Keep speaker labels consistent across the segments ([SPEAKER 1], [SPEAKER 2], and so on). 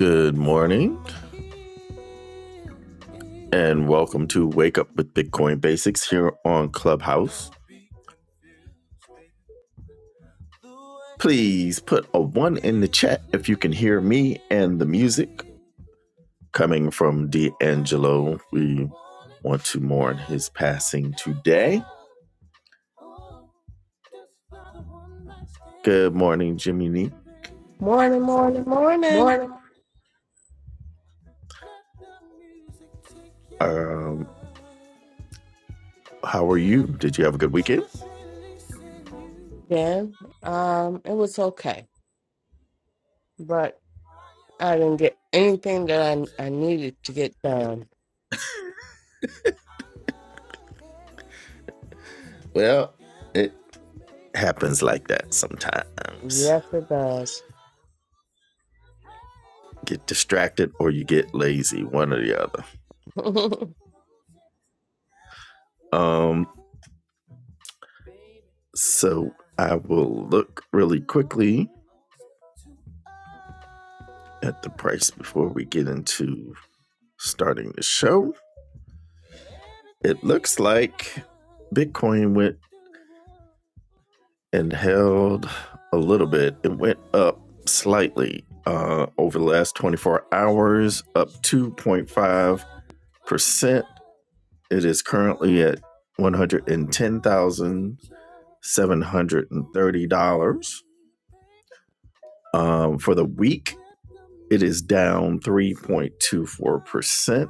[SPEAKER 1] Good morning and welcome to Wake Up with Bitcoin Basics here on Clubhouse. Please put a one in the chat if you can hear me and the music coming from D'Angelo. We want to mourn his passing today. Good morning, Jimmy Nee.
[SPEAKER 2] Morning, morning, morning.
[SPEAKER 1] Um, how are you? Did you have a good weekend?
[SPEAKER 2] Yeah, um, it was okay, but I didn't get anything that I, I needed to get done.
[SPEAKER 1] Well, it happens like that sometimes.
[SPEAKER 2] Yes, it does.
[SPEAKER 1] Get distracted or you get lazy, one or the other. Um. So I will look really quickly at the price before we get into starting the show. It looks like Bitcoin went and held a little bit. It went up slightly uh, over the last 24 hours, up 2.5%. It is currently at $110,730. Um, for the week, It is down 3.24%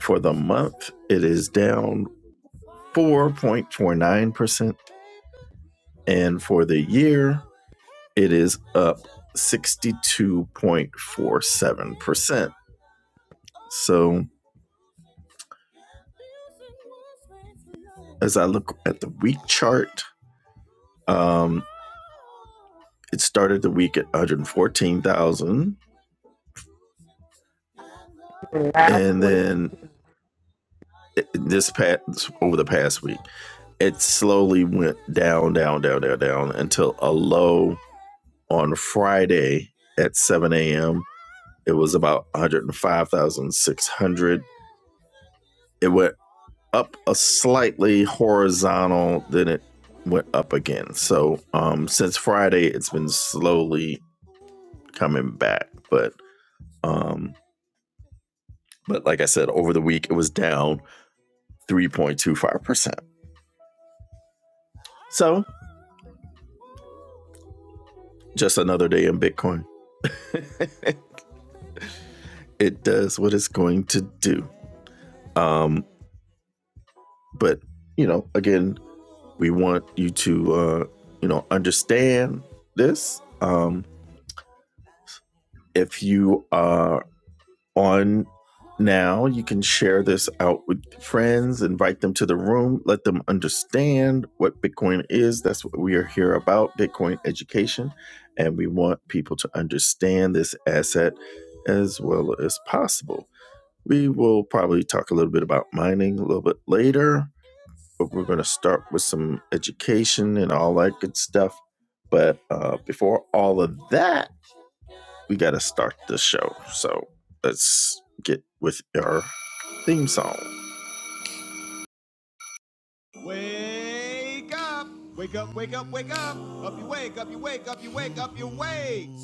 [SPEAKER 1] for the month. It is down 4.49%. And for the year, it is up 62.47%. So as I look at the week chart, um, it started the week at 114,000.
[SPEAKER 2] Last
[SPEAKER 1] And
[SPEAKER 2] week,
[SPEAKER 1] then this past over the past week, it slowly went down, down, down, down, down until a low on Friday at 7 a.m. It was about 105,600. It went up a slightly horizontal, then it went up again. So um, since Friday, it's been slowly coming back. But um, but like I said, over the week it was down 3.25%. So just another day in Bitcoin. It does what it's going to do. Um, but you know, again, We want you to, uh, you know, understand this. Um, if you are on now, you can share this out with friends, invite them to the room, let them understand what Bitcoin is. That's what we are here about Bitcoin education. And we want people to understand this asset as well as possible. We will probably talk a little bit about mining a little bit later but we're going to start with some education and all that good stuff. But uh, before all of that, we got to start the show. So let's get with our theme song. Wake up! Wake up, wake up, wake up! Up you wake, up you wake, up you wake, up you wake!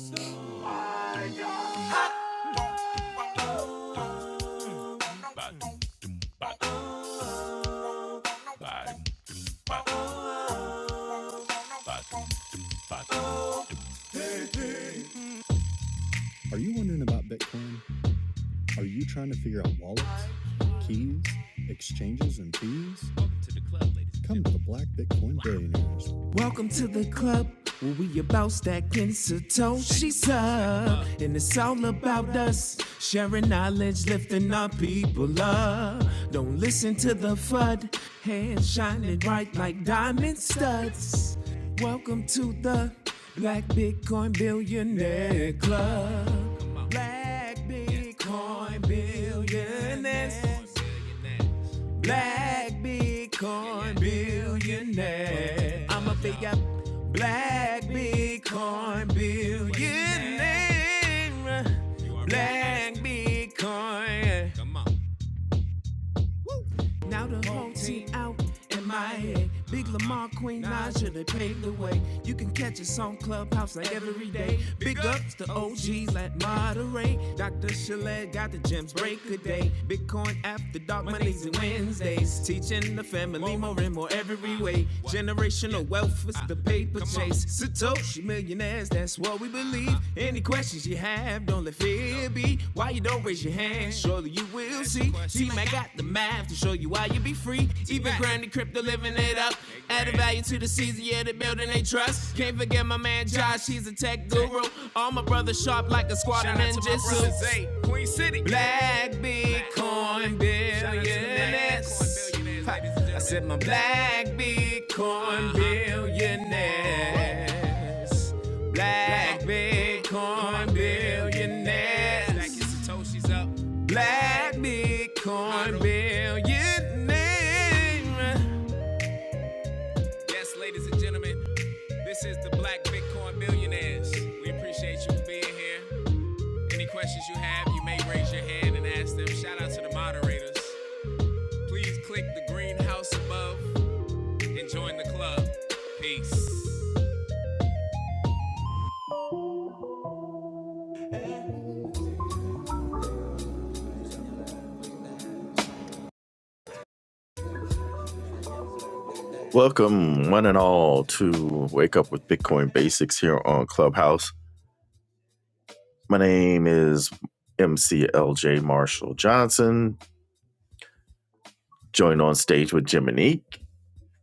[SPEAKER 1] Welcome to the club where we about stacking Satoshi's up. And it's all about us sharing knowledge, lifting our people up. Don't listen to the FUD, hands shining bright like diamond studs. Welcome to the Black Bitcoin Billionaire Club. Black Bitcoin Billionaires black Bitcoin billionaire. I'm a big up black Bitcoin billionaire. Black Bitcoin. Come on. Woo. Now the whole team out in my head. Big Lamar, Queen Naja, they paved the way. You can catch us on Clubhouse like every day. Big ups to OGs like Monterey. Dr. Chalet got the gems break a day. Bitcoin after dark Mondays and Wednesdays. Teaching the family more and more every way. Generational wealth is the paper Come chase Satoshi millionaires. That's what we believe. Any questions you have, don't let fear be. Why you don't raise your hand? Surely you will see. See, I got the math to show you why you be free. Even grinding crypto, living it up. Added value to the season, yeah, the building they trust. Can't forget my man Josh, he's a tech guru. All my brothers sharp like a squad of ninjas. Queen City. Black Bitcoin billionaires. I said my black Bitcoin billionaires. Black Bitcoin billionaires. Black Bitcoin billionaires. Yes, ladies and gentlemen, this is the Black Bitcoin Billionaires. We appreciate you being here. Any questions you have, you may raise your hand and ask them. Shout out to the moderators. Please click the green house above. Enjoying the club. Peace. Welcome, one and all, to Wake Up with Bitcoin Basics here on Clubhouse. My name is MCLJ Marshall Johnson, joined on stage with Jiminique,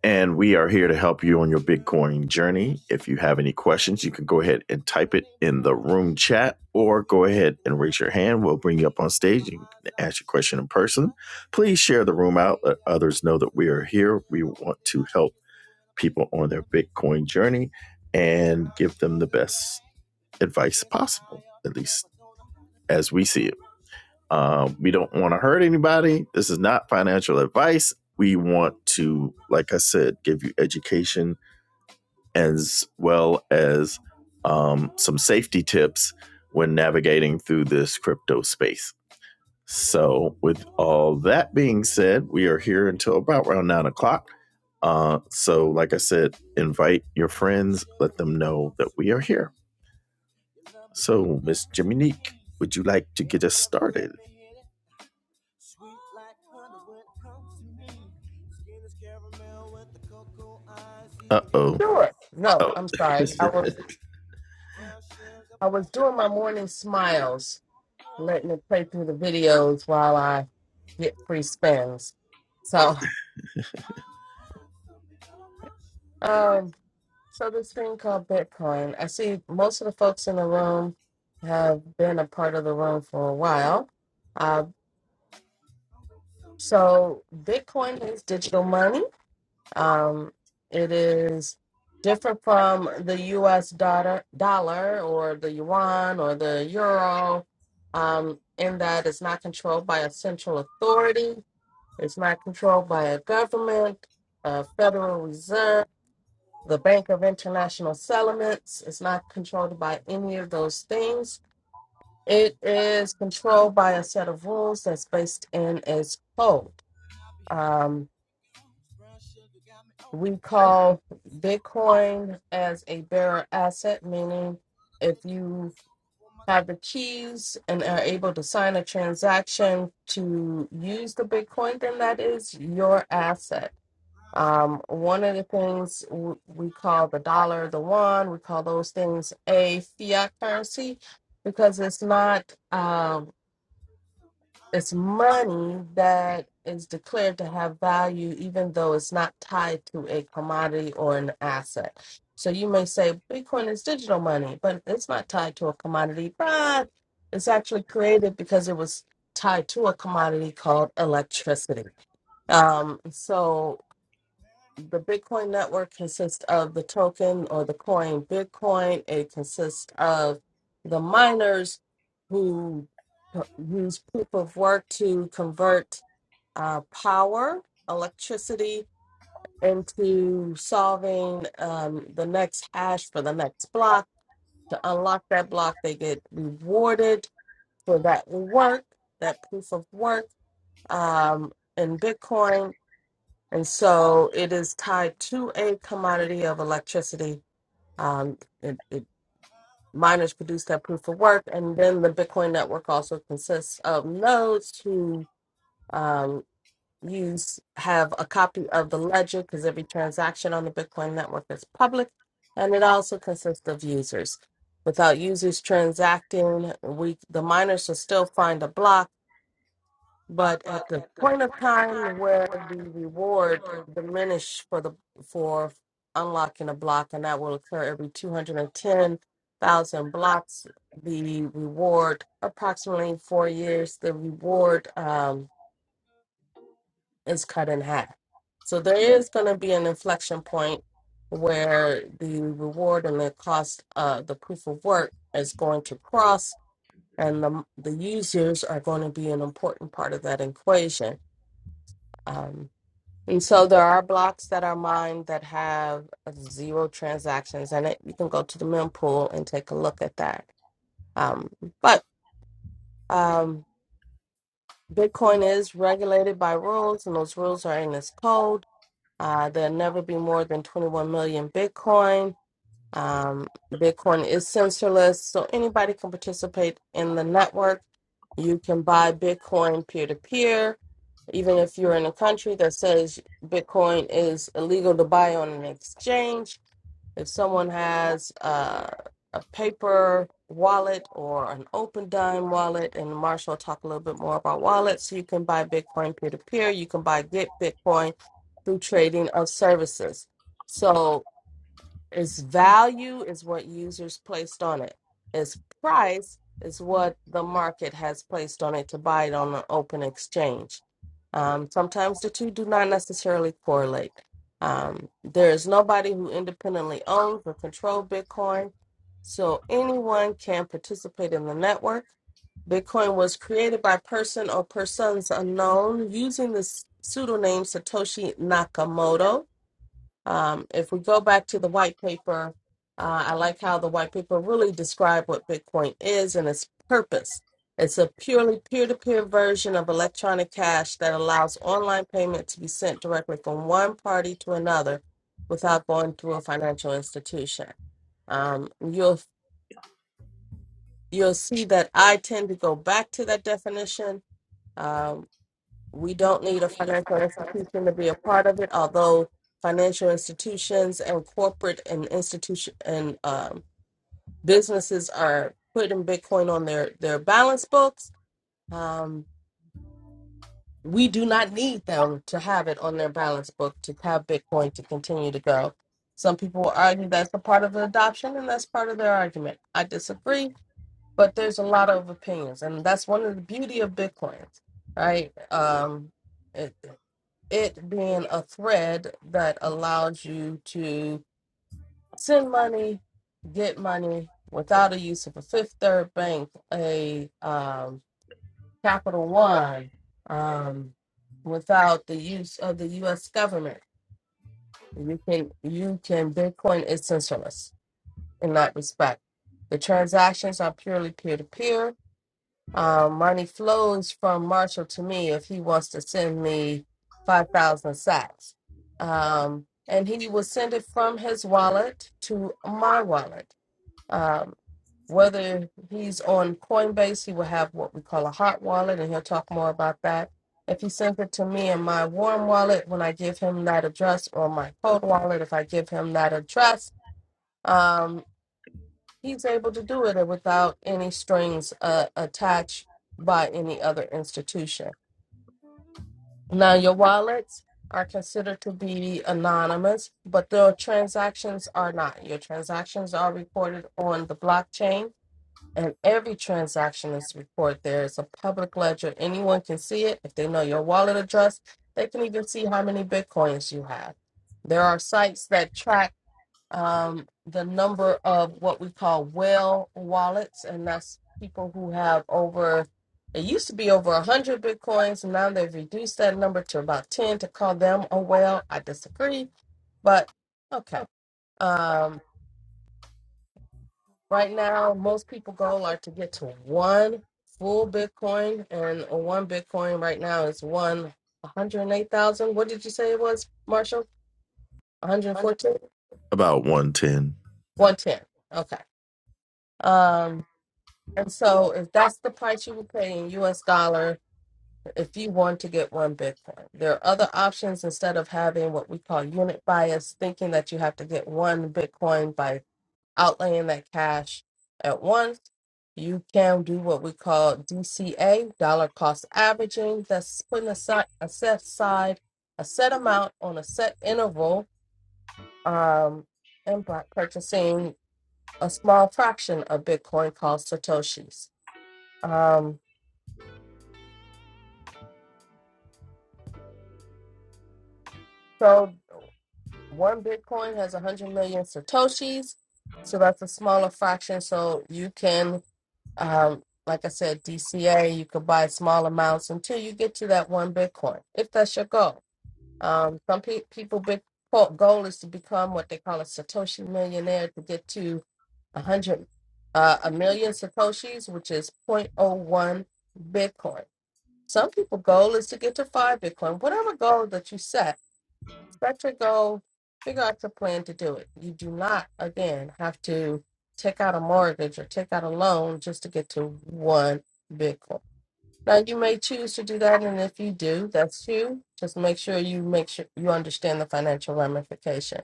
[SPEAKER 1] and we are here to help you on your Bitcoin journey. If you have any questions, you can go ahead and type it in the room chat or go ahead and raise your hand. We'll bring you up on stage. and ask your question in person. Please share the room out, let others know that we are here. We want to help people on their Bitcoin journey and give them the best advice possible, at least as we see it. Um, we don't want to hurt anybody. This is not financial advice. We want to, like I said, give you education as well as um, some safety tips when navigating through this crypto space. So, with all that being said, we are here until about around nine o'clock. Uh, so, like I said, invite your friends, let them know that we are here. So, Miss Jiminique, would you like to get us started? Uh oh.
[SPEAKER 2] sure. No,
[SPEAKER 1] Oh,
[SPEAKER 2] I'm sorry. I was I was doing my morning smiles, letting it play through the videos while I get free spins. So, um, so this thing called Bitcoin. I see most of the folks in the room have been a part of the room for a while. Uh, So Bitcoin is digital money. Um, it is different from the U.S. dollar, dollar or the yuan or the euro, um, in that it's not controlled by a central authority. It's not controlled by a government, a Federal Reserve, the Bank of International Settlements. It's not controlled by any of those things. It is controlled by a set of rules that's based in its code. Um, we call Bitcoin as a bearer asset, meaning if you have the keys and are able to sign a transaction to use the Bitcoin, then that is your asset. Um, one of the things w- we call the dollar, the one, we call those things a fiat currency because it's not. Um, it's money that is declared to have value even though it's not tied to a commodity or an asset. So you may say Bitcoin is digital money, but it's not tied to a commodity, but it's actually created because it was tied to a commodity called electricity. Um, so the Bitcoin network consists of the token or the coin Bitcoin. It consists of the miners who co- use proof of work to convert uh, power, electricity, into solving um, the next hash for the next block. To unlock that block, they get rewarded for that work, that proof of work. Um, in Bitcoin, and so it is tied to a commodity of electricity. Um, it, it, miners produce that proof of work. And then the Bitcoin network also consists of nodes who um, use have a copy of the ledger because every transaction on the Bitcoin network is public. And it also consists of users. Without users transacting, we the miners will still find a block but at the point of time where the reward diminish for the for unlocking a block, and that will occur every 210,000 blocks, the reward approximately four years, the reward um, is cut in half. So there is going to be an inflection point where the reward and the cost of the proof of work is going to cross, and the the users are going to be an important part of that equation. Um. And so there are blocks that are mined that have zero transactions and it. You can go to the mempool and take a look at that. Um, but um, Bitcoin is regulated by rules, and those rules are in this code. Uh, there'll never be more than 21 million Bitcoin. Um, Bitcoin is censorless, so anybody can participate in the network. You can buy Bitcoin peer to peer, even if you're in a country that says Bitcoin is illegal to buy on an exchange. If someone has uh, a paper wallet or an open dime wallet, and Marshall will talk a little bit more about wallets, you can buy Bitcoin peer to peer. You can buy Get Bitcoin through trading of services. So its value is what users placed on it. Its price is what the market has placed on it to buy it on an open exchange. Um, sometimes the two do not necessarily correlate. Um, there is nobody who independently owns or controls Bitcoin, so anyone can participate in the network. Bitcoin was created by person or persons unknown using the s- pseudonym Satoshi Nakamoto um, if we go back to the white paper, uh, I like how the white paper really described what Bitcoin is and its purpose. It's a purely peer to peer version of electronic cash that allows online payment to be sent directly from one party to another without going through a financial institution. Um, you'll you'll see that I tend to go back to that definition. uh, we don't need a financial institution to be a part of it, although financial institutions and corporate and institution and um, businesses are putting Bitcoin on their their balance books. Um, we do not need them to have it on their balance book to have Bitcoin to continue to go. Some people will argue that's a part of the adoption, and that's part of their argument. I disagree, but there's a lot of opinions, and that's one of the beauty of Bitcoin, right? Um, it being a thread that allows you to send money, get money without a use of a Fifth Third Bank, a um, Capital One, um, without the use of the U.S. government. You can you can Bitcoin is censorless in that respect. The transactions are purely peer to peer Um, money flows from Marshall to me if he wants to send me 5,000 sats. Um, and he will send it from his wallet to my wallet. Um, whether he's on Coinbase, he will have what we call a hot wallet, and he'll talk more about that. If he sends it to me in my warm wallet, when I give him that address, or my cold wallet, if I give him that address, um, he's able to do it without any strings uh, attached by any other institution. Now, your wallets are considered to be anonymous, but the transactions are not. Your transactions are recorded on the blockchain, and every transaction is recorded there. It's a public ledger. Anyone can see it. If they know your wallet address, they can even see how many bitcoins you have. There are sites that track um, the number of what we call whale wallets, and that's people who have over. It used to be over a hundred bitcoins, and now they've reduced that number to about ten. To call them a whale, I disagree, but okay. Um, right now, most people goal are to get to one full bitcoin, and one bitcoin right now is one one hundred eight thousand. What did you say it was, Marshall? One hundred fourteen.
[SPEAKER 1] about 110.
[SPEAKER 2] One ten. Okay. Um, And so, if that's the price you will pay in US dollar, if you want to get one Bitcoin, there are other options instead of having what we call unit bias, thinking that you have to get one Bitcoin by outlaying that cash at once. You can do what we call DCA, dollar cost averaging. That's putting aside a set aside a set amount on a set interval um, and by purchasing a small fraction of Bitcoin called Satoshis. Um, So one Bitcoin has 100 million Satoshis. So that's a smaller fraction. So you can, um, like I said, DCA, you could buy small amounts until you get to that one Bitcoin, if that's your goal. Um, some pe- people, big po- goal is to become what they call a Satoshi millionaire to get to 100, uh, a million Satoshis, which is point oh 0.01 Bitcoin. Some people goal is to get to five Bitcoin. Whatever goal that you set, set your goal, figure out your plan to do it. You do not, again, have to take out a mortgage or take out a loan just to get to one Bitcoin. Now, you may choose to do that, and if you do, that's you. Just make sure you make sure you understand the financial ramification.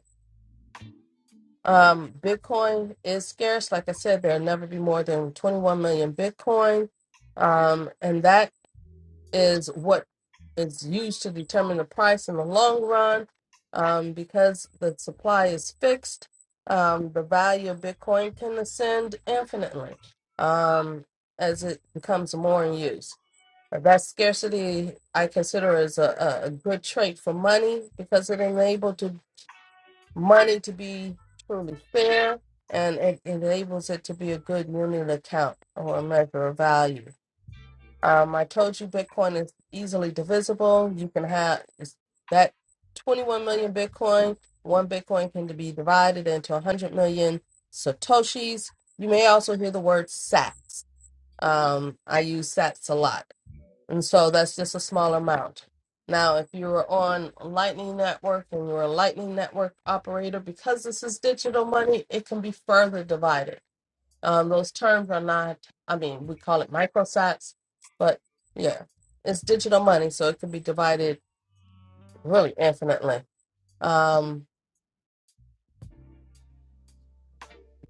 [SPEAKER 2] Um, Bitcoin is scarce. Like I said, there'll never be more than 21 million Bitcoin. Um, and that is what is used to determine the price in the long run. Um, because the supply is fixed, um, the value of Bitcoin can ascend infinitely um, as it becomes more in use. That scarcity I consider as a, a a good trait for money because it enables to, money to be truly fair and it enables it to be a good unit account or a measure of value. Um, I told you Bitcoin is easily divisible. You can have it's that 21 million Bitcoin. One Bitcoin can be divided into 100 million Satoshis. You may also hear the word sats. Um, I use sats a lot. And so that's just a small amount. Now, if you were on Lightning Network and you're a Lightning Network operator, because this is digital money, it can be further divided. Um, those terms are not, I mean, we call it microsats, but yeah, it's digital money, so it can be divided really infinitely. Um,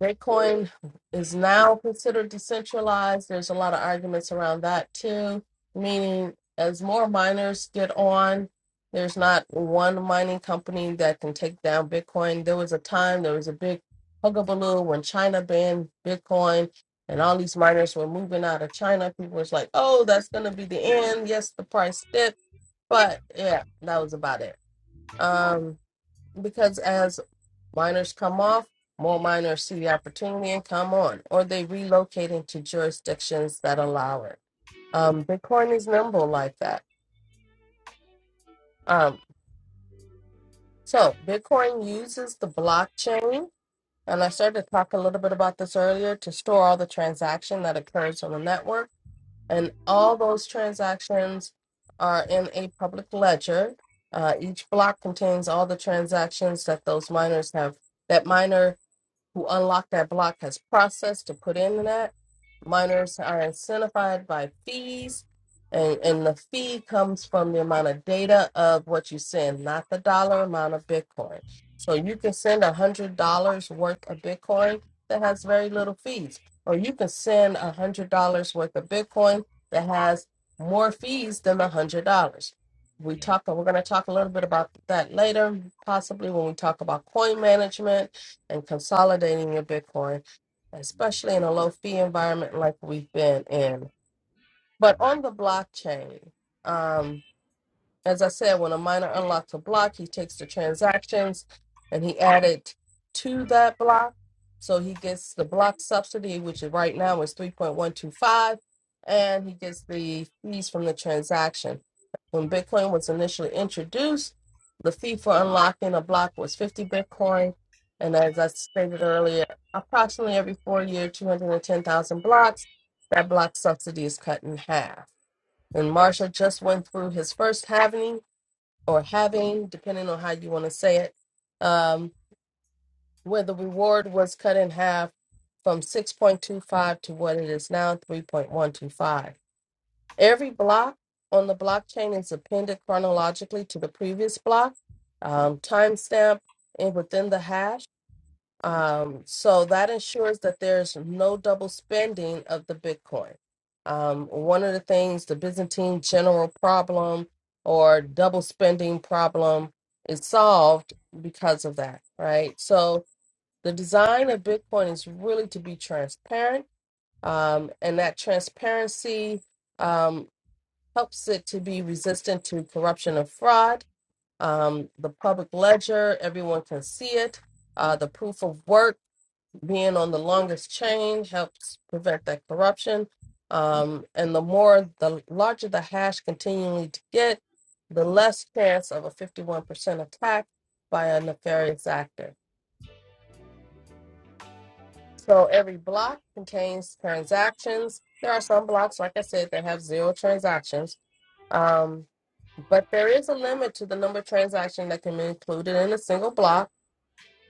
[SPEAKER 2] Bitcoin is now considered decentralized. There's a lot of arguments around that too, meaning as more miners get on, there's not one mining company that can take down Bitcoin. There was a time, there was a big hugabaloo when China banned Bitcoin and all these miners were moving out of China. People was like, oh, that's going to be the end. Yes, the price dipped, but yeah, that was about it because as minors come off, more minors see the opportunity and come on, or they relocate into jurisdictions that allow it. Um, Bitcoin is nimble like that. Um, so Bitcoin uses the blockchain, and I started to talk a little bit about this earlier to store all the transaction that occurs on the network, and all those transactions are in a public ledger. Uh, each block contains all the transactions that those miners have. That miner who unlocked that block has processed to put in that. Miners are incentivized by fees, and, and the fee comes from the amount of data of what you send, not the dollar amount of Bitcoin. So you can send a $100 worth of Bitcoin that has very little fees, or you can send a $100 worth of Bitcoin that has more fees than the $100. We talk, we're going to talk a little bit about that later, possibly when we talk about coin management and consolidating your Bitcoin, especially in a low fee environment like we've been in. But on the blockchain, um, as I said, when a miner unlocks a block, he takes the transactions and he added to that block. So he gets the block subsidy, which is right now is 3.125, and he gets the fees from the transaction. When Bitcoin was initially introduced, the fee for unlocking a block was 50 Bitcoin. And as I stated earlier, approximately every four year, 210,000 blocks, that block subsidy is cut in half. And Marsha just went through his first halving or having, depending on how you want to say it, um, where the reward was cut in half from 6.25 to what it is now, 3.125. Every block on the blockchain is appended chronologically to the previous block, um, timestamp, and within the hash. Um, so that ensures that there's no double spending of the Bitcoin. Um, one of the things, the Byzantine general problem or double spending problem is solved because of that, right? So the design of Bitcoin is really to be transparent, um, and that transparency um, helps it to be resistant to corruption and fraud. Um, the public ledger, everyone can see it. Uh, the proof of work being on the longest chain helps prevent that corruption. Um, and the more, the larger the hash continually to get, the less chance of a 51% attack by a nefarious actor. So every block contains transactions. There are some blocks, like I said, that have zero transactions. Um, but there is a limit to the number of transactions that can be included in a single block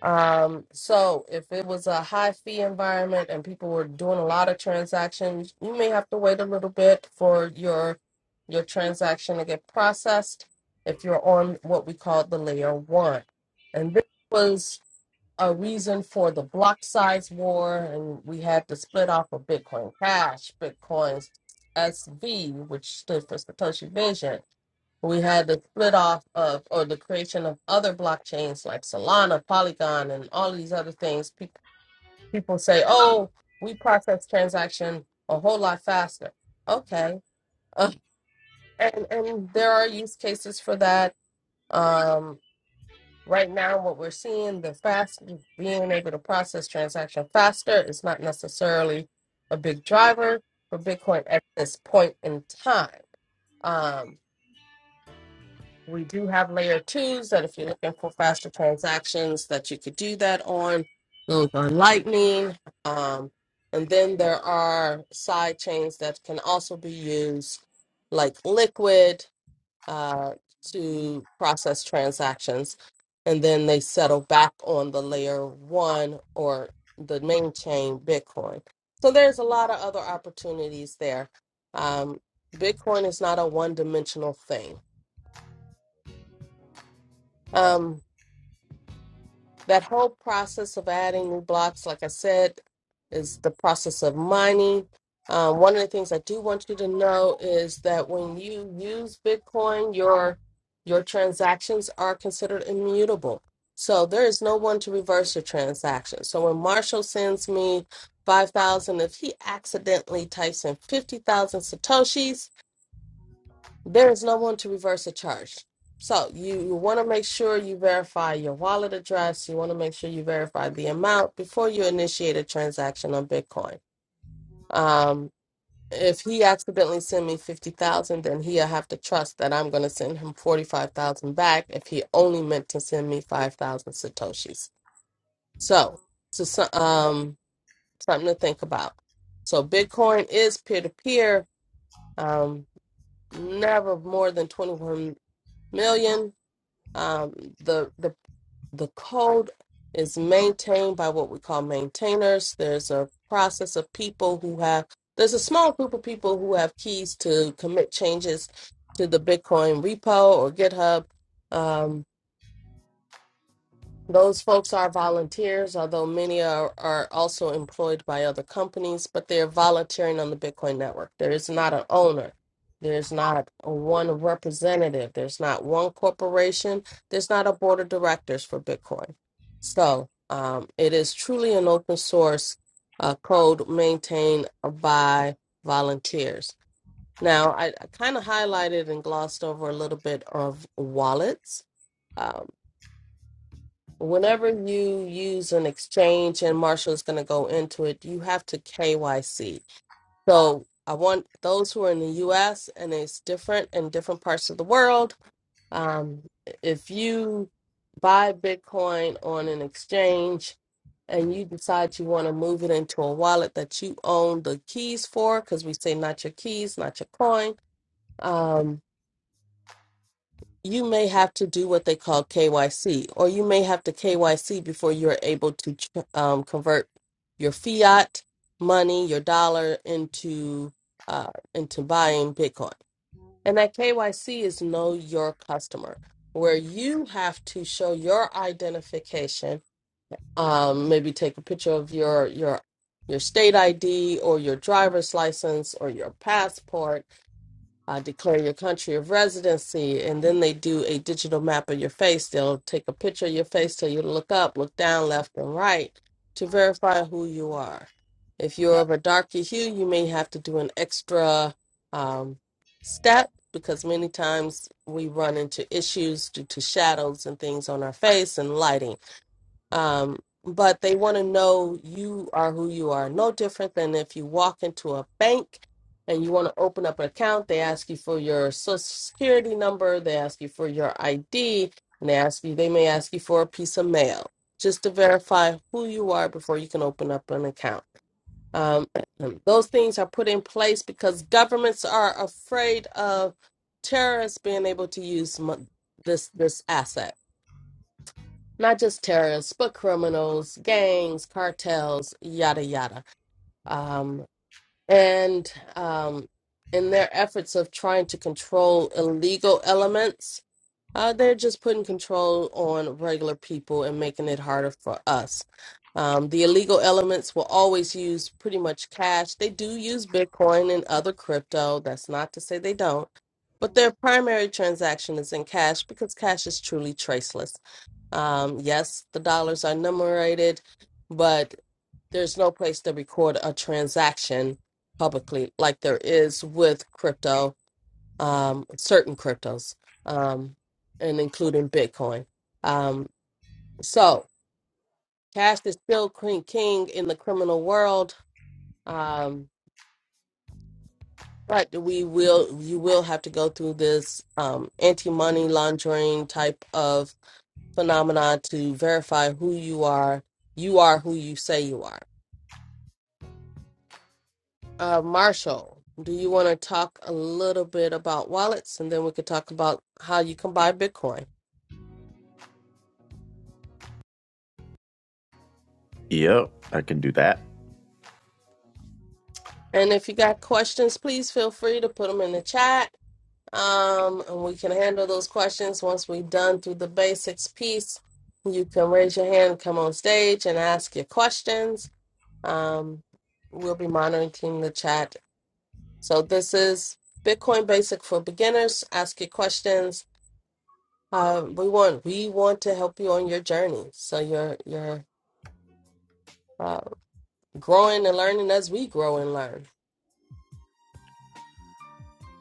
[SPEAKER 2] Um, so if it was a high fee environment and people were doing a lot of transactions, you may have to wait a little bit for your your transaction to get processed if you're on what we call the layer one. And this was a reason for the block size war, and we had the split off of Bitcoin Cash, Bitcoin's SV, which stood for Satoshi Vision we had the split off of or the creation of other blockchains like Solana, Polygon, and all these other things. People people say, "Oh, we process transaction a whole lot faster." Okay, uh, and and there are use cases for that. Um, right now, what we're seeing the fast being able to process transaction faster is not necessarily a big driver for Bitcoin at this point in time. Um, We do have layer twos that if you're looking for faster transactions that you could do that on, those on Lightning. Um, and then there are side chains that can also be used like Liquid uh, to process transactions. And then they settle back on the layer one or the main chain, Bitcoin. So there's a lot of other opportunities there. Um, Bitcoin is not a one dimensional thing. Um, that whole process of adding new blocks, like I said, is the process of mining. Um, one of the things I do want you to know is that when you use Bitcoin, your your transactions are considered immutable. So there is no one to reverse your transaction. So when Marshall sends me five thousand, if he accidentally types in fifty thousand satoshis, there is no one to reverse a charge. So you, you want to make sure you verify your wallet address. You want to make sure you verify the amount before you initiate a transaction on Bitcoin. Um, if he accidentally sent me fifty thousand, then he'll have to trust that I'm going to send him forty five thousand back. If he only meant to send me five thousand satoshis, so so so- um something to think about. So Bitcoin is peer to peer. Um, never more than twenty one million. Um, the the the code is maintained by what we call maintainers. There's a process of people who have there's a small group of people who have keys to commit changes to the Bitcoin repo or GitHub. Um, those folks are volunteers, although many are, are also employed by other companies, but they're volunteering on the Bitcoin network. There is not an owner. There's not a one representative. There's not one corporation. There's not a board of directors for Bitcoin. So um, it is truly an open source uh, code maintained by volunteers. Now, I, I kind of highlighted and glossed over a little bit of wallets. Um, Whenever you use an exchange, and Marshall is going to go into it, you have to KYC. So I want those who are in the U.S. and it's different in different parts of the world. Um, if you buy Bitcoin on an exchange and you decide you want to move it into a wallet that you own the keys for, because we say not your keys, not your coin. um, you may have to do what they call KYC, or you may have to KYC before you're able to ch- um, convert your fiat money, your dollar into uh, into buying Bitcoin. And that KYC is know your customer, where you have to show your identification. Um, maybe take a picture of your your your state ID or your driver's license or your passport uh, declare your country of residency, and then they do a digital map of your face. They'll take a picture of your face, tell you to look up, look down, left, and right to verify who you are. If you're of a darker hue, you may have to do an extra um, step because many times we run into issues due to shadows and things on our face and lighting um, but they want to know you are who you are. No different than if you walk into a bank and you want to open up an account, they ask you for your social security number, they ask you for your ID, and they ask you they may ask you for a piece of mail just to verify who you are before you can open up an account. Um, those things are put in place because governments are afraid of terrorists being able to use mon- this this asset not just terrorists, but criminals, gangs, cartels, yada yada. Um, and um, in their efforts of trying to control illegal elements, uh, they're just putting control on regular people and making it harder for us. Um, the illegal elements will always use pretty much cash. They do use Bitcoin and other crypto. That's not to say they don't, but their primary transaction is in cash because cash is truly traceless. Um, yes, the dollars are numerated, but there's no place to record a transaction publicly like there is with crypto, um, certain cryptos, um, and including Bitcoin. Um, so cash is still queen king in the criminal world. Um, but we will, you will have to go through this um, anti-money laundering type of phenomenon to verify who you are. You are who you say you are Uh, Marshall, do you want to talk a little bit about wallets and then we could talk about how you can buy Bitcoin?
[SPEAKER 1] Yep, I can do that.
[SPEAKER 2] And if you got questions, please feel free to put them in the chat. Um, and we can handle those questions once we've done through the basics piece. You can raise your hand, come on stage, and ask your questions. Um, we'll be monitoring the chat. So, this is Bitcoin Basic for Beginners. Ask your questions Um, we want we want to help you on your journey, so you're you're uh, growing and learning as we grow and learn.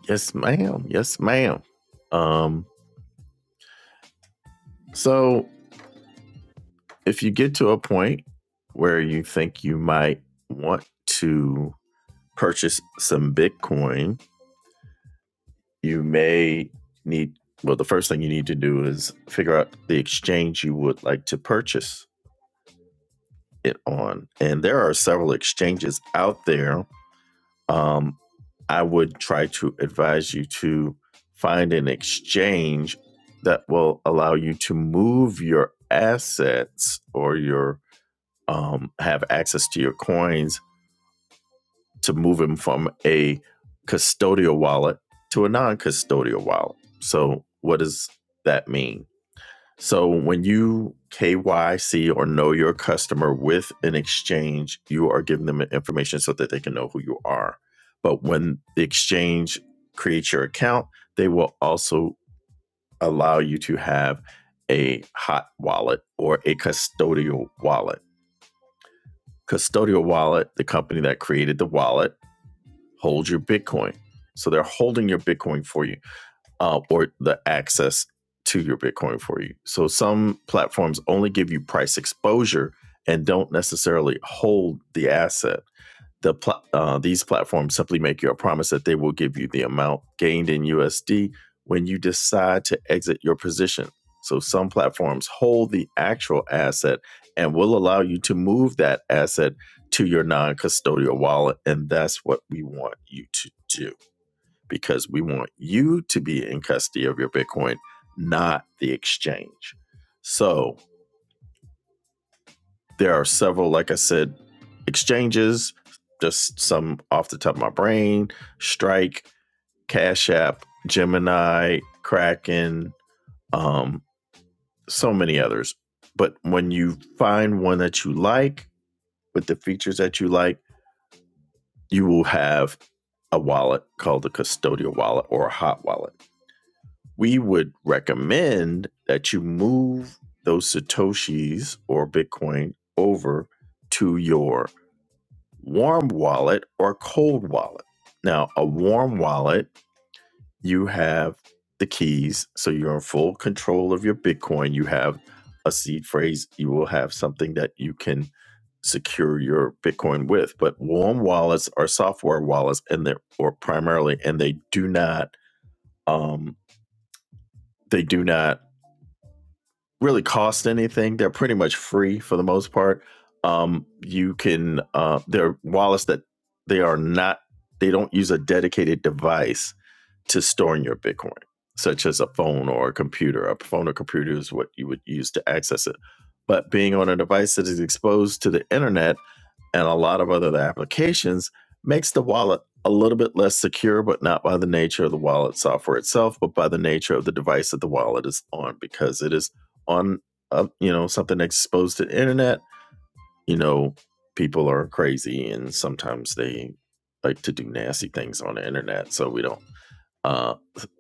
[SPEAKER 1] Yes, ma'am. Yes, ma'am. Um, so, if you get to a point where you think you might want to purchase some Bitcoin, you may need well the first thing you need to do is figure out the exchange you would like to purchase it on and there are several exchanges out there um, i would try to advise you to find an exchange that will allow you to move your assets or your um, have access to your coins to move them from a custodial wallet to a non-custodial wallet so what does that mean So when you KYC or know your customer with an exchange, you are giving them information so that they can know who you are. But when the exchange creates your account, they will also allow you to have a hot wallet or a custodial wallet. Custodial wallet, the company that created the wallet, holds your Bitcoin. So they're holding your Bitcoin for you uh, or the access to your Bitcoin for you. So some platforms only give you price exposure and don't necessarily hold the asset. The pla- uh, these platforms simply make you a promise that they will give you the amount gained in USD when you decide to exit your position. So some platforms hold the actual asset and will allow you to move that asset to your non-custodial wallet, and that's what we want you to do because we want you to be in custody of your Bitcoin, not the exchange. So there are several, like I said, exchanges, just some off the top of my brain Strike, Cash App, Gemini, Kraken, um, so many others. But when you find one that you like with the features that you like, you will have a wallet called a custodial wallet or a hot wallet. we would recommend that you move those satoshis or bitcoin over to your warm wallet or cold wallet now a warm wallet you have the keys so you're in full control of your bitcoin you have a seed phrase you will have something that you can secure your bitcoin with but warm wallets are software wallets and they're or primarily and they do not um they do not really cost anything. They're pretty much free for the most part. Um, you can uh, they're wallets that they are not they don't use a dedicated device to storing your Bitcoin, such as a phone or a computer. A phone or computer is what you would use to access it. But being on a device that is exposed to the internet and a lot of other applications makes the wallet a little bit less secure, but not by the nature of the wallet software itself, but by the nature of the device that the wallet is on, because it is on, uh, you know, something that's exposed to the internet. You know, people are crazy, and sometimes they like to do nasty things on the internet. So we don't uh,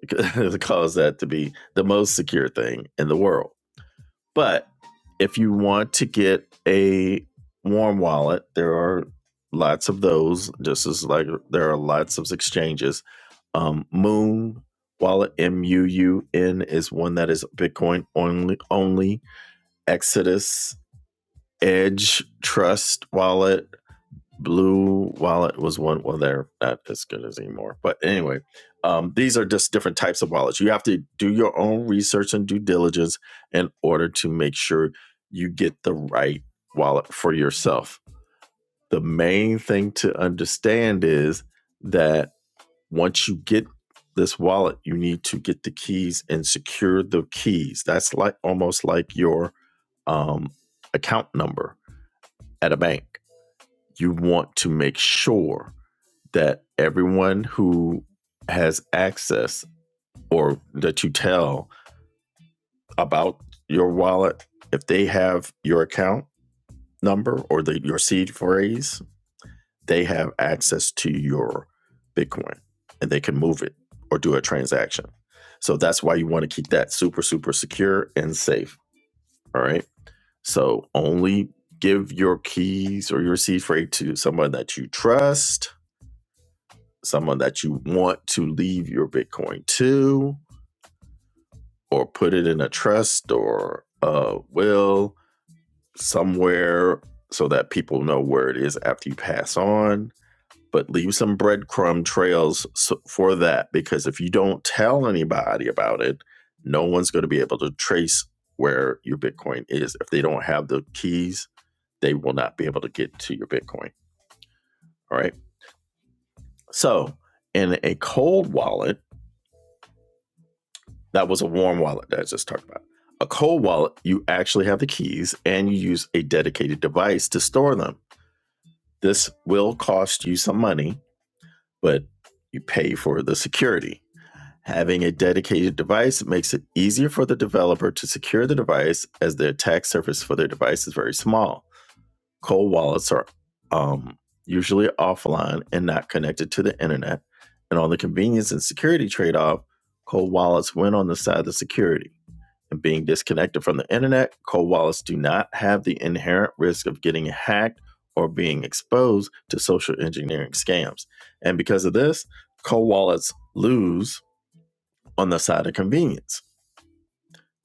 [SPEAKER 1] cause that to be the most secure thing in the world. But if you want to get a warm wallet, there are lots of those. Just as like there are lots of exchanges. Um, Moon Wallet M U U N is one that is Bitcoin only. Only Exodus Edge Trust Wallet Blue Wallet was one. Well, they're not as good as anymore. But anyway, um, these are just different types of wallets. You have to do your own research and due diligence in order to make sure you get the right wallet for yourself. The main thing to understand is that once you get this wallet, you need to get the keys and secure the keys. That's like almost like your um, account number at a bank. You want to make sure that everyone who has access or that you tell about your wallet, if they have your account number or the, your seed phrase, they have access to your Bitcoin and they can move it or do a transaction. So that's why you want to keep that super, super secure and safe. All right. So only give your keys or your seed phrase to someone that you trust, someone that you want to leave your Bitcoin to, or put it in a trust or a will somewhere so that people know where it is after you pass on. But leave some breadcrumb trails so- for that because if you don't tell anybody about it, no one's going to be able to trace where your Bitcoin is. If they don't have the keys, they will not be able to get to your Bitcoin. All right. So, in a cold wallet, That was a warm wallet that I just talked about. A cold wallet, you actually have the keys and you use a dedicated device to store them. This will cost you some money, but you pay for the security. Having a dedicated device makes it easier for the developer to secure the device as the attack surface for their device is very small. Cold wallets are um, usually offline and not connected to the internet. And on the convenience and security trade off, cold wallets win on the side of the security and being disconnected from the internet, cold wallets do not have the inherent risk of getting hacked or being exposed to social engineering scams. And because of this, cold wallets lose on the side of convenience.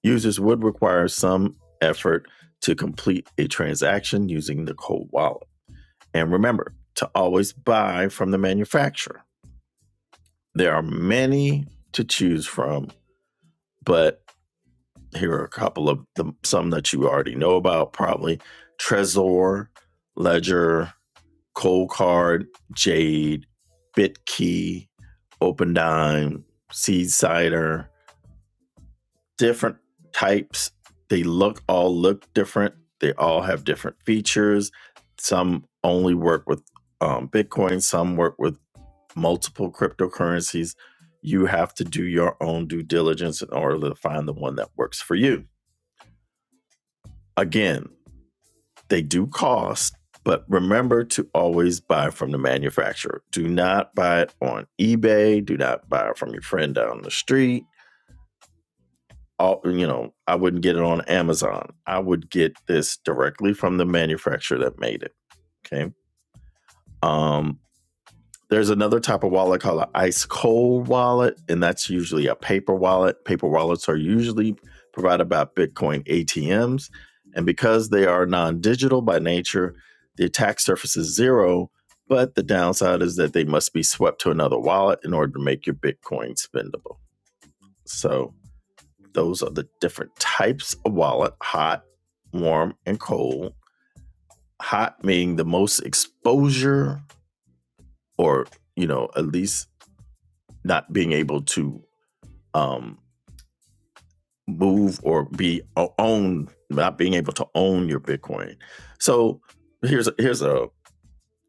[SPEAKER 1] Users would require some effort to complete a transaction using the cold wallet. And remember to always buy from the manufacturer. There are many to choose from, but Here are a couple of them, some that you already know about probably Trezor, Ledger, Coldcard, Jade, BitKey, OpenDime, SeedCider. different types. They look all look different. They all have different features. Some only work with um, Bitcoin, some work with multiple cryptocurrencies. You have to do your own due diligence in order to find the one that works for you. Again, They do cost, but remember to always buy from the manufacturer. Do not buy it on eBay. Do not buy it from your friend down the street. All, you know, I wouldn't get it on Amazon. I would get this directly from the manufacturer that made it. Okay. Um, There's another type of wallet called an ice cold wallet, and that's usually a paper wallet. Paper wallets are usually provided by Bitcoin ATMs. And because they are non digital by nature, the attack surface is zero. But the downside is that they must be swept to another wallet in order to make your Bitcoin spendable. So those are the different types of wallet hot, warm, and cold. Hot meaning the most exposure, or, you know, at least not being able to um, move or be o- own, not being able to own your Bitcoin. So here's a, here's a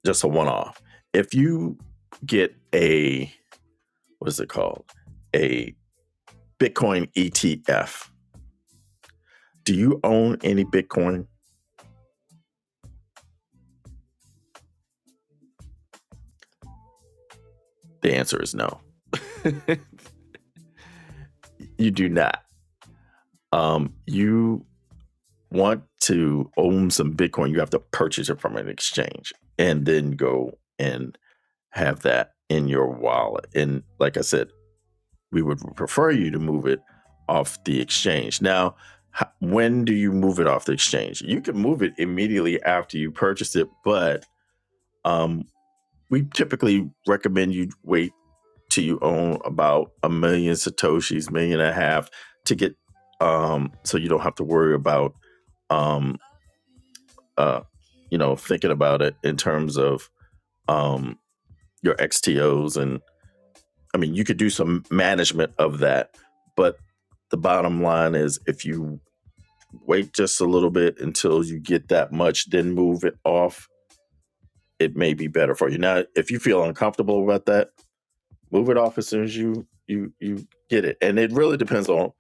[SPEAKER 1] just a one off. If you get a what is it called a Bitcoin ETF, do you own any Bitcoin? The answer is no. You do not. Um, you want to own some Bitcoin, you have to purchase it from an exchange and then go and have that in your wallet. And like I said, we would prefer you to move it off the exchange. Now, when do you move it off the exchange? You can move it immediately after you purchase it, but um, we typically recommend you wait till you own about a million satoshis, million and a half, to get um, so you don't have to worry about um, uh, you know thinking about it in terms of um, your XTOs and I mean, you could do some management of that, but the bottom line is if you wait just a little bit until you get that much, then move it off, it may be better for you. Now, if you feel uncomfortable about that, move it off as soon as you you you get it. And it really depends on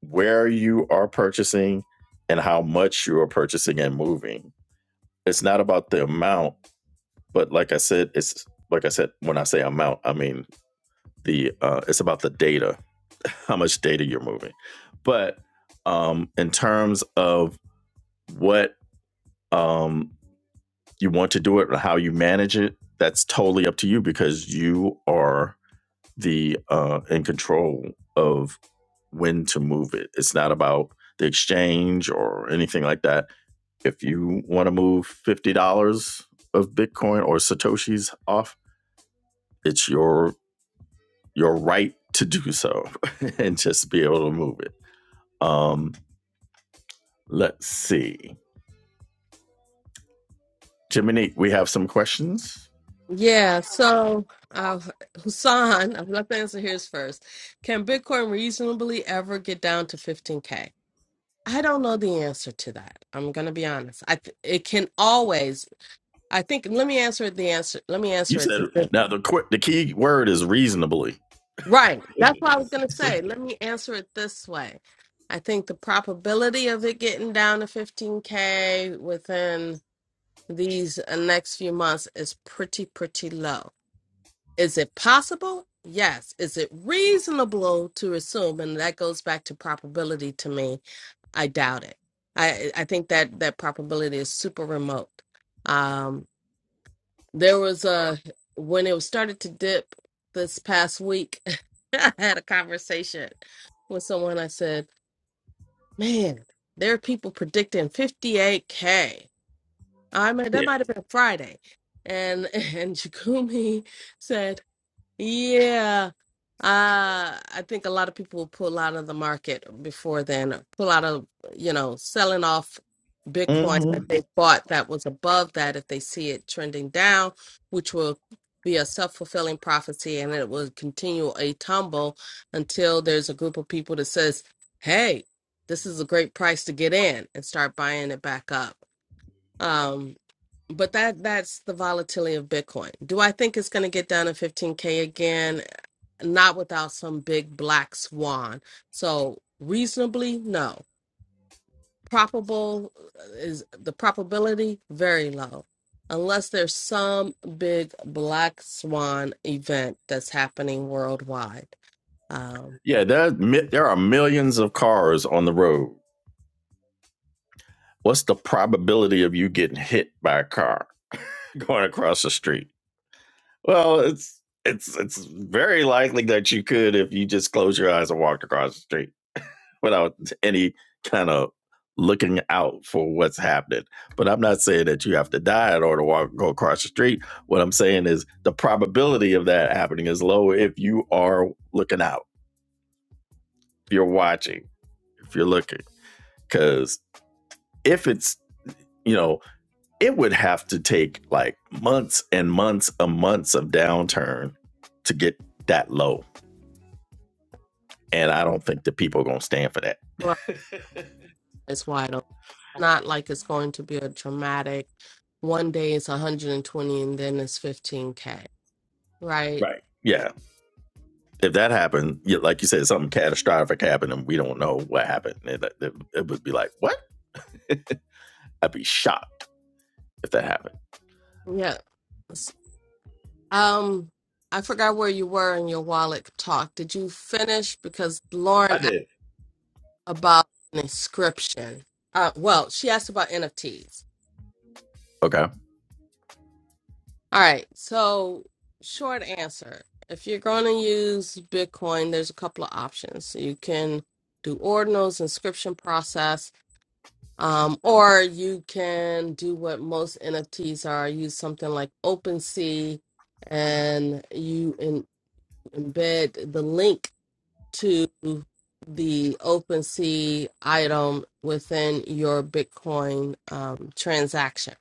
[SPEAKER 1] where you are purchasing and how much you are purchasing and moving. It's not about the amount, but like I said, it's like I said, when I say amount, I mean the uh, it's about the data how much data you're moving. But um, in terms of what um, you want to do it or how you manage it, that's totally up to you because you are the uh, in control of when to move it. It's not about the exchange or anything like that. If you want to move fifty dollars of Bitcoin or satoshis off, it's your your right to do so and just be able to move it. Um, Let's see. Jiminique, we have some questions.
[SPEAKER 2] Yeah, so uh, Hassan, I'm going to answer his first. Can Bitcoin reasonably ever get down to 15K? I don't know the answer to that. I'm going to be honest. I th- it can always. I think let me answer it the answer. Let me
[SPEAKER 1] You
[SPEAKER 2] answer
[SPEAKER 1] said
[SPEAKER 2] it.
[SPEAKER 1] now the qu- the key word is reasonably.
[SPEAKER 2] Right. That's what I was going to say. Let me answer it this way. I think the probability of it getting down to 15K within these uh, next few months is pretty, pretty low. Is it possible? Yes. Is it reasonable to assume? And that goes back to probability to me. I doubt it. I, I think that that probability is super remote. Um. There was a when it was started to dip this past week, I had a conversation with someone. I said, "Man, there are people predicting 58k." I mean, that
[SPEAKER 1] Yeah.
[SPEAKER 2] might have been Friday, and and Jagumi said. Yeah. Uh, I think a lot of people will pull out of the market before then, pull out of, you know, selling off Bitcoin that
[SPEAKER 1] hmm
[SPEAKER 2] they bought that was above that if they see it trending down, which will be a self-fulfilling prophecy and it will continue a tumble until there's a group of people that says, "Hey, this is a great price to get in," and start buying it back up. Um, but that that's the volatility of Bitcoin. Do I think it's going to get down to 15k again? Not without some big black swan. So reasonably, no. Probable uh, is the probability very low, unless there's some big black swan event that's happening worldwide. Um,
[SPEAKER 1] Yeah, there there are millions of cars on the road. What's the probability of you getting hit by a car going across the street? Well, it's it's it's very likely that you could if you just close your eyes and walked across the street. without any kind of looking out for what's happening. But I'm not saying that you have to die in order to walk go across the street. What I'm saying is the probability of that happening is lower if you are looking out, if you're watching, if you're looking. Because if it's, you know, it would have to take like months and months and months of downturn to get that low. And I don't think the people are gonna stand for that.
[SPEAKER 2] it's wide open. Not like it's going to be a dramatic. One day it's 120 and then it's 15k Right.
[SPEAKER 1] Right. Yeah, if that happened, yeah, like you said, something catastrophic happened and we don't know what happened, it, it, it would be like, what? I'd be shocked if that happened.
[SPEAKER 2] Yeah. S- Um, I forgot where you were in your wallet talk. Did you finish? Because
[SPEAKER 1] I
[SPEAKER 2] Lauren asked
[SPEAKER 1] did.
[SPEAKER 2] about an inscription. Uh, well, she asked about NFTs.
[SPEAKER 1] Okay.
[SPEAKER 2] All right. So, short answer. If you're going to use Bitcoin, there's a couple of options. So, You can do ordinals, inscription process, um, or you can do what most NFTs are, use something like OpenSea, and you embed the link to the OpenSea item within your Bitcoin um, transaction.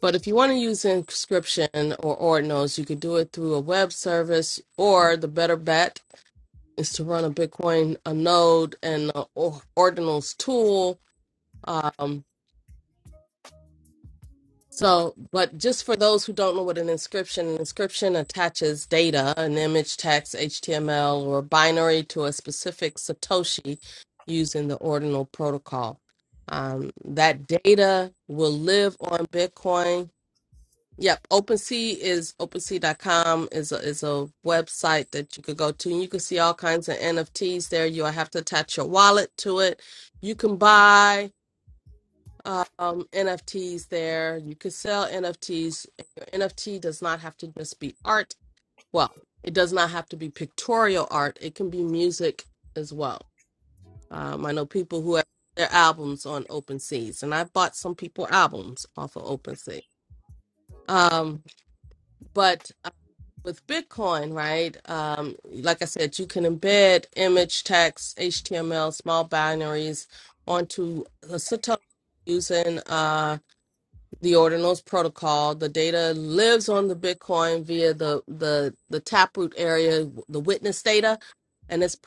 [SPEAKER 2] But if you want to use inscription or ordinals, you could do it through a web service, or the better bet is to run a Bitcoin a node and a ordinals tool. um, So, but just for those who don't know what an inscription, an inscription attaches data, an image, text, HTML, or binary to a specific Satoshi using the ordinal protocol. Um, that data will live on Bitcoin. Yep, OpenSea is OpenSea.com is a, is a website that you could go to, and you can see all kinds of NFTs there. You'll have to attach your wallet to it. You can buy um, NFTs there. You could sell NFTs. Your NFT does not have to just be art. Well, it does not have to be pictorial art. It can be music as well. Um, I know people who have their albums on OpenSea, and I bought some people albums off of OpenSea. Um, but uh, with Bitcoin, right? Um, like I said, you can embed image, text, HTML, small binaries onto a Satoshi using. uh, the ordinals protocol the data lives on the bitcoin via the the the taproot area the witness data and it's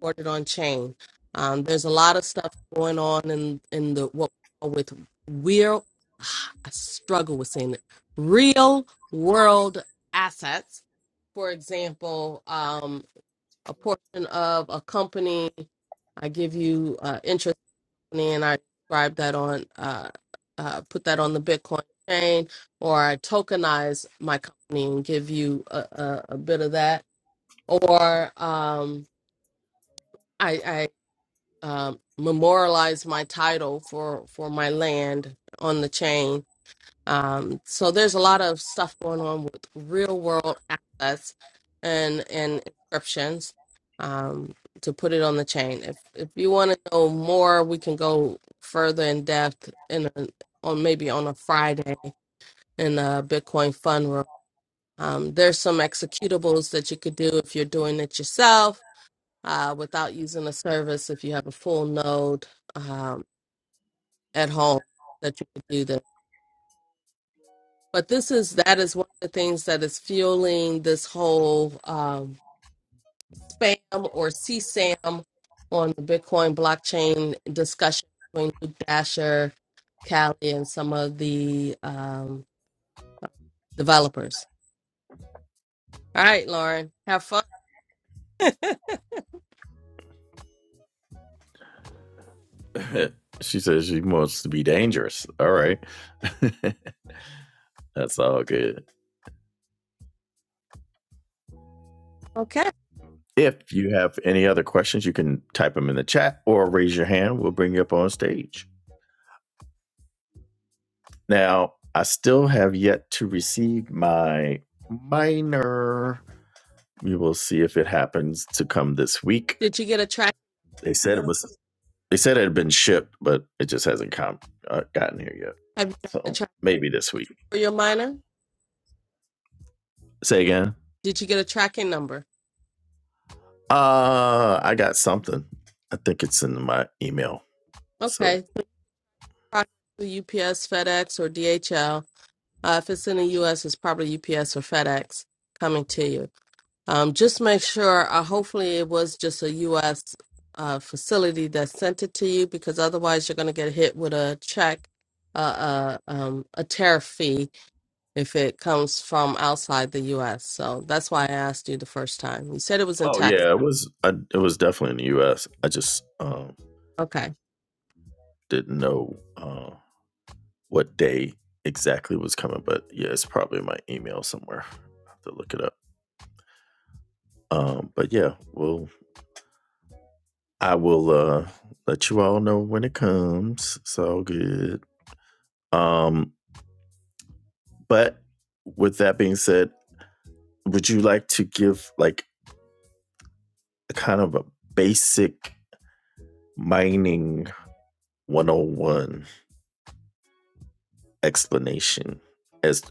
[SPEAKER 2] recorded on chain um, there's a lot of stuff going on in in the what we call with real i struggle with saying it real world assets for example um a portion of a company i give you uh, interest and I describe that on uh, uh, put that on the Bitcoin chain, or I tokenize my company and give you a, a, a bit of that, or um, I, I um, memorialize my title for for my land on the chain, um, so there's a lot of stuff going on with real world assets and and inscriptions um, to put it on the chain. If if you want to know more, we can go further in depth in a, on maybe on a Friday in a Bitcoin fun room. Um, there's some executables that you could do if you're doing it yourself uh, without using a service. If you have a full node um, at home, that you could do But this is that is one of the things that is fueling this whole um, spam or CSAM on the Bitcoin blockchain discussion between Luke Dasher, Callie, and some of the um, developers. All right, Lauren, have fun.
[SPEAKER 1] she says she wants to be dangerous. All right. That's all good.
[SPEAKER 2] Okay.
[SPEAKER 1] If you have any other questions, you can type them in the chat or raise your hand. We'll bring you up on stage. Now, I still have yet to receive my minor. We will see if it happens to come this week.
[SPEAKER 2] Did you get a track?
[SPEAKER 1] They said it was They said it had been shipped, but it just hasn't come uh, gotten here yet.
[SPEAKER 2] Have you gotten a
[SPEAKER 1] So
[SPEAKER 2] track
[SPEAKER 1] maybe this week.
[SPEAKER 2] for your miner?
[SPEAKER 1] Say again.
[SPEAKER 2] Did you get a tracking number?
[SPEAKER 1] Uh, I got something. I think it's in my email. So,
[SPEAKER 2] Okay. Probably UPS, FedEx, or DHL. Uh, if it's in the U.S., it's probably UPS or FedEx coming to you. Um, just make sure, uh, hopefully, it was just a U.S. Uh, facility that sent it to you because otherwise, you're going to get hit with a check, uh, uh, um, a tariff fee if it comes from outside the U.S. So that's why I asked you the first time. You said it was in
[SPEAKER 1] oh
[SPEAKER 2] Texas.
[SPEAKER 1] yeah, it was. I, it was definitely in the U.S. I just um,
[SPEAKER 2] Okay.
[SPEAKER 1] didn't know uh, what day exactly was coming, but yeah, it's probably in my email somewhere. I have to look it up. Um, but yeah, well, I will uh, let you all know when it comes. It's all good. Um, But with that being said, would you like to give like a kind of a basic mining 101 explanation as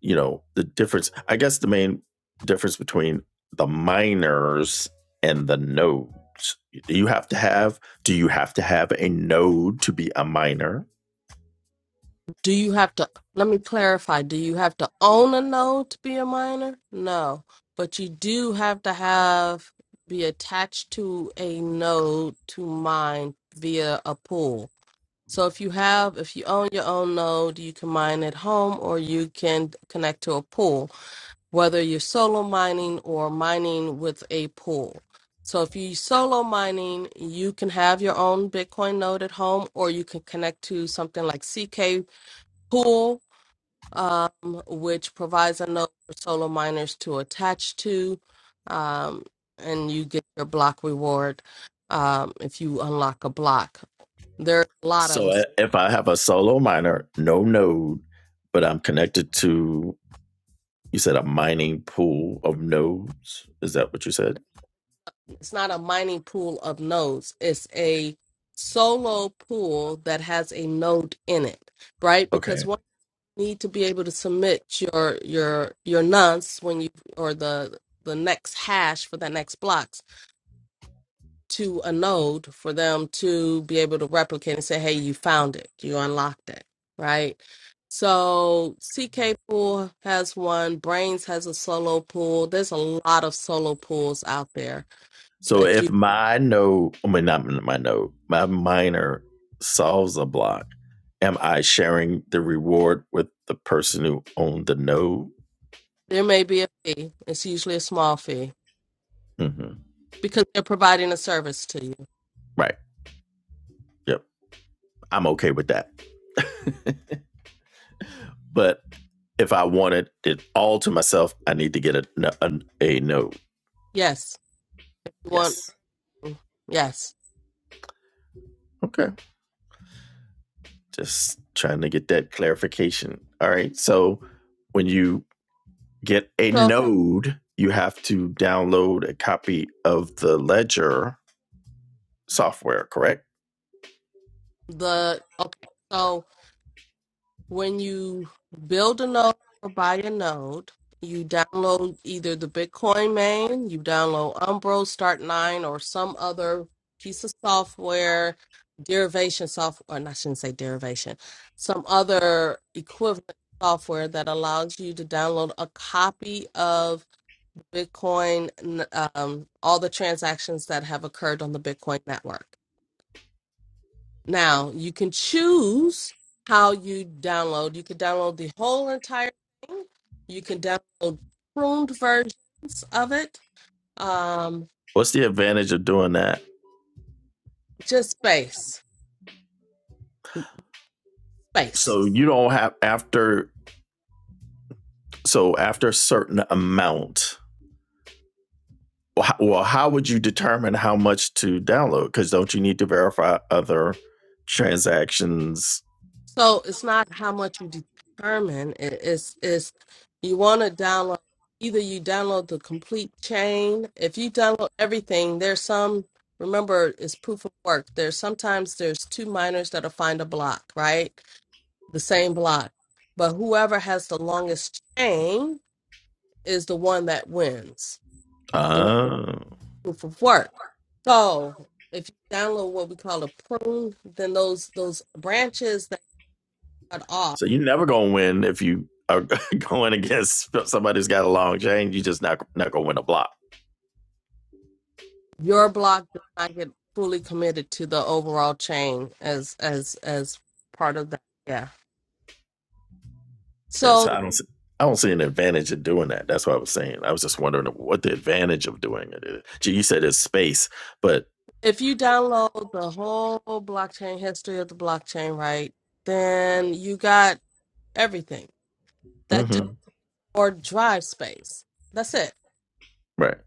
[SPEAKER 1] you know the difference i guess the main difference between the miners and the nodes do you have to have do you have to have a node to be a miner
[SPEAKER 2] Do you have to, let me clarify, do you have to own a node to be a miner? No. But you do have to have, be attached to a node to mine via a pool. So if you have, if you own your own node, you can mine at home or you can connect to a pool, whether you're solo mining or mining with a pool. So if you solo mining, you can have your own Bitcoin node at home or you can connect to something like CK Pool, um, which provides a node for solo miners to attach to, um, and you get your block reward um, if you unlock a block. There are a lot of them.
[SPEAKER 1] so if i have a solo miner no node but i'm connected to You said a mining pool of nodes. Is that what you said?
[SPEAKER 2] It's not a mining pool of nodes. It's a solo pool that has a node in it, right? Because
[SPEAKER 1] Okay.
[SPEAKER 2] one you need to be able to submit your your your nonce when you or the the next hash for that next blocks to a node for them to be able to replicate and say, hey, you found it, you unlocked it, right? So CK pool has one, Brains has a solo pool. There's a lot of solo pools out there
[SPEAKER 1] So
[SPEAKER 2] that you.
[SPEAKER 1] if my node, I mean, not my node, my miner solves a block, am I sharing the reward with the person who owned the node?
[SPEAKER 2] There may be a fee. It's usually a small fee
[SPEAKER 1] hmm
[SPEAKER 2] because they're providing a service to you.
[SPEAKER 1] Right. Yep. I'm okay with that. but if I wanted it all to myself, I need to get a, a, a node.
[SPEAKER 2] Yes. You want
[SPEAKER 1] Yes.
[SPEAKER 2] yes.
[SPEAKER 1] Okay. Just trying to get that clarification. All right. So when you get a
[SPEAKER 2] So
[SPEAKER 1] node, you have to download a copy of the ledger software, correct?
[SPEAKER 2] the okay. So when you build a node or buy a node, you download either the Bitcoin main, you download Umbro, Start Nine, or some other piece of software, derivation software. And I shouldn't say derivation. Some other equivalent software that allows you to download a copy of Bitcoin, n- um, all the transactions that have occurred on the Bitcoin network. Now, you can choose how you download. You can download the whole entire thing, you can download pruned versions of it. Um,
[SPEAKER 1] What's the advantage of doing that?
[SPEAKER 2] just space, space.
[SPEAKER 1] So you don't have after so after a certain amount. Well, how, well, would you determine how much to download? Because don't you need to verify other transactions?
[SPEAKER 2] So it's not how much you determine. It- It's it's you want to download either you download the complete chain. If you download everything, there's some remember it's proof of work. There's sometimes there's two miners that'll find a block, right? The same block. But whoever has the longest chain is the one that wins. The
[SPEAKER 1] Uh,
[SPEAKER 2] proof of work. So if you download what we call a prune, then those those branches that cut off
[SPEAKER 1] so you're never gonna win if you are going against somebody who's got a long chain. You're just not not gonna win a block.
[SPEAKER 2] your block does not get fully committed to the overall chain as as as part of that yeah
[SPEAKER 1] And
[SPEAKER 2] so
[SPEAKER 1] so I don't see, I don't see an advantage of doing that. That's what I was saying. I was just wondering what the advantage of doing it is. Gee, you said it's space, but
[SPEAKER 2] if you download the whole blockchain history of the blockchain right then you got everything that type
[SPEAKER 1] mhm,
[SPEAKER 2] or drive space that's it
[SPEAKER 1] right.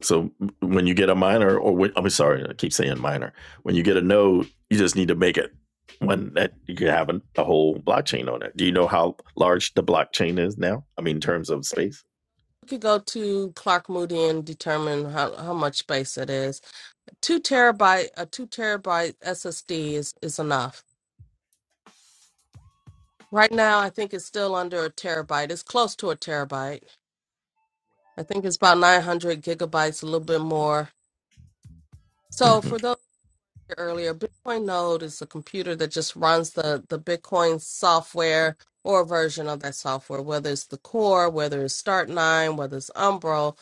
[SPEAKER 1] So when you get a minor, or when, I'm sorry, I keep saying minor. When you get a node, you just need to make it one that you can have a, a whole blockchain on it. Do you know how large the blockchain is now? I mean, in terms of space.
[SPEAKER 2] you could go to clark moody and determine how, how much space it is two terabyte a two terabyte ssd is is enough right now i think it's still under a terabyte it's close to a terabyte I think it's about 900 gigabytes, a little bit more. So
[SPEAKER 1] hmm
[SPEAKER 2] for those who were earlier, Bitcoin Node is a computer that just runs the, the Bitcoin software or a version of that software, whether it's the core, whether it's Start9, whether it's Umbro,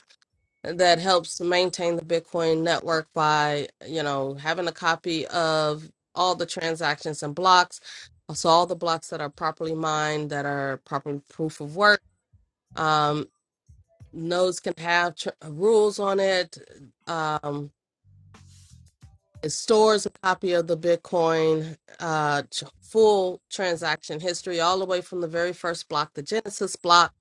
[SPEAKER 2] that helps to maintain the Bitcoin network by, you know, having a copy of all the transactions and blocks. So all the blocks that are properly mined, that are properly proof of work um, nodes can have tr- uh, rules on it. Um, it stores a copy of the Bitcoin uh, tr- full transaction history, all the way from the very first block, the Genesis block.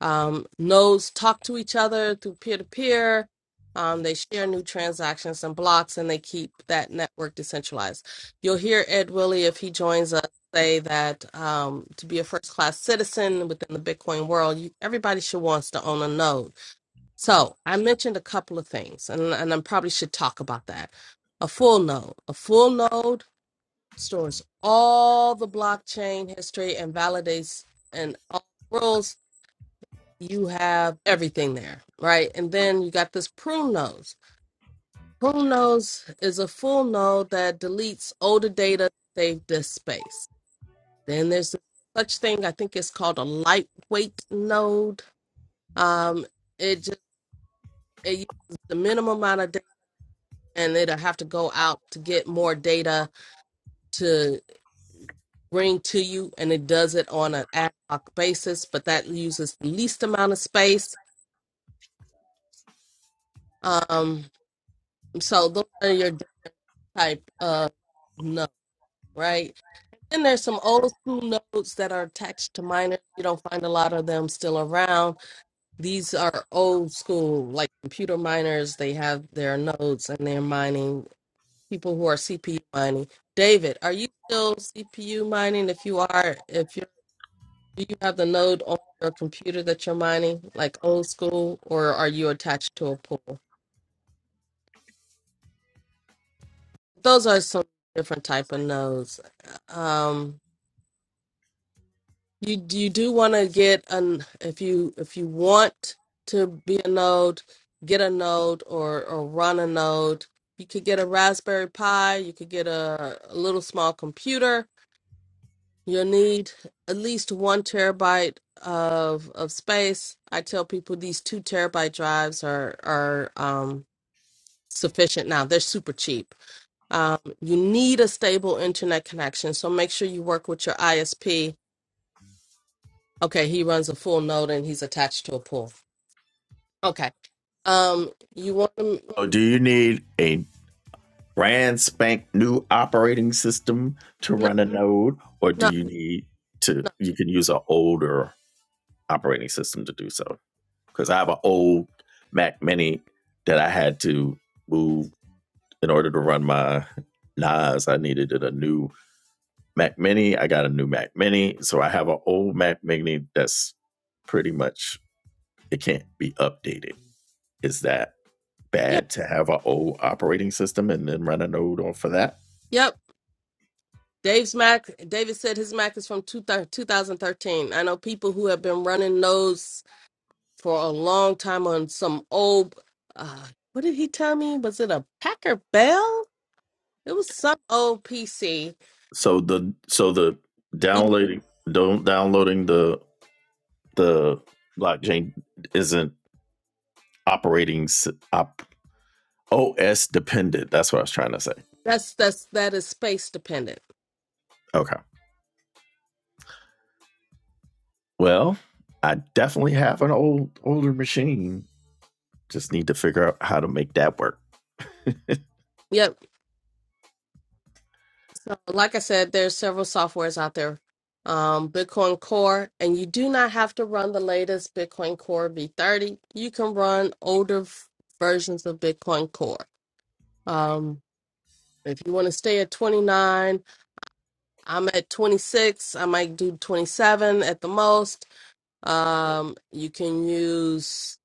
[SPEAKER 2] Um, nodes talk to each other through peer to peer. Um, they share new transactions and blocks, and they keep that network decentralized. You'll hear Ed Willie if he joins us say that um, to be a first class citizen within the Bitcoin world, you, everybody should wants to own a node so I mentioned a couple of things, and, and I probably should talk about that. A full node. A full node stores all the blockchain history and validates and all the rules. You have everything there, right? And then you got this prune nodes. Prune nodes is a full node that deletes older data to save disk space. Then there's such thing, I think it's called a lightweight node. Um, it just it and it'll have to go out to get more data to bring to you and it does it on an ad hoc basis but that uses the least amount of space um so those are your type of note right then there's some old school notes that are attached to miners. you don't find a lot of them still around these are old school like computer miners they have their nodes and they're mining people who are CPU mining. David, are you still CPU mining? If you are, if you do you have the node on your computer that you're mining, like old school, or are you attached to a pool? Those are some different type of nodes. Um, you you do want to get an if you if you want to be a node, get a node or or run a node. You could get a Raspberry Pi. You could get a, a little small computer You'll need at least one terabyte of of space. I tell people these two terabyte drives are are um, sufficient now. They're super cheap. Um, you need a stable internet connection, so make sure you work with your ISP. Okay, he runs a full node and he's attached to a pool. Okay. Um, you want to
[SPEAKER 1] So do you need a brand spank new operating system to
[SPEAKER 2] no
[SPEAKER 1] run a node, or do
[SPEAKER 2] no
[SPEAKER 1] you need to?
[SPEAKER 2] no
[SPEAKER 1] You can use an older operating system to do so. Because I have an old Mac Mini that I had to move in order to run my NAS. I needed a new Mac Mini. I got a new Mac Mini, so I have an old Mac Mini that's pretty much it can't be updated. Is that
[SPEAKER 2] yeah
[SPEAKER 1] bad to have an old operating system and then run a node on for that.
[SPEAKER 2] yep. Dave's Mac. David said his Mac is from two, 2013. I know people who have been running nodes for a long time on some old uh what did he tell me? Was it a Packer Bell? It was some old PC.
[SPEAKER 1] So the so the
[SPEAKER 2] He-
[SPEAKER 1] downloading don't downloading the the blockchain isn't operating op, OS dependent. That's what I was trying to say.
[SPEAKER 2] That's that's that is space dependent.
[SPEAKER 1] Okay. Well, I definitely have an old older machine. Just need to figure out how to make that work.
[SPEAKER 2] Yep. So like I said, there's several softwares out there. Um, Bitcoin Core, and you do not have to run the latest Bitcoin Core V30. You can run older f- versions of Bitcoin Core. Um, if you want to stay at 29, I'm at 26. I might do 27 at the most Um, you can use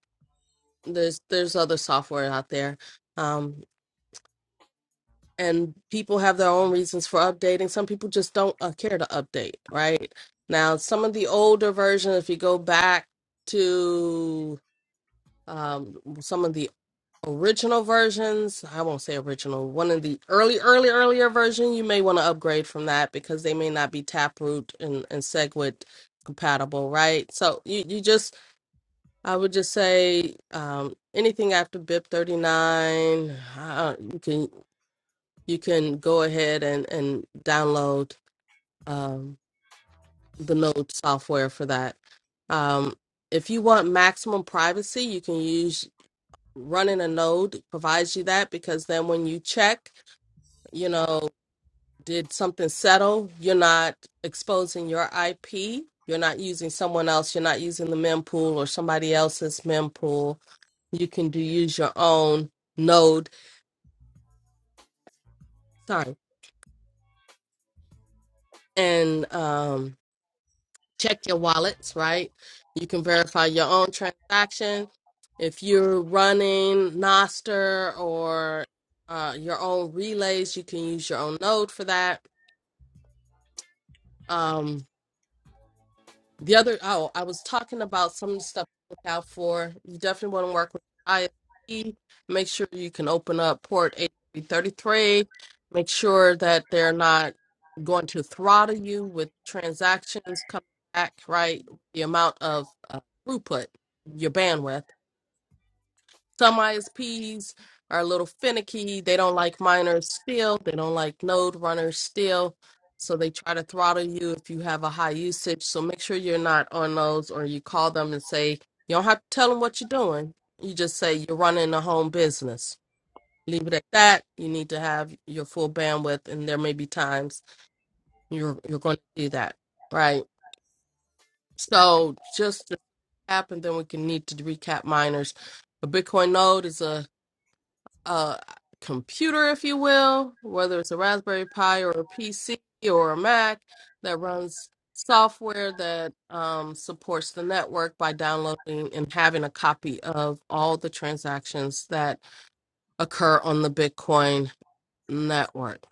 [SPEAKER 2] there's there's other software out there. Um, and people have their own reasons for updating. Some people just don't uh, care to update, right? Now, some of the older versions, if you go back to um, some of the original versions, I won't say original, one of the early, early, earlier version, you may want to upgrade from that because they may not be Taproot and, and SegWit compatible, right? So you, you just I would just say um, anything after BIP 39, uh, you can you can go ahead and and download um, the Node software for that. Um, if you want maximum privacy, you can use running a node provides you that because then when you check, you know. did something settle? You're not exposing your IP. You're not using someone else. You're not using the mempool or somebody else's mempool. You can do use your own node. Sorry, and um, check your wallets. Right, you can verify your own transaction. If you're running Noster or uh, your own relays, you can use your own node for that. Um, The other, oh, I was talking about some of the stuff to look out for. You definitely want to work with ISP. Make sure you can open up port 8333. Make sure that they're not going to throttle you with transactions coming back, right? The amount of uh, throughput, your bandwidth. Some ISPs are a little finicky. They don't like miners still. They don't like node runners still. So they try to throttle you if you have a high usage. So make sure you're not on those or you call them and say, you don't have to tell them what you're doing. You just say you're running a home business. Leave it at that. You need to have your full bandwidth and there may be times you're you're going to do that. Right. So just to happen, then we can need to recap miners. A Bitcoin node is a uh, computer, if you will, whether it's a Raspberry Pi or a PC or a Mac that runs software that um, supports the network by downloading and having a copy of all the transactions that occur on the Bitcoin network.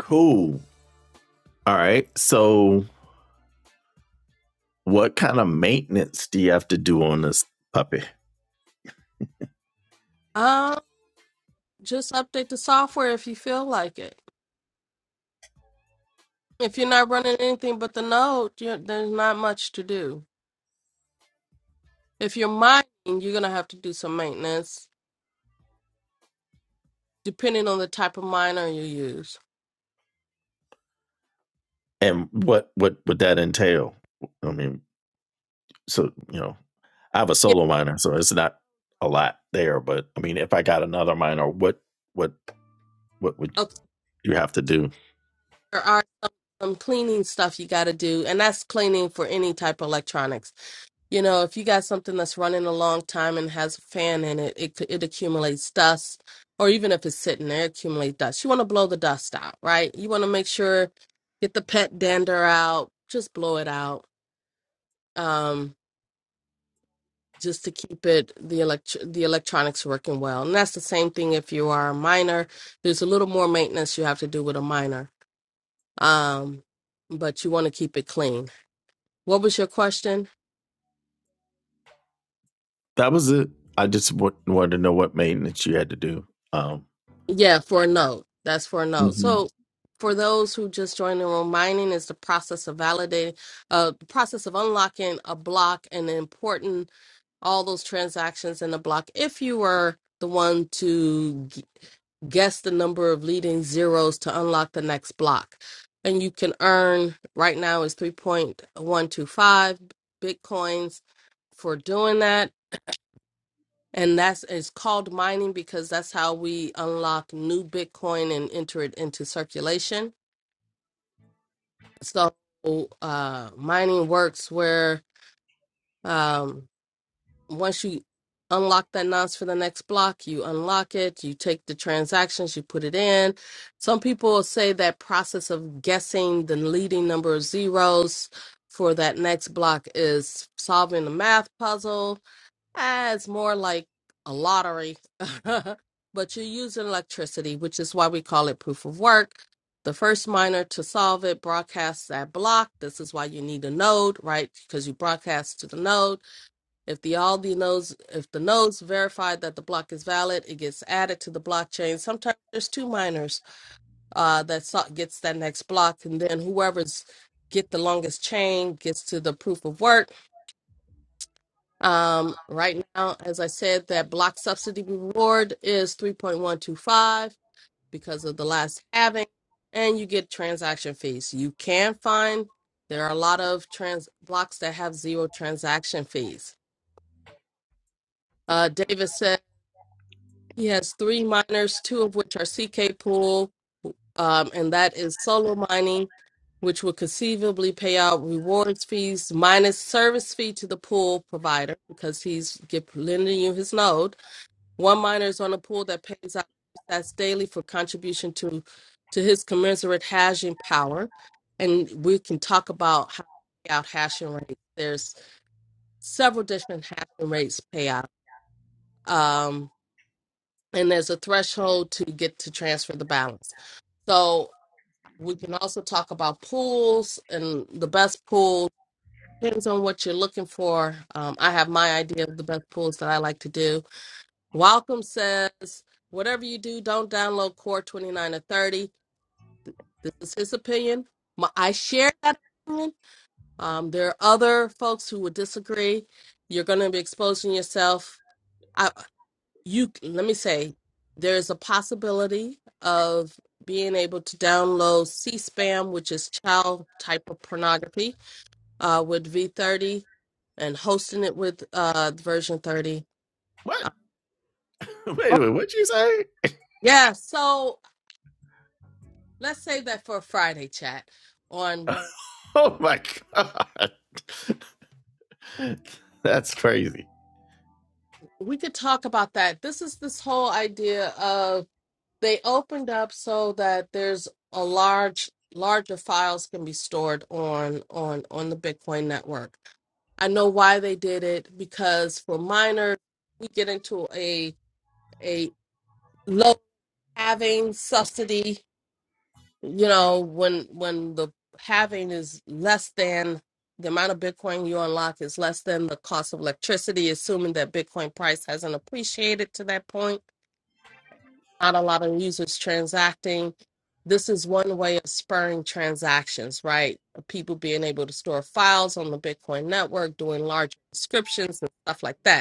[SPEAKER 1] Cool. All right. So, what kind of maintenance do you have to do on this puppy,
[SPEAKER 2] Um, just update the software if you feel like it. If you're not running anything but the node, you there's not much to do. If you're mining, you're going to have to do some maintenance depending on the type of miner you use
[SPEAKER 1] and what what would that entail? I mean, so you know, I have a
[SPEAKER 2] Yeah,
[SPEAKER 1] solo miner, so it's not a lot there. But I mean, if I got another miner, what what what would
[SPEAKER 2] okay.
[SPEAKER 1] you have to do?
[SPEAKER 2] There are some cleaning stuff you got to do, and that's cleaning for any type of electronics. You know, if you got something that's running a long time and has a fan in it, it c- it accumulates dust, or even if it's sitting there, it accumulates dust. You want to blow the dust out, right? You want to make sure get the pet dander out, just blow it out, um, just to keep it the elect the electronics working well. And that's the same thing if you are a miner. There's a little more maintenance you have to do with a miner. Um, but you want to keep it clean. What was your question?
[SPEAKER 1] That was it. I just w- wanted to know what maintenance you had to do. Um,
[SPEAKER 2] Yeah, for a note. That's for a note.
[SPEAKER 1] mm-hmm.
[SPEAKER 2] So for those who just joined the room, mining is the process of validating, uh, the process of unlocking a block and important all those transactions in the block. If you were the one to g- guess the number of leading zeros to unlock the next block, and you can earn right now is 3.125 bitcoins for doing that And that's it's called mining because that's how we unlock new Bitcoin and enter it into circulation. So uh, mining works where um, once you unlock that nonce for the next block, you unlock it, you take the transactions, you put it in. Some people say that process of guessing the leading number of zeros for that next block is solving the math puzzle Ah, it's more like a lottery, but you're using electricity, which is why we call it proof of work. The first miner to solve it broadcasts that block. This is why you need a node, right? Because you broadcast to the node. If the all the nodes, if the nodes verify that the block is valid, it gets added to the blockchain. Sometimes there's two miners uh, that so- gets that next block, and then whoever's get the longest chain gets to the proof of work um, right now, as I said, that block subsidy reward is 3.125 because of the last halving, and you get transaction fees. You can find there are a lot of trans blocks that have zero transaction fees. Uh, David said he has three miners, two of which are CK pool, um, and that is solo mining, which will conceivably pay out rewards fees minus service fee to the pool provider because he's give, lending you his node One minor is on a pool that pays out stats daily for contribution to to his commensurate hashing power. And we can talk about how to pay out hashing rates. There's several different hashing rates payout. Um, and there's a threshold to get to transfer the balance. So we can also talk about pools and the best pool depends on what you're looking for. Um, I have my idea of the best pools that I like to do Welcome says, whatever you do, don't download Core 29 or 30. This is his opinion. My, I share that opinion. Um, there are other folks who would disagree. You're going to be exposing yourself. I, you let me say, there's a possibility of being able to download C-SPAM, which is child type of pornography, uh, with V30 and hosting it with uh, version 30.
[SPEAKER 1] What?
[SPEAKER 2] Uh,
[SPEAKER 1] Wait
[SPEAKER 2] oh,
[SPEAKER 1] a minute. What'd you say?
[SPEAKER 2] yeah, so Let's save that for a Friday chat. On
[SPEAKER 1] oh my god. That's crazy.
[SPEAKER 2] we could talk about that. This is this whole idea of they opened up so that there's a large larger files can be stored on on on the Bitcoin network. I know why they did it because for miners, we get into a a low having subsidy you know when when the having is less than the amount of bitcoin you unlock is less than the cost of electricity assuming that bitcoin price hasn't appreciated to that point not a lot of users transacting this is one way of spurring transactions right people being able to store files on the bitcoin network doing large subscriptions and stuff like that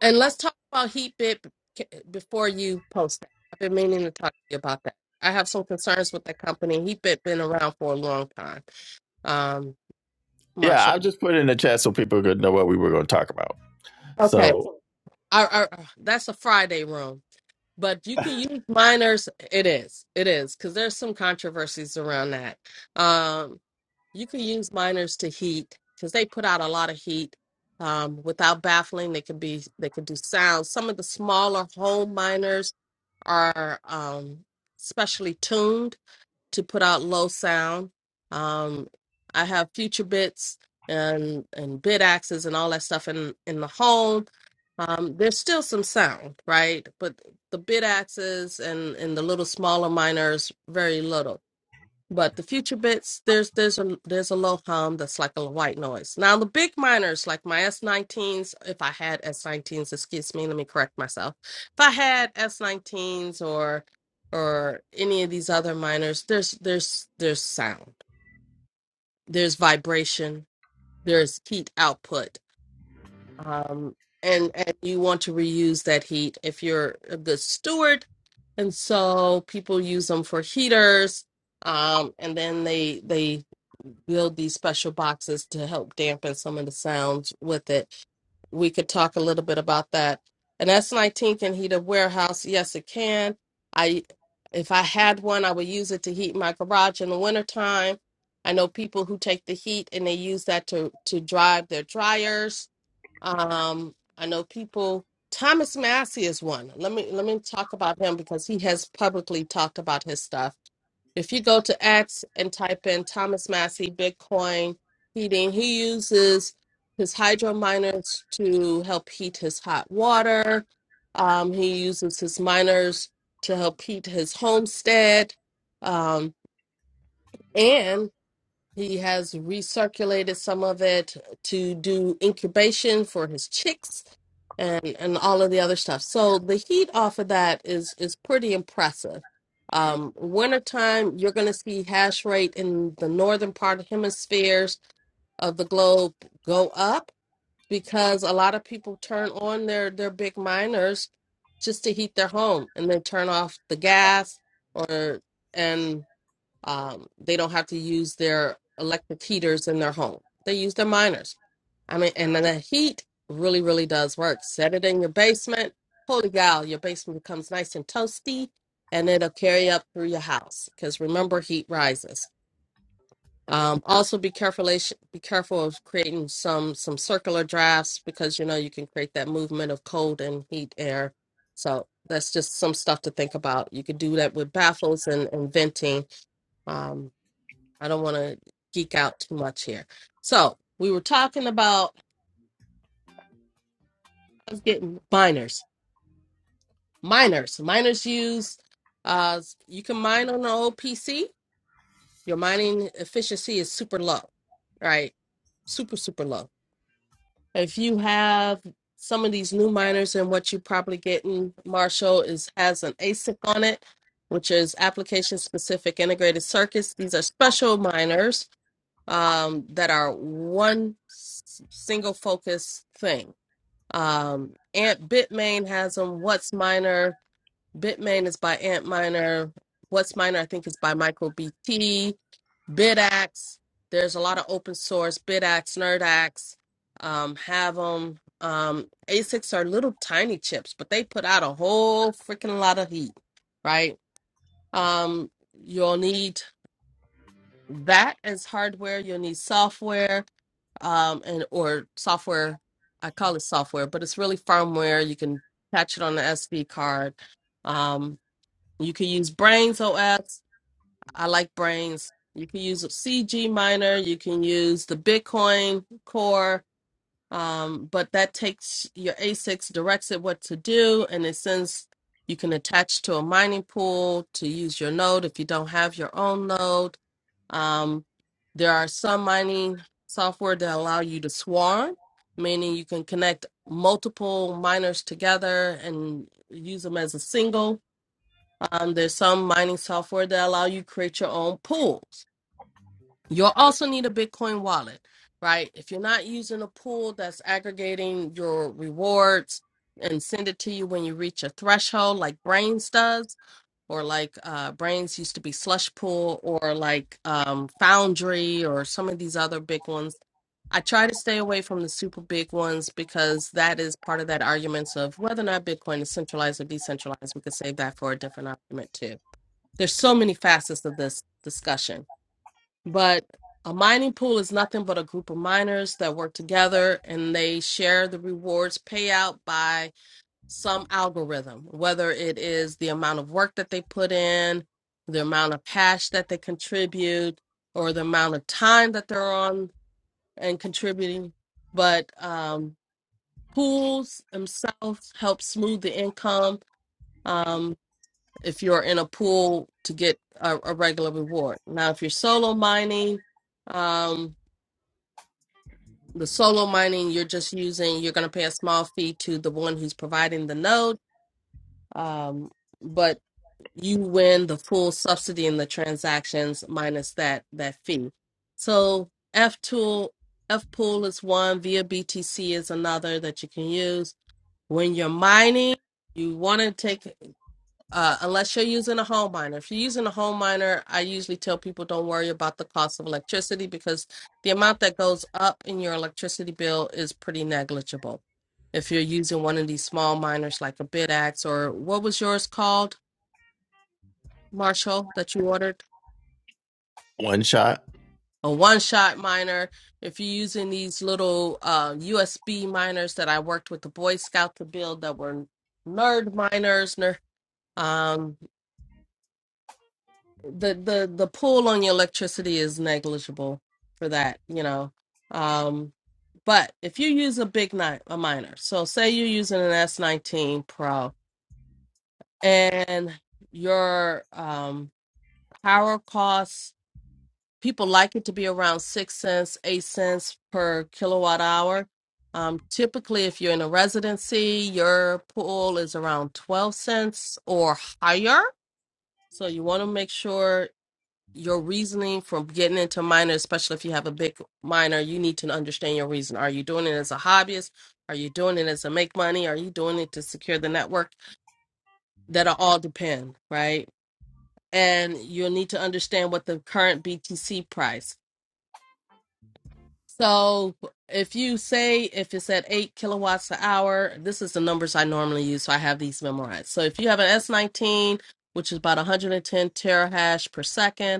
[SPEAKER 2] And let's talk about heat bit b- before you post that. I've been meaning to talk to you about that. I have some concerns with that company. Heat bit been around for a long time. Um,
[SPEAKER 1] Yeah,
[SPEAKER 2] Marshall.
[SPEAKER 1] I'll just put it in the chat so people could know what we were going to talk about.
[SPEAKER 2] Okay,
[SPEAKER 1] So,
[SPEAKER 2] our, our, that's a Friday room, but you can use minors. It is, it is, because there's some controversies around that. Um, you can use minors to heat because they put out a lot of heat. Um, without baffling, they can be they can do sound. Some of the smaller home miners are um, specially tuned to put out low sound. Um, I have future bits and and bit axes and all that stuff in in the home. Um, there's still some sound, right? But the bit axes and and the little smaller miners very little but the future bits, there's there's a there's a low hum that's like a white noise. Now the big minors, like my S19s, if I had S19s, excuse me, let me correct myself. If I had S19s or or any of these other minors, there's there's there's sound, there's vibration, there's heat output, um, and and you want to reuse that heat if you're a good steward, and so people use them for heaters um and then they they build these special boxes to help dampen some of the sounds with it. We could talk a little bit about that. An S19 can heat a warehouse. Yes, it can. I if I had one, I would use it to heat my garage in the wintertime. I know people who take the heat and they use that to to drive their dryers um, I know people. Thomas Massey is one. Let me let me talk about him because he has publicly talked about his stuff. If you go to X and type in Thomas Massey Bitcoin heating, he uses his hydro miners to help heat his hot water. Um, he uses his miners to help heat his homestead. Um, and he has recirculated some of it to do incubation for his chicks and and all of the other stuff. So the heat off of that is is pretty impressive. Um, wintertime, you're going to see hash rate in the northern part of hemispheres of the globe go up because a lot of people turn on their their big miners just to heat their home and they turn off the gas or and um, they don't have to use their electric heaters in their home. They use their miners. I mean, and then the heat really, really does work. Set it in your basement. Holy cow, your basement becomes nice and toasty, and it'll carry up through your house. Because remember, heat rises. Um, also, be careful. Be careful of creating some some circular drafts because you know you can create that movement of cold and heat air. So that's just some stuff to think about. You could do that with baffles and, and venting. Um, I don't want to geek out too much here. So we were talking about getting miners, miners, miners use. Uh, you can mine on an old PC. Your mining efficiency is super low, right? Super super low. If you have some of these new miners, and what you probably getting, Marshall, is has an ASIC on it, which is application specific integrated circuits. These are special miners um, that are one s- single focus thing. Um, Ant Bitmain has them. What's Miner? Bitmain is by Ant Miner. What's Miner? I think is by MicroBT. BT. BidAx. There's a lot of open source BidAx, NerdAx. Um, have them. Um, ASICs are little tiny chips, but they put out a whole freaking lot of heat, right? Um, you'll need that as hardware. You'll need software um, and or software. I call it software, but it's really firmware. You can patch it on the SD card. Um, you can use Brains OS. I like Brains. You can use CG Miner. You can use the Bitcoin Core um, but that takes your ASICs, directs it what to do, and it sends you can attach to a mining pool to use your node if you don't have your own node. Um, there are some mining software that allow you to swarm, meaning you can connect multiple miners together and use them as a single. Um, there's some mining software that allow you create your own pools. You'll also need a Bitcoin wallet, right? If you're not using a pool that's aggregating your rewards and send it to you when you reach a threshold, like Brains does, or like uh, Brains used to be Slush Pool, or like um, Foundry, or some of these other big ones. I try to stay away from the super big ones because that is part of that arguments of whether or not Bitcoin is centralized or decentralized. We could save that for a different argument too. There's so many facets of this discussion but a mining pool is nothing but a group of miners that work together and they share the rewards paid out by some algorithm, whether it is the amount of work that they put in, the amount of hash that they contribute, or the amount of time that they're on and contributing. But um, pools themselves help smooth the income. Um, if you're in a pool to get a, a regular reward. Now, if you're solo mining, um, The solo mining, you're just using, you're going to pay a small fee to the one who's providing the node, um, but you win the full subsidy in the transactions minus that that fee. So F tool, F pool is one, via BTC is another that you can use. When you're mining, you want to take uh, unless you're using a home miner. If you're using a home miner, I usually tell people don't worry about the cost of electricity because the amount that goes up in your electricity bill is pretty negligible. If you're using one of these small miners like a BidAx or what was yours called, Marshall, that you ordered?
[SPEAKER 1] one shot.
[SPEAKER 2] A one shot miner. If you're using these little uh, USB miners that I worked with the Boy Scout to build that were nerd miners, ner- um, the the the pull on your electricity is negligible for that you know um but if you use a big night a miner so say you're using an s19 pro and your um power costs people like it to be around six cents eight cents per kilowatt hour um typically if you're in a residency your pull is around 12 cents or higher so you want to make sure your reasoning from getting into minor, especially if you have a big minor, you need to understand your reason. Are you doing it as a hobbyist? Are you doing it as a make money? Are you doing it to secure the network? That'll all depend, right? And you'll need to understand what the current BTC price. So if you say if it's at eight kilowatts an hour, this is the numbers I normally use, so I have these memorized. So if you have an S19, which is about 110 terahash per second,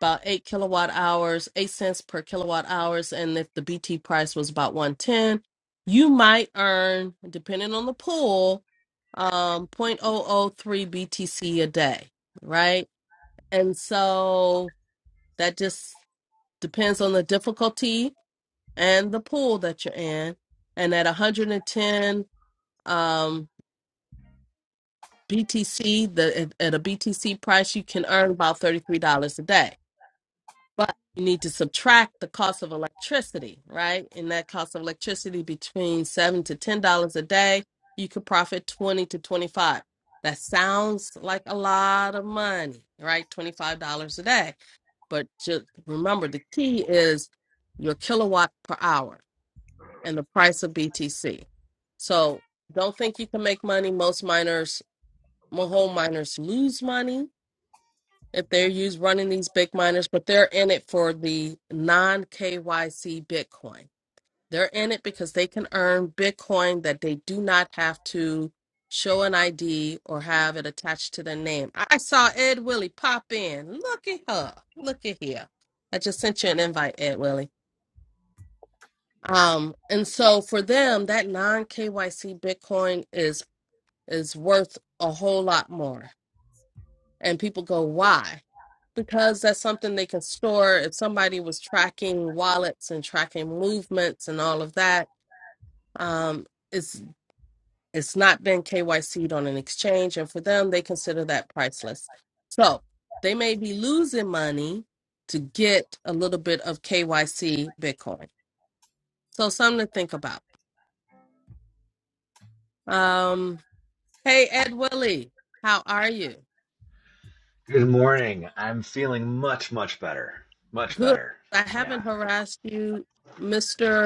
[SPEAKER 2] about eight kilowatt hours, eight cents per kilowatt hours, and if the BT price was about one ten, you might earn, depending on the pool, um, zero point zero zero 0.003 BTC a day, right? And so that just depends on the difficulty and the pool that you're in. And at 110 um, BTC, the at, at a BTC price, you can earn about $33 a day but you need to subtract the cost of electricity, right? And that cost of electricity between seven to ten dollars a day, you could profit twenty to twenty-five. That sounds like a lot of money, right? Twenty-five dollars a day, but just remember the key is your kilowatt per hour and the price of BTC. So don't think you can make money. Most miners, mo- home miners, lose money if they're used running these big miners, but they're in it for the non KYC Bitcoin. They're in it because they can earn Bitcoin that they do not have to show an ID or have it attached to their name. I I saw Ed Willie pop in. Look at her. Look at here. I just sent you an invite, Ed Willie. Um, and so for them, that non KYC Bitcoin is is worth a whole lot more. And people go, why? because that's something they can store if somebody was tracking wallets and tracking movements and all of that um it's it's not been KYC'd on an exchange and for them they consider that priceless so they may be losing money to get a little bit of KYC bitcoin so something to think about um hey Ed Willie how are you
[SPEAKER 3] Good morning. I'm feeling much, much better. Much
[SPEAKER 2] good
[SPEAKER 3] better.
[SPEAKER 2] i
[SPEAKER 3] Yeah.
[SPEAKER 2] haven't harassed you mr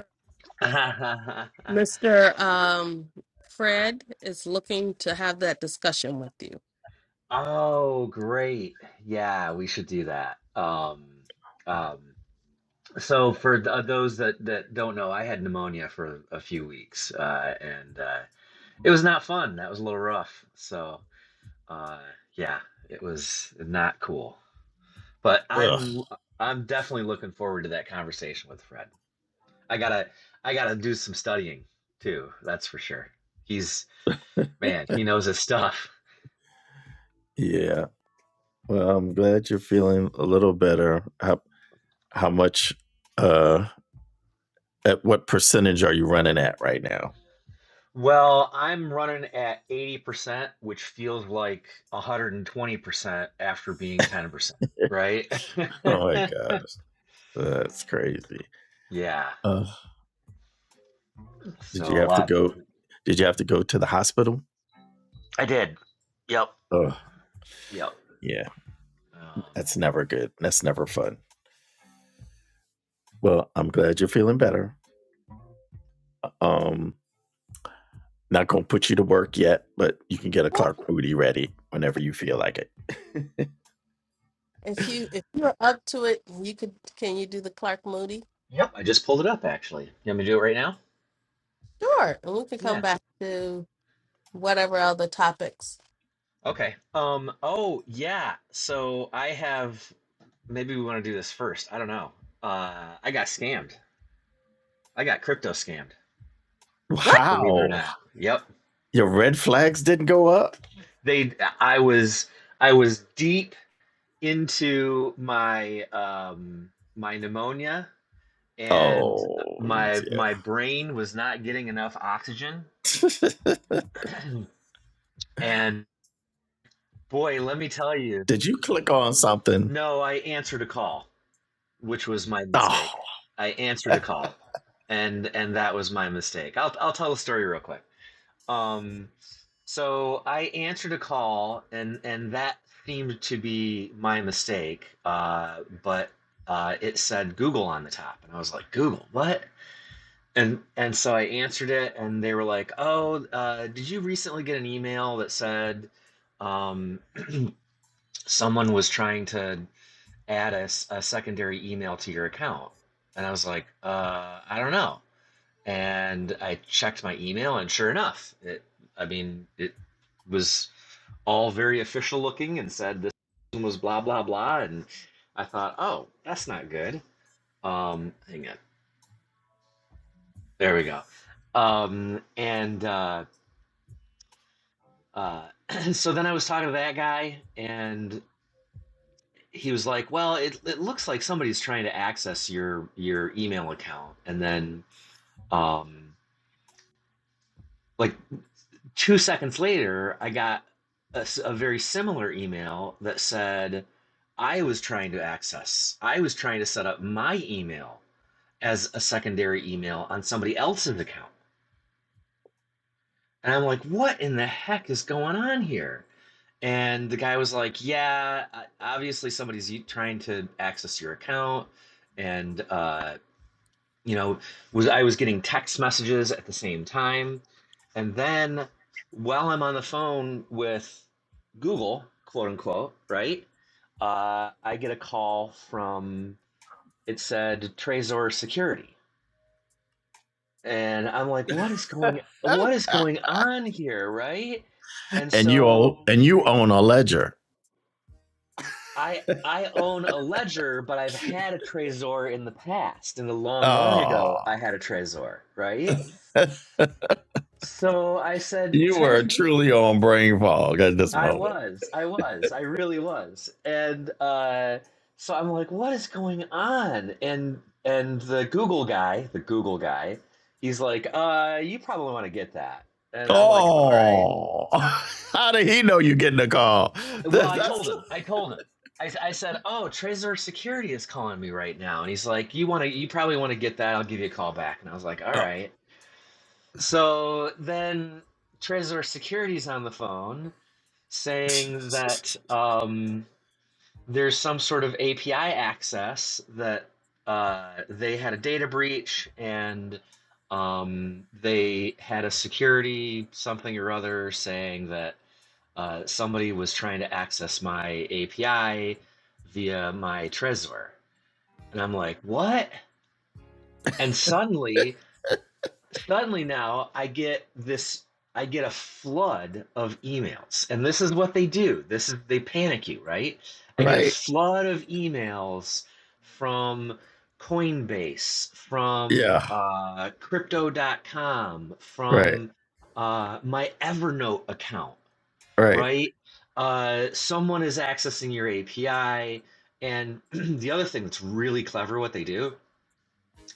[SPEAKER 2] Mr. Um, Fred is looking to have that discussion with you.
[SPEAKER 3] oh, great. Yeah, we should do that. Um, um, so for th uh, those that that don't know, I had pneumonia for a few weeks, uh, and uh, it was not fun. That was a little rough. So, uh, yeah, it was not cool. But
[SPEAKER 1] Ugh.
[SPEAKER 3] I'm I'm definitely looking forward to that conversation with Fred. I gotta I gotta do some studying too, that's for sure. He's man, he knows his stuff.
[SPEAKER 1] Yeah. Well, I'm glad you're feeling a little better. How how much? Uh, at what percentage are you running at right now?
[SPEAKER 3] Well, I'm running at 80%, which feels like 120% after being 10%, right?
[SPEAKER 1] Oh my gosh, that's crazy.
[SPEAKER 3] Yeah.
[SPEAKER 1] Uh, did
[SPEAKER 3] So
[SPEAKER 1] you
[SPEAKER 3] a
[SPEAKER 1] have to
[SPEAKER 3] lot better.
[SPEAKER 1] go? Did you have to go to the hospital?
[SPEAKER 3] I did. Yep.
[SPEAKER 1] Ugh.
[SPEAKER 3] Yep.
[SPEAKER 1] Yeah,
[SPEAKER 3] Um,
[SPEAKER 1] that's never good. That's never fun. Well, I'm glad you're feeling better. Um, Not gonna put you to work yet, but you can get a Clark Moody ready whenever you feel like it.
[SPEAKER 2] If you if you're up to it, you could can you do the Clark Moody?
[SPEAKER 3] yep. I just pulled it up actually. You want me to do it right now?
[SPEAKER 2] Sure, and we can come
[SPEAKER 3] Yeah.
[SPEAKER 2] back to whatever other topics.
[SPEAKER 3] Okay. Um, oh yeah. So I have maybe we want to do this first. I don't know. Uh, I got scammed. I got crypto scammed,
[SPEAKER 2] What?
[SPEAKER 3] believe it or
[SPEAKER 1] Wow!
[SPEAKER 3] not. Yep.
[SPEAKER 1] your red flags didn't go up?
[SPEAKER 3] They I was I was deep into my um my pneumonia and
[SPEAKER 1] Oh
[SPEAKER 3] my my
[SPEAKER 1] yeah.
[SPEAKER 3] brain was not getting enough oxygen. And boy, let me tell you,
[SPEAKER 1] Did you click on something?
[SPEAKER 3] no, I answered a call, which was my
[SPEAKER 1] Oh
[SPEAKER 3] mistake. I answered a call. And and that was my mistake. I'll I'll tell the story real quick. Um, so I answered a call, and and that seemed to be my mistake. Uh, but uh, it said Google on the top, and I was like, Google, what? And and so I answered it, and they were like, Oh, uh, did you recently get an email that said um, someone was trying to add a, s- a secondary email to your account? And I was like, uh, I don't know and I checked my email, and sure enough, it, I mean, it was all very official looking and said this was blah blah blah, and I thought, oh, that's not good. Um, hang on, there we go. Um, and uh, uh, so then I was talking to that guy, and he was like, well, it it looks like somebody's trying to access your your email account, and then um, like. Two seconds later, I got a a very similar email that said I was trying to access, I was trying to set up my email as a secondary email on somebody else's account. And I'm like, what in the heck is going on here? And the guy was like, "Yeah, obviously somebody's trying to access your account, and uh, you know was i was getting text messages at the same time and then while i'm on the phone with google quote unquote right uh, i get a call from it said trezor security and i'm like what is going what is going on here right and
[SPEAKER 1] and you
[SPEAKER 3] so
[SPEAKER 1] own and you own a ledger.
[SPEAKER 3] i i own a ledger but i've had a trezor in the past in the long long
[SPEAKER 1] Oh,
[SPEAKER 3] ago i had a trezor right so I said,
[SPEAKER 1] you were
[SPEAKER 3] "Trez,
[SPEAKER 1] truly on brain fog at this
[SPEAKER 3] I
[SPEAKER 1] moment.
[SPEAKER 3] was, I was, I really was. And uh, so I'm like, what is going on? And and the Google guy, the Google guy, he's like, uh, you probably want to get that. And I'm like, all right.
[SPEAKER 1] Oh, how did he know you getting a call?
[SPEAKER 3] Well,
[SPEAKER 1] That-
[SPEAKER 3] I told
[SPEAKER 1] that's
[SPEAKER 3] him, I told him. I, s- I said, oh, Trezor Security is calling me right now. And he's like, you want to, you probably want to get that. I'll give you a call back. And I was like, all
[SPEAKER 1] oh.
[SPEAKER 3] right. So then Trezor Security's on the phone saying that. Um, there's some sort of API access that uh, they had a data breach and um, they had a security something or other saying that uh, somebody was trying to access my API via my Trezor. And I'm like, what? And suddenly suddenly now I get this I get a flood of emails. And this is what they do. This is they panic you, right? I get a
[SPEAKER 1] right.
[SPEAKER 3] flood of emails from Coinbase, from
[SPEAKER 1] Yeah.
[SPEAKER 3] uh, crypto dot com,
[SPEAKER 1] Right.
[SPEAKER 3] from uh, my Evernote account,
[SPEAKER 1] Right.
[SPEAKER 3] right? Uh, someone is accessing your API. And the other thing that's really clever what they do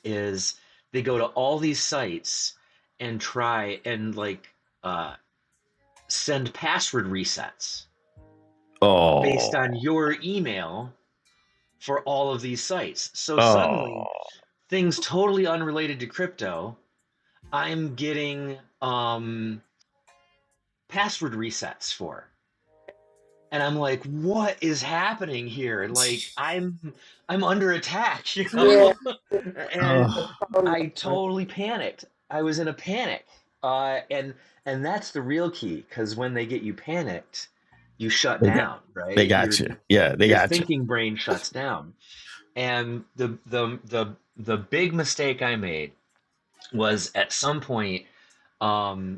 [SPEAKER 3] is they go to all these sites and try and like uh, send password resets based
[SPEAKER 1] Oh.
[SPEAKER 3] on your email for all of these sites. So
[SPEAKER 1] Oh.
[SPEAKER 3] suddenly, things totally unrelated to crypto, I'm getting um, password resets for. and I'm like, what is happening here? Like I'm I'm under attack, you know? and
[SPEAKER 2] the
[SPEAKER 1] Oh.
[SPEAKER 2] phone
[SPEAKER 3] I
[SPEAKER 2] number.
[SPEAKER 3] totally panicked. I was in a panic. Uh, and and that's the real key, because when they get you panicked, you shut
[SPEAKER 1] They got.
[SPEAKER 3] down,
[SPEAKER 1] They
[SPEAKER 3] right? Your
[SPEAKER 1] got you. Yeah. They
[SPEAKER 3] your
[SPEAKER 1] got you.
[SPEAKER 3] thinking brain shuts down. And the the the the big mistake I made was at some point um,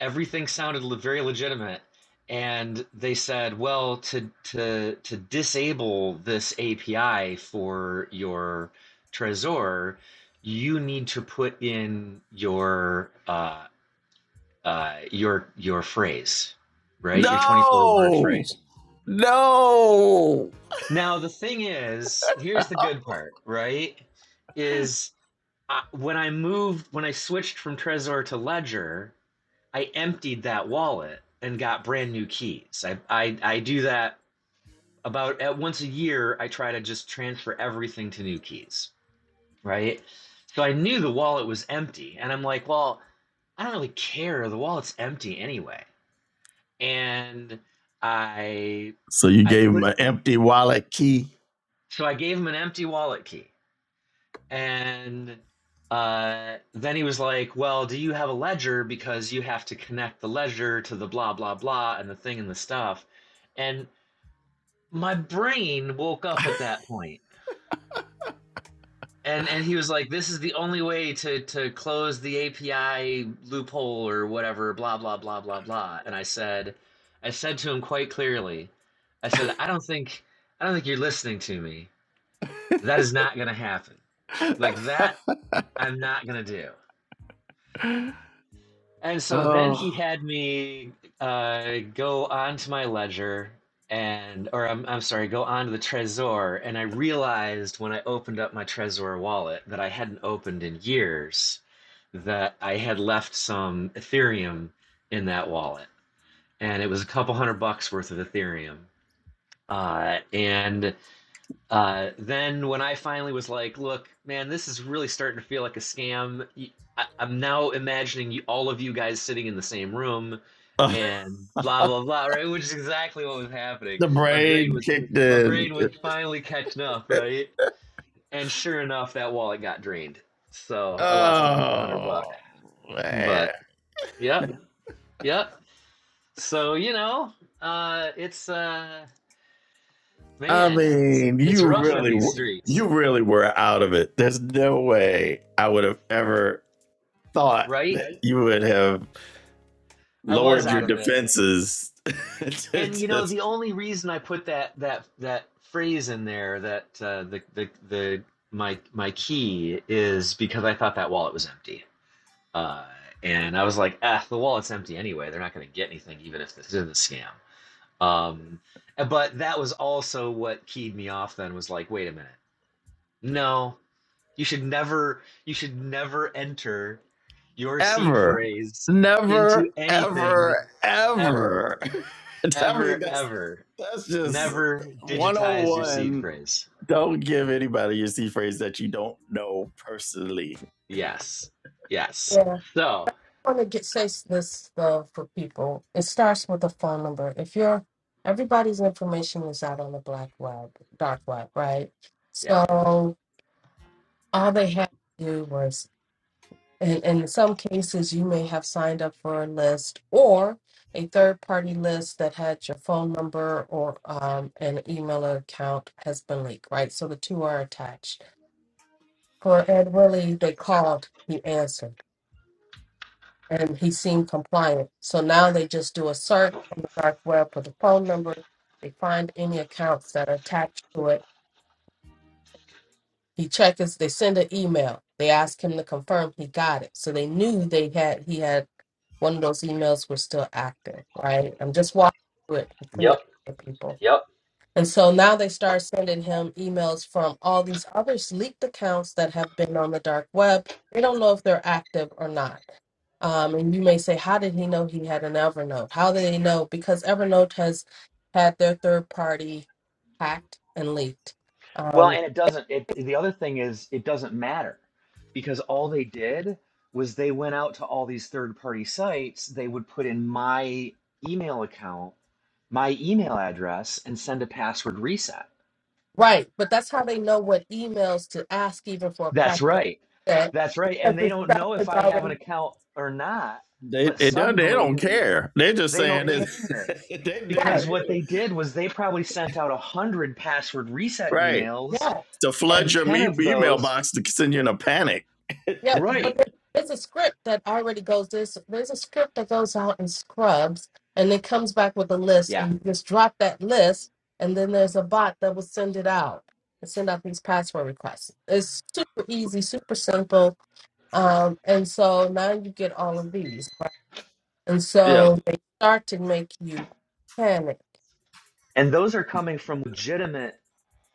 [SPEAKER 3] everything sounded very legitimate and they said well to to to disable this api for your trezor you need to put in your uh, uh, your your phrase right your 24 word
[SPEAKER 1] No,
[SPEAKER 3] phrase
[SPEAKER 1] no.
[SPEAKER 3] now the thing is here's the good part right is uh, when i moved when i switched from trezor to ledger I emptied that wallet and got brand new keys. I, I, I do that about at once a year. I try to just transfer everything to new keys, right? So I knew the wallet was empty, and I'm like, well, I don't really care. The wallet's empty anyway. And I
[SPEAKER 1] So you
[SPEAKER 3] I
[SPEAKER 1] gave him
[SPEAKER 3] put
[SPEAKER 1] an empty wallet key.
[SPEAKER 3] so I gave him an empty wallet key. And uh, then he was like, Well, do you have a ledger? Because you have to connect the ledger to the blah, blah, blah, and the thing and the stuff. And my brain woke up at that point. And, and he was like, This is the only way to, to close the API loophole or whatever, blah, blah, blah, blah, blah. And I said, I said to him quite clearly, I said, I don't think, I don't think you're listening to me. That is not going to happen. Like that, I'm not going to do. And so then he
[SPEAKER 1] Oh,
[SPEAKER 3] had me uh, go onto my ledger and, or I'm, I'm sorry, go onto the Trezor. And I realized when I opened up my Trezor wallet that I hadn't opened in years that I had left some Ethereum in that wallet. And it was a couple hundred bucks worth of Ethereum. Uh, and uh, then when I finally was like, look, man, this is really starting to feel like a scam. i am now imagining you, all of you guys sitting in the same room
[SPEAKER 1] uh,
[SPEAKER 3] and blah, blah, blah, right? Which is exactly what was happening.
[SPEAKER 1] the
[SPEAKER 3] My brain
[SPEAKER 1] brain
[SPEAKER 3] was,
[SPEAKER 1] kicked
[SPEAKER 3] my
[SPEAKER 1] in.
[SPEAKER 3] brain was finally catching up, right? And sure enough, that wallet got drained. So I lost a couple hundred
[SPEAKER 1] Oh
[SPEAKER 3] bucks,
[SPEAKER 1] man.
[SPEAKER 3] but yep, yep. So, you know, uh, it's, uh,
[SPEAKER 1] I
[SPEAKER 3] man, it's,
[SPEAKER 1] mean,
[SPEAKER 3] it's
[SPEAKER 1] you
[SPEAKER 3] rough in
[SPEAKER 1] really,
[SPEAKER 3] these
[SPEAKER 1] were,
[SPEAKER 3] streets,
[SPEAKER 1] you really were out of it. There's no way I would have ever thought
[SPEAKER 3] right?
[SPEAKER 1] that you would have
[SPEAKER 3] I was
[SPEAKER 1] lowered your
[SPEAKER 3] out of it.
[SPEAKER 1] defenses to-
[SPEAKER 3] And you know,
[SPEAKER 1] to-
[SPEAKER 3] the only reason I put that that that phrase in there, that uh, the the the my my key is because I thought that wallet was empty, uh, and I was like, ah, the wallet's empty anyway. They're not going to get anything, even if this is a scam. Um, but that was also what keyed me off. Then was like, wait a minute, no, you should never, you should never enter your seed
[SPEAKER 1] ever,
[SPEAKER 3] phrase into
[SPEAKER 1] never,
[SPEAKER 3] anything
[SPEAKER 1] ever,
[SPEAKER 3] ever,
[SPEAKER 1] ever. I
[SPEAKER 3] ever,
[SPEAKER 1] mean, that's
[SPEAKER 3] ever.
[SPEAKER 1] that's just
[SPEAKER 3] Never digitize your seed
[SPEAKER 1] 101.
[SPEAKER 3] phrase.
[SPEAKER 1] Don't give anybody your C phrase that you don't know personally.
[SPEAKER 3] Yes. Yes.
[SPEAKER 2] Yeah.
[SPEAKER 3] So,
[SPEAKER 2] I want to get say this though for people. It starts with a phone number. If you're everybody's information is out on the black web, dark web, right?
[SPEAKER 3] yeah.
[SPEAKER 2] So all they had to do was, and, and in some cases, you may have signed up for a list or a third party list that had your phone number or um, an email account has been leaked, right? So the two are attached. For Ed Willie, they called, he answered and he seemed compliant. So now they just do a search on the dark web for the phone number. They find any accounts that are attached to it. He checks. They send an email. They ask him to confirm he got it. So they knew they had he had one of those emails were still active, right? I'm just walking through it
[SPEAKER 3] Yep.
[SPEAKER 2] for people.
[SPEAKER 3] Yep.
[SPEAKER 2] And so now they start sending him emails from all these other leaked accounts that have been on the dark web. They don't know if they're active or not. Um, and you may say, how did he know he had an Evernote? How did he know? Because Evernote has had their third party hacked and leaked.
[SPEAKER 3] Well,
[SPEAKER 2] Um,
[SPEAKER 3] and it doesn't it the other thing is it doesn't matter because all they did was they went out to all these third-party sites, they would put in my email account, my email address and send a password reset.
[SPEAKER 2] right. But that's how they know what emails to ask, even for a
[SPEAKER 3] That's
[SPEAKER 2] password
[SPEAKER 3] right.
[SPEAKER 2] set,
[SPEAKER 3] That's right. And
[SPEAKER 2] because
[SPEAKER 3] they
[SPEAKER 2] the
[SPEAKER 3] don't
[SPEAKER 2] stuff
[SPEAKER 3] know if
[SPEAKER 2] is
[SPEAKER 3] I have an
[SPEAKER 2] already
[SPEAKER 3] account or not,
[SPEAKER 1] They
[SPEAKER 3] but
[SPEAKER 1] it don't they
[SPEAKER 3] suddenly
[SPEAKER 1] don't care. They're just
[SPEAKER 3] They don't
[SPEAKER 1] saying it.
[SPEAKER 3] care
[SPEAKER 1] they do
[SPEAKER 2] right.
[SPEAKER 1] they
[SPEAKER 3] because what
[SPEAKER 1] do
[SPEAKER 3] they did was they probably sent out a hundred password reset
[SPEAKER 1] right
[SPEAKER 3] emails,
[SPEAKER 2] Yeah.
[SPEAKER 1] to flood
[SPEAKER 3] and
[SPEAKER 1] your
[SPEAKER 3] ten
[SPEAKER 1] me-
[SPEAKER 3] of
[SPEAKER 1] email
[SPEAKER 3] those,
[SPEAKER 1] box to send you in a panic.
[SPEAKER 2] Yep,
[SPEAKER 3] right?
[SPEAKER 2] but there- there's a script that already goes this. There's a script that goes out in Scrubs, and it comes back with a list,
[SPEAKER 3] Yeah,
[SPEAKER 2] and you just drop that list, and then there's a bot that will send it out and send out these password requests. It's super easy, super simple, um, and so now you get all of these, right? And
[SPEAKER 1] Yeah.
[SPEAKER 2] so they start to make you panic.
[SPEAKER 3] and those are coming from legitimate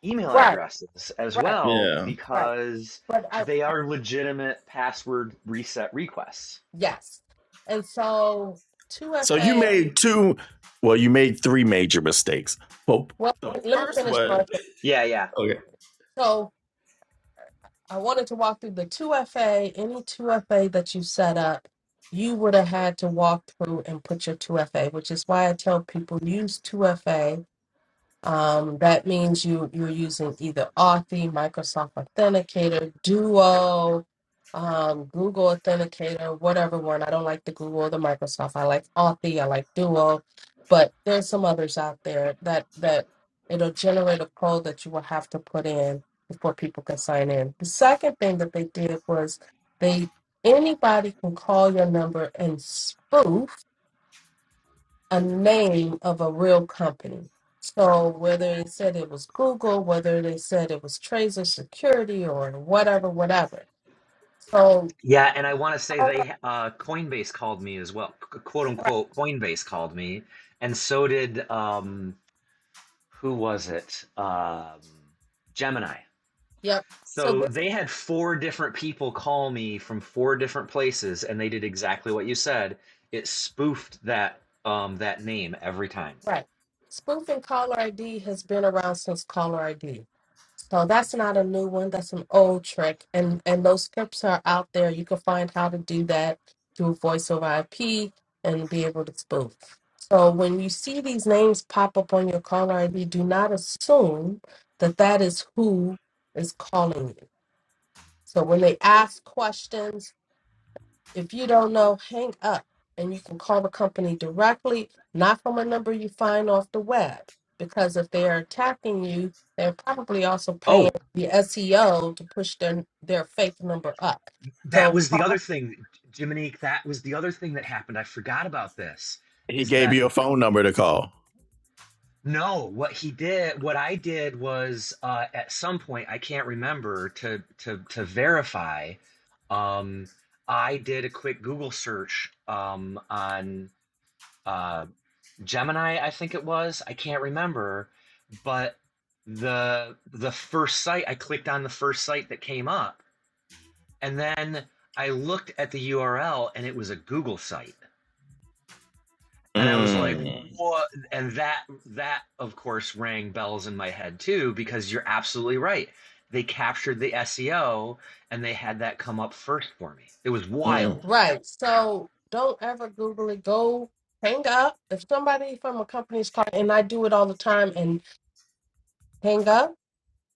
[SPEAKER 3] email
[SPEAKER 2] Right,
[SPEAKER 3] addresses as
[SPEAKER 2] right,
[SPEAKER 3] well
[SPEAKER 1] Yeah.
[SPEAKER 2] right.
[SPEAKER 3] because
[SPEAKER 2] But I,
[SPEAKER 3] they
[SPEAKER 2] I
[SPEAKER 3] are legitimate password reset requests.
[SPEAKER 2] yes, and so two
[SPEAKER 1] So you
[SPEAKER 2] FA.
[SPEAKER 1] made two. Well, you made three major mistakes. Well,
[SPEAKER 2] Well,
[SPEAKER 1] the
[SPEAKER 2] let me
[SPEAKER 1] first
[SPEAKER 2] finish my.
[SPEAKER 1] one,
[SPEAKER 3] Yeah, yeah.
[SPEAKER 1] okay,
[SPEAKER 2] So I wanted to walk through the 2FA. Any 2FA that you set up, you would have had to walk through and put your 2FA, which is why I tell people use 2FA um, that means you you're using either Authy, Microsoft Authenticator, Duo, um, Google Authenticator, whatever one. I don't like the Google or the Microsoft. I like Authy, I like Duo, but there's some others out there that that it'll generate a code that you will have to put in before people can sign in. The second thing that they did was they anybody can call your number and spoof a name of a real company. So whether it said it was Google, whether they said it was Tracer Security or whatever, whatever. So
[SPEAKER 3] Yeah, and I want to say
[SPEAKER 2] caller,
[SPEAKER 3] they uh, Coinbase called me as well. Qu- quote
[SPEAKER 2] right.
[SPEAKER 3] unquote Coinbase called me, and so did um, who was it? Um, Gemini.
[SPEAKER 2] Yep. So
[SPEAKER 3] So
[SPEAKER 2] this is
[SPEAKER 3] they had four different people call me from four different places, and they did exactly what you said. It spoofed that um that name every time.
[SPEAKER 2] right. Spoofing caller ID has been around since caller ID. So that's not a new one. That's an old trick, and and those scripts are out there. You can find how to do that through voice over IP and be able to spoof. So when you see these names pop up on your caller ID, do not assume that that is who is calling you. So when they ask questions, if you don't know, hang up and you can call the company directly, not from a number you find off the web. Because if they're attacking you, they're probably also paying
[SPEAKER 3] Oh,
[SPEAKER 2] the SEO to push their their fake number up.
[SPEAKER 3] that
[SPEAKER 2] So
[SPEAKER 3] was the other
[SPEAKER 2] call-
[SPEAKER 3] thing, Jiminique. That was the other thing that happened. I forgot about this.
[SPEAKER 1] he
[SPEAKER 3] Is
[SPEAKER 1] gave
[SPEAKER 3] that
[SPEAKER 1] you a phone number to call.
[SPEAKER 3] no? What he did, what I did was uh, at some point I can't remember to to to verify. Um, I did a quick Google search um, on. uh, Gemini, I think it was. I can't remember, but the the first site I clicked on the first site that came up, and then I looked at the URL and it was a Google site, and I was like,
[SPEAKER 1] Mm,
[SPEAKER 3] "What?" And that that of course rang bells in my head too because you're absolutely right. They captured the SEO and they had that come up first for me. It was
[SPEAKER 1] mm.
[SPEAKER 3] wild.
[SPEAKER 2] right. So don't ever Google it. Go hang up. If somebody from a company is calling and I do it all the time and hang up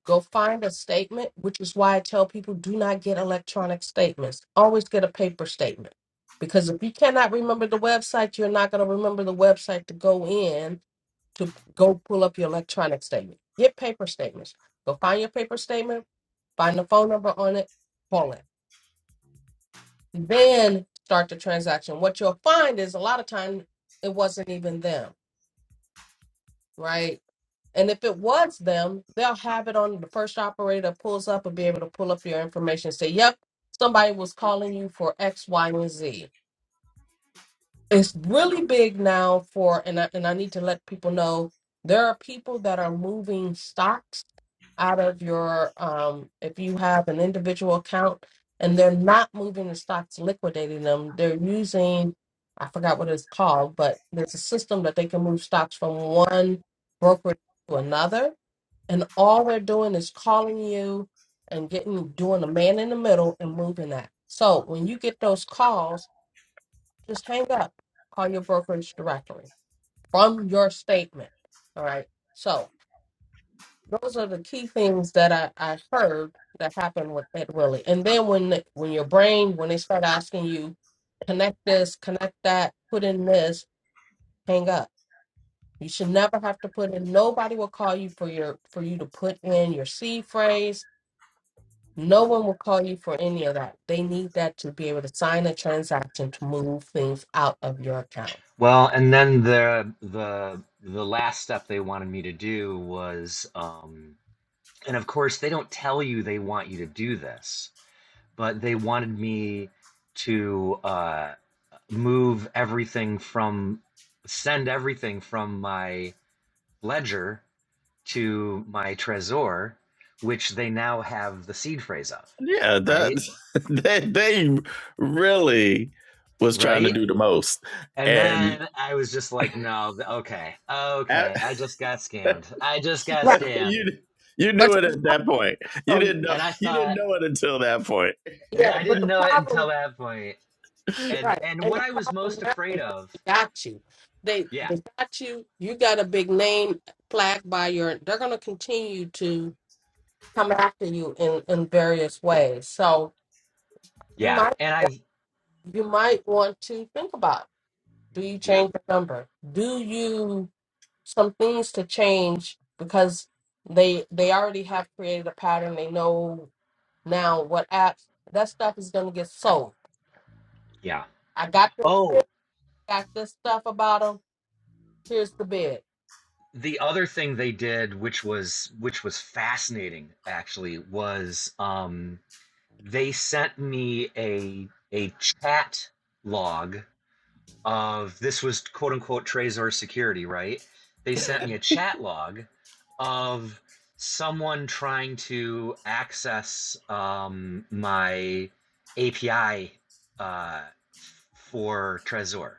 [SPEAKER 2] Go find a statement, which is why I tell people do not get electronic statements. Always get a paper statement. Because if you cannot remember the website, you're not going to remember the website to go in to go pull up your electronic statement. Get paper statements. Go find your paper statement, find the phone number on it, call it. Then start the transaction. What you'll find is a lot of time it wasn't even them right? And if it was them, they'll have it on the first operator that pulls up and be able to pull up your information and say, yep, somebody was calling you for X, Y, and Z it's really big now for and I, and I need to let people know there are people that are moving stocks out of your um if you have an individual account and they're not moving the stocks liquidating them they're using I forgot what it's called but there's a system that they can move stocks from one broker to another and all they're doing is calling you and getting doing a man in the middle and moving that so when you get those calls just hang up. Call your brokerage directory from your statement. All right. So those are the key things that I, I heard that happened with Ed Willie. And then when the- when your brain when they start asking you connect this, connect that, put in this, hang up. You should never have to put in. Nobody will call you for your for you to put in your C phrase. No one will call you for any of that. They need that to be able to sign a transaction to move things out of your account.
[SPEAKER 3] Well, and then the the the last step they wanted me to do was. Um, And of course, they don't tell you they want you to do this, but they wanted me to uh, move everything from, send everything from my ledger to my Trezor, which they now have the seed phrase of,
[SPEAKER 1] Yeah,
[SPEAKER 3] right?
[SPEAKER 1] that they, they really was trying to
[SPEAKER 3] Right?
[SPEAKER 1] do the most,
[SPEAKER 3] And
[SPEAKER 1] and
[SPEAKER 3] then I was just like, no, th- okay,
[SPEAKER 1] a-
[SPEAKER 3] okay, I just got scammed. I just got
[SPEAKER 2] Right.
[SPEAKER 3] scammed.
[SPEAKER 1] you you
[SPEAKER 2] But
[SPEAKER 1] knew
[SPEAKER 2] the
[SPEAKER 1] it at that point. You
[SPEAKER 2] problem,
[SPEAKER 1] didn't know
[SPEAKER 3] And I
[SPEAKER 1] you didn't
[SPEAKER 3] thought,
[SPEAKER 1] know it until that point.
[SPEAKER 3] and
[SPEAKER 2] yeah,
[SPEAKER 3] I
[SPEAKER 2] but
[SPEAKER 3] didn't
[SPEAKER 2] the
[SPEAKER 3] know it until
[SPEAKER 2] problem,
[SPEAKER 3] that point. And
[SPEAKER 2] right.
[SPEAKER 3] and
[SPEAKER 2] And
[SPEAKER 3] what
[SPEAKER 2] the
[SPEAKER 3] I was
[SPEAKER 2] problem
[SPEAKER 3] most
[SPEAKER 2] now
[SPEAKER 3] afraid
[SPEAKER 2] is that
[SPEAKER 3] of
[SPEAKER 2] they got you. They
[SPEAKER 3] Yeah,
[SPEAKER 2] they got you. You got a big name flag by your they're gonna continue to come after you in, in various ways. So you
[SPEAKER 3] yeah,
[SPEAKER 2] might
[SPEAKER 3] and
[SPEAKER 2] want
[SPEAKER 3] I've
[SPEAKER 2] you might want to think about do you
[SPEAKER 3] yeah,
[SPEAKER 2] change the number? Do you some things to change because they they already have created a pattern. They know now what apps that stuff is going to get sold.
[SPEAKER 3] yeah.
[SPEAKER 2] I got this,
[SPEAKER 3] Oh,
[SPEAKER 2] script, I got this stuff about them. Here's the bid.
[SPEAKER 3] the other thing they did, which was which was fascinating, actually, was um, they sent me a a chat log of this was quote unquote Trezor security, right? They sent me a chat log of someone trying to access um, my API uh, for Trezor.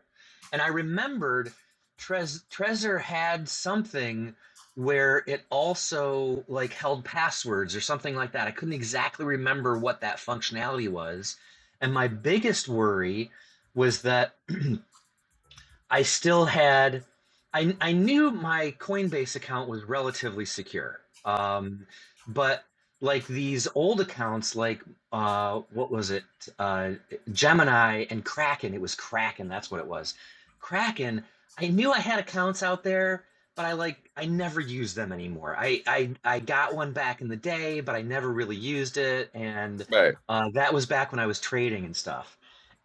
[SPEAKER 3] And I remembered Trez- Trezor had something where it also like held passwords or something like that. I couldn't exactly remember what that functionality was. And my biggest worry was that I still had, I, I knew my Coinbase account was relatively secure. Um, but like these old accounts, like uh, what was it? Uh, Gemini and Kraken. It was Kraken. That's what it was. Kraken. I knew I had accounts out there, but I like I never used them anymore. I I, I got one back in the day, but I never really used it, and
[SPEAKER 1] Right.
[SPEAKER 3] uh, that was back when I was trading and stuff.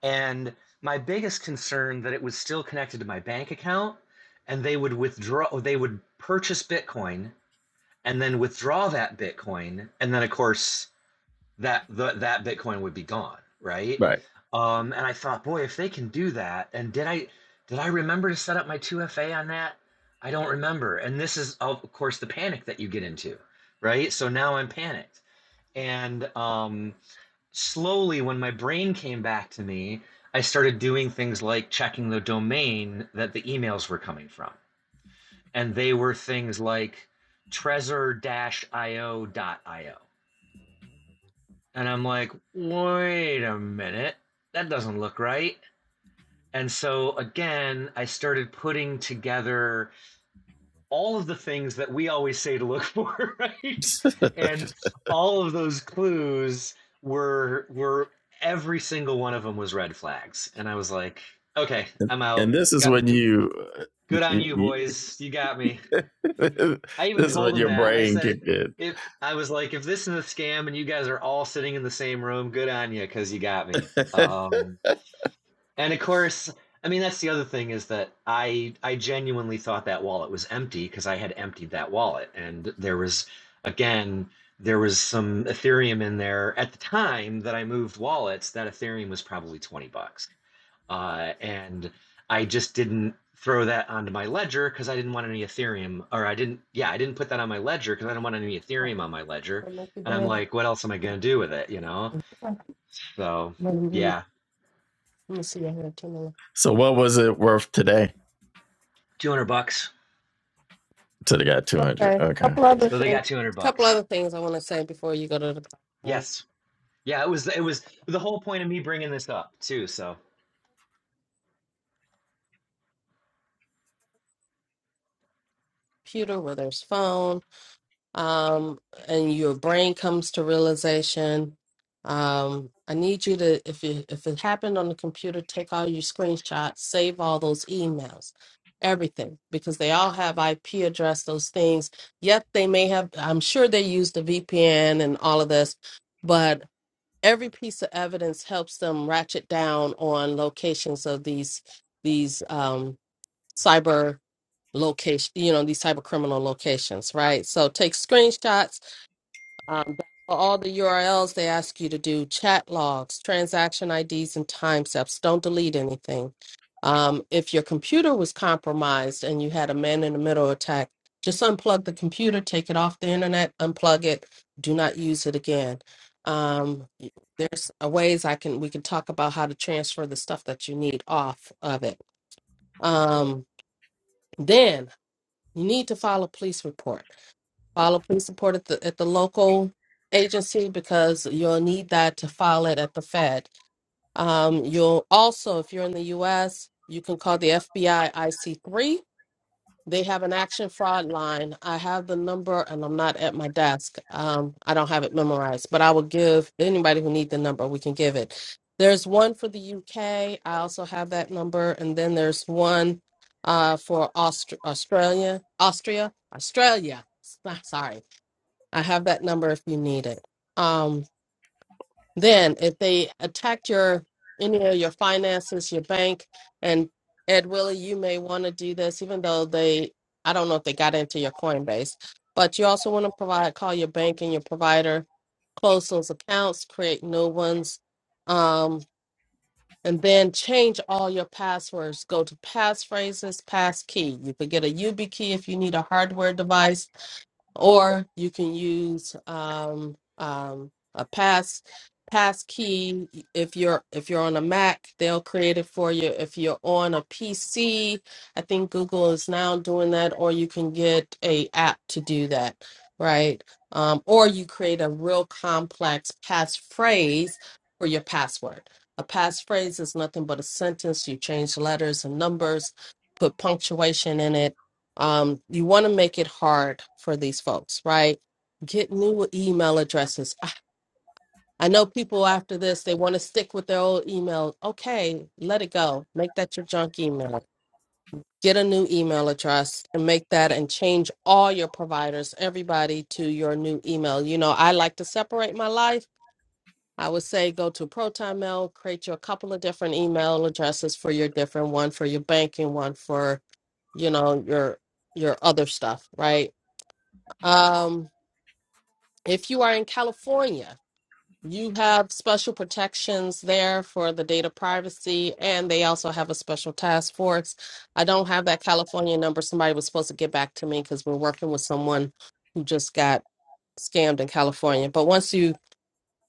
[SPEAKER 3] And my biggest concern that it was still connected to my bank account and they would withdraw they would purchase bitcoin and then withdraw that bitcoin and then of course that the, that bitcoin would be gone right um, and i thought boy if they can do that and did i did i remember to set up my 2fa on that i don't remember and this is of course the panic that you get into right so now i'm panicked and um, slowly, when my brain came back to me, I started doing things like checking the domain that the emails were coming from. And they were things like trezor dash io, dot io. And I'm like, wait a minute, that doesn't look right. And so again, I started putting together all of the things that we always say to look for, right?
[SPEAKER 1] Right.
[SPEAKER 3] And all of those clues were were every single one of them was red flags, and I was like, okay,
[SPEAKER 1] and
[SPEAKER 3] I'm out.
[SPEAKER 1] and this is
[SPEAKER 3] Got
[SPEAKER 1] when you,
[SPEAKER 3] good on you,
[SPEAKER 1] you-
[SPEAKER 3] boys. You got me.
[SPEAKER 1] this
[SPEAKER 3] I even
[SPEAKER 1] is
[SPEAKER 3] told
[SPEAKER 1] when
[SPEAKER 3] him
[SPEAKER 1] your
[SPEAKER 3] that. I
[SPEAKER 1] brain
[SPEAKER 3] said,
[SPEAKER 1] kicked in.
[SPEAKER 3] if I was like, if this is a scam and you guys are all sitting in the same room, good on you, because you got me. Um, and of course, I mean that's the other thing is that I I genuinely thought that wallet was empty because I had emptied that wallet and there was again there was some Ethereum in there at the time that I moved wallets that Ethereum was probably 20 bucks. Uh, and I just didn't throw that onto my ledger because I didn't want any Ethereum or I didn't yeah, I didn't put that on my ledger because I don't want any
[SPEAKER 2] Oh,
[SPEAKER 3] Ethereum on my ledger.
[SPEAKER 2] they make the
[SPEAKER 3] And I'm
[SPEAKER 2] bid.
[SPEAKER 3] like, what else am I going to do with it, you know?
[SPEAKER 2] Okay.
[SPEAKER 3] So,
[SPEAKER 2] Let me
[SPEAKER 3] yeah,
[SPEAKER 2] let me see. I have two more.
[SPEAKER 1] so what was it worth today?
[SPEAKER 3] 200 bucks.
[SPEAKER 1] So they got two hundred.
[SPEAKER 2] Okay,
[SPEAKER 1] Okay.
[SPEAKER 2] couple other
[SPEAKER 3] So they
[SPEAKER 2] things.
[SPEAKER 3] got 200
[SPEAKER 2] Couple
[SPEAKER 3] bucks.
[SPEAKER 2] other things I want to say before you go to the
[SPEAKER 3] Yes. Yeah, it was it was the whole point of me bringing this up too, so.
[SPEAKER 2] computer, whether it's phone. um, and your brain comes to realization. Um, I need you to, if it, if it happened on the computer, take all your screenshots, save all those emails, everything, because they all have IP address, those things. Yet they may have, I'm sure they use the VPN and all of this, but every piece of evidence helps them ratchet down on locations of these these um, cyber location, you know, these cyber criminal locations, right? So take screenshots um, all the URLs they ask you to do, chat logs, transaction IDs, and timestamps. Don't delete anything. Um, if your computer was compromised and you had a man in the middle attack, just unplug the computer, take it off the internet, unplug it. Do not use it again. Um, there's a ways I can we can talk about how to transfer the stuff that you need off of it. Um, then you need to file a police report File a police report at the at the local agency because you'll need that to file it at the Fed. Um, you'll also, if you're in the U.S., you can call the FBI IC3. They have an action fraud line. I have the number, and I'm not at my desk. Um, I don't have it memorized, but I will give anybody who needs the number. We can give it. There's one for the U.K. I also have that number, and then there's one uh, for Aust- Australia, Austria, Australia. Sorry I have that number if you need it. Um, then, if they attacked your any of your finances, your bank, and Ed Willie, you may want to do this, even though they, I don't know if they got into your Coinbase, but you also want to provide call your bank and your provider, close those accounts, create new ones, um, and then change all your passwords. Go to passphrases, passkey. You could get a YubiKey if you need a hardware device or you can use um, um, a pass pass key if you're if you're on a mac they'll create it for you if you're on a pc i think google is now doing that or you can get a app to do that right um, or you create a real complex passphrase for your password a passphrase is nothing but a sentence you change letters and numbers put punctuation in it um, you want to make it hard for these folks, right? Get new email addresses. I I know people after this, they want to stick with their old email. Okay, let it go. Make that your junk email. Get a new email address and make that and change all your providers, everybody to your new email. You know, I like to separate my life. I would say go to Proton Mail, create you a couple of different email addresses for your different one for your banking, one for you know your your other stuff right um, if you are in California, you have special protections there for the data privacy, and they also have a special task force. I don't have that California number. Somebody was supposed to get back to me because we're working with someone who just got scammed in California. But once you,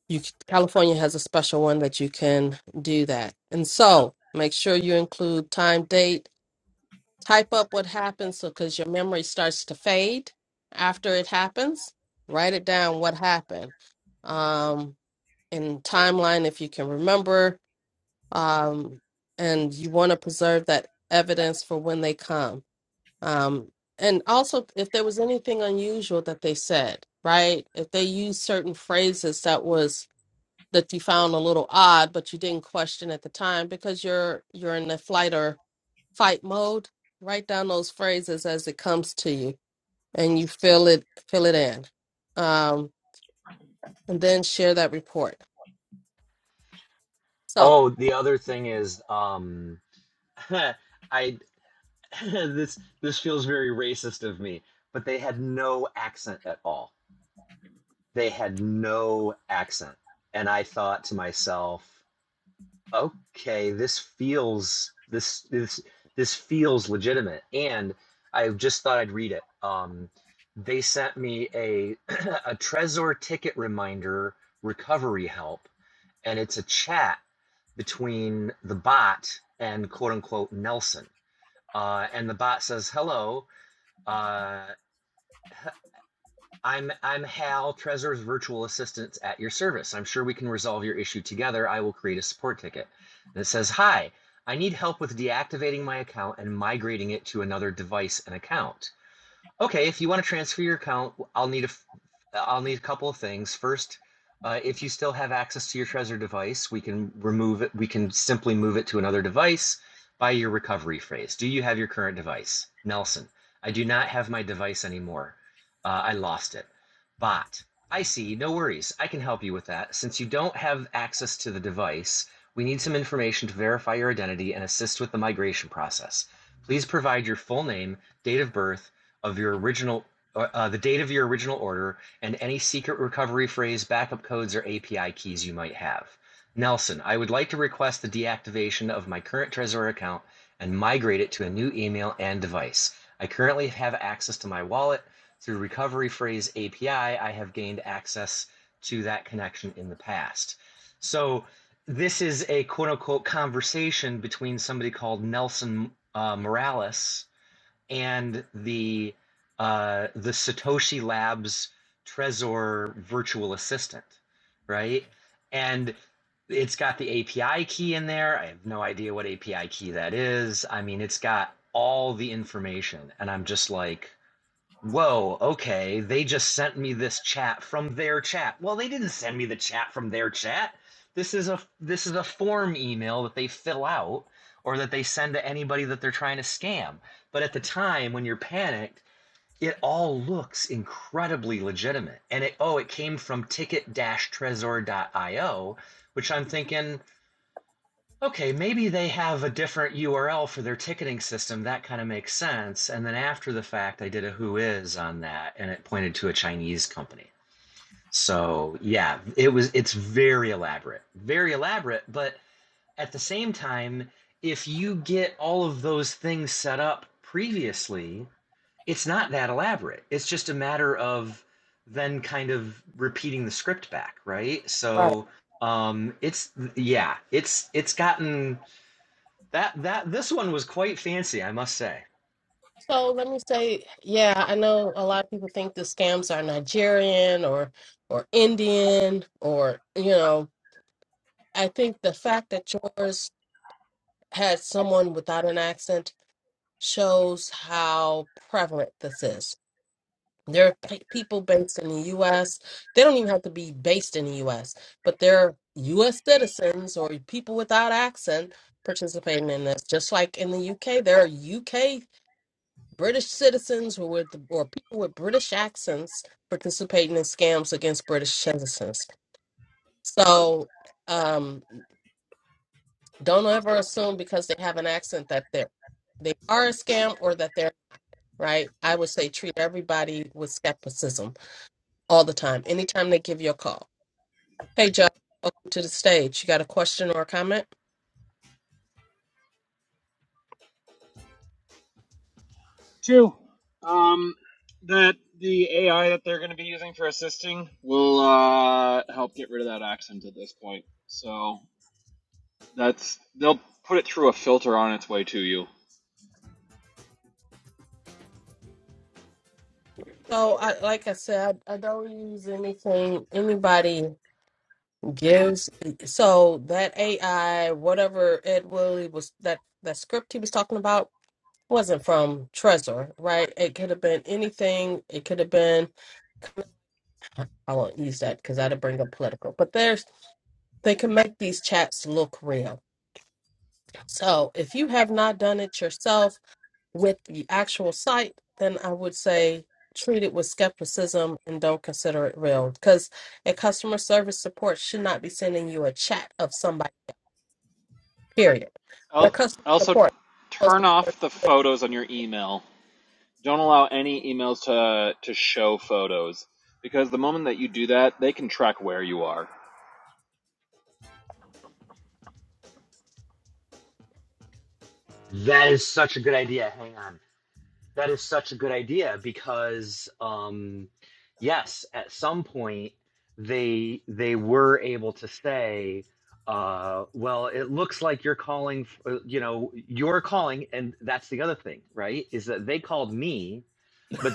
[SPEAKER 2] you, California has a special one that you can do that. And so make sure you include time, date, type up what happens so because your memory starts to fade after it happens write it down what happened um in timeline if you can remember um and you want to preserve that evidence for when they come um and also if there was anything unusual that they said right if they used certain phrases that was that you found a little odd but you didn't question at the time because you're you're in the flight fight mode, write down those phrases as it comes to you and you fill it fill it in. Um, and then share that report. So
[SPEAKER 3] Oh, the other thing is um I this this feels very racist of me, but they had no accent at all. They had no accent. And I thought to myself, okay, this feels this this this feels legitimate. And I just thought I'd read it. Um, they sent me a a Trezor ticket reminder recovery help, and it's a chat between the bot and quote unquote Nelson. Uh, and the bot says, "Hello. Uh. I'm I'm Hal, Trezor's virtual assistant at your service. I'm sure we can resolve your issue together. I will create a support ticket. And it says, "Hi, I need help with deactivating my account and migrating it to another device and account. Okay, if you want to transfer your account, I'll need a f- I'll need a couple of things. First, uh, if you still have access to your Trezor device, we can remove it. We can simply move it to another device by your recovery phrase. Do you have your current device, Nelson? I do not have my device anymore. Uh, I lost it. Bot, I see. No worries. I can help you with that. Since you don't have access to the device, we need some information to verify your identity and assist with the migration process. Please provide your full name, date of birth of your original uh, uh, the date of your original order and any secret recovery phrase, backup codes, or API keys you might have. Nelson, I would like to request the deactivation of my current Trezor account and migrate it to a new email and device. I currently have access to my wallet. Through Recovery Phrase API, I I have gained access to that connection in the past. So, this is a quote unquote conversation between somebody called Nelson uh, Morales and the uh, the Satoshi Labs Trezor virtual assistant, right? And it's got the API key in there. I have no idea what API key that is. I mean, it's got all the information, and I'm just like, Whoa, okay, they just sent me this chat from their chat. Well, they didn't send me the chat from their chat. This is a this is a form email that they fill out or that they send to anybody that they're trying to scam. But at the time when you're panicked, it all looks incredibly legitimate. And it oh, it came from ticket-trezor.io, which I'm thinking Okay, maybe they have a different URL for their ticketing system. That kind of makes sense. And then after the fact, I did a who is on that and it pointed to a Chinese company. So, yeah, it was it's very elaborate. Very elaborate, but at the same time, if you get all of those things set up previously, it's not that elaborate. It's just a matter of then kind of repeating the script back, right?
[SPEAKER 2] Right.
[SPEAKER 3] So, um it's yeah, it's it's gotten that that this one was quite fancy, I must say.
[SPEAKER 2] so let me say, yeah, I know a lot of people think the scams are Nigerian or or Indian or you know, I think the fact that yours had someone without an accent shows how prevalent this is There are pe- people based in the U.S. They don't even have to be based in the U.S., but they're U.S. citizens or people without accent participating in this. Just like in the U.K., there are U.K. British citizens or with or people with British accents participating in scams against British citizens. So um, don't ever assume because they have an accent that they're they are a scam or that they're right. I would say treat everybody with skepticism all the time. Anytime they give you a call. Hey, Joe, welcome to the stage. You got a question or a comment?
[SPEAKER 4] Two, um, that the AI that they're going to be using for assisting will uh, help get rid of that accent at this point. So that's they'll put it through a filter on its way to you.
[SPEAKER 2] So, I, like I said, I, I don't use anything anybody gives. So that AI, whatever Ed Willie was that that script he was talking about wasn't from Trezor, right? It could have been anything. It could have been I won't use that because that'd bring up political. But there's they can make these chats look real. So if you have not done it yourself with the actual site, then I would say treat it with skepticism and don't consider it real because a customer service support should not be sending you a chat of somebody, period. Their
[SPEAKER 4] I'll
[SPEAKER 2] customer
[SPEAKER 4] Also,
[SPEAKER 2] support supposed
[SPEAKER 4] turn
[SPEAKER 2] to be
[SPEAKER 4] off the photos on your email. Don't allow any emails to to show photos because the moment that you do that, they can track where you are.
[SPEAKER 3] That is such a good idea. Hang on. That is such a good idea because um yes, at some point they they were able to say uh well it looks like you're calling f- uh, you know you're calling and that's the other thing right is that they called me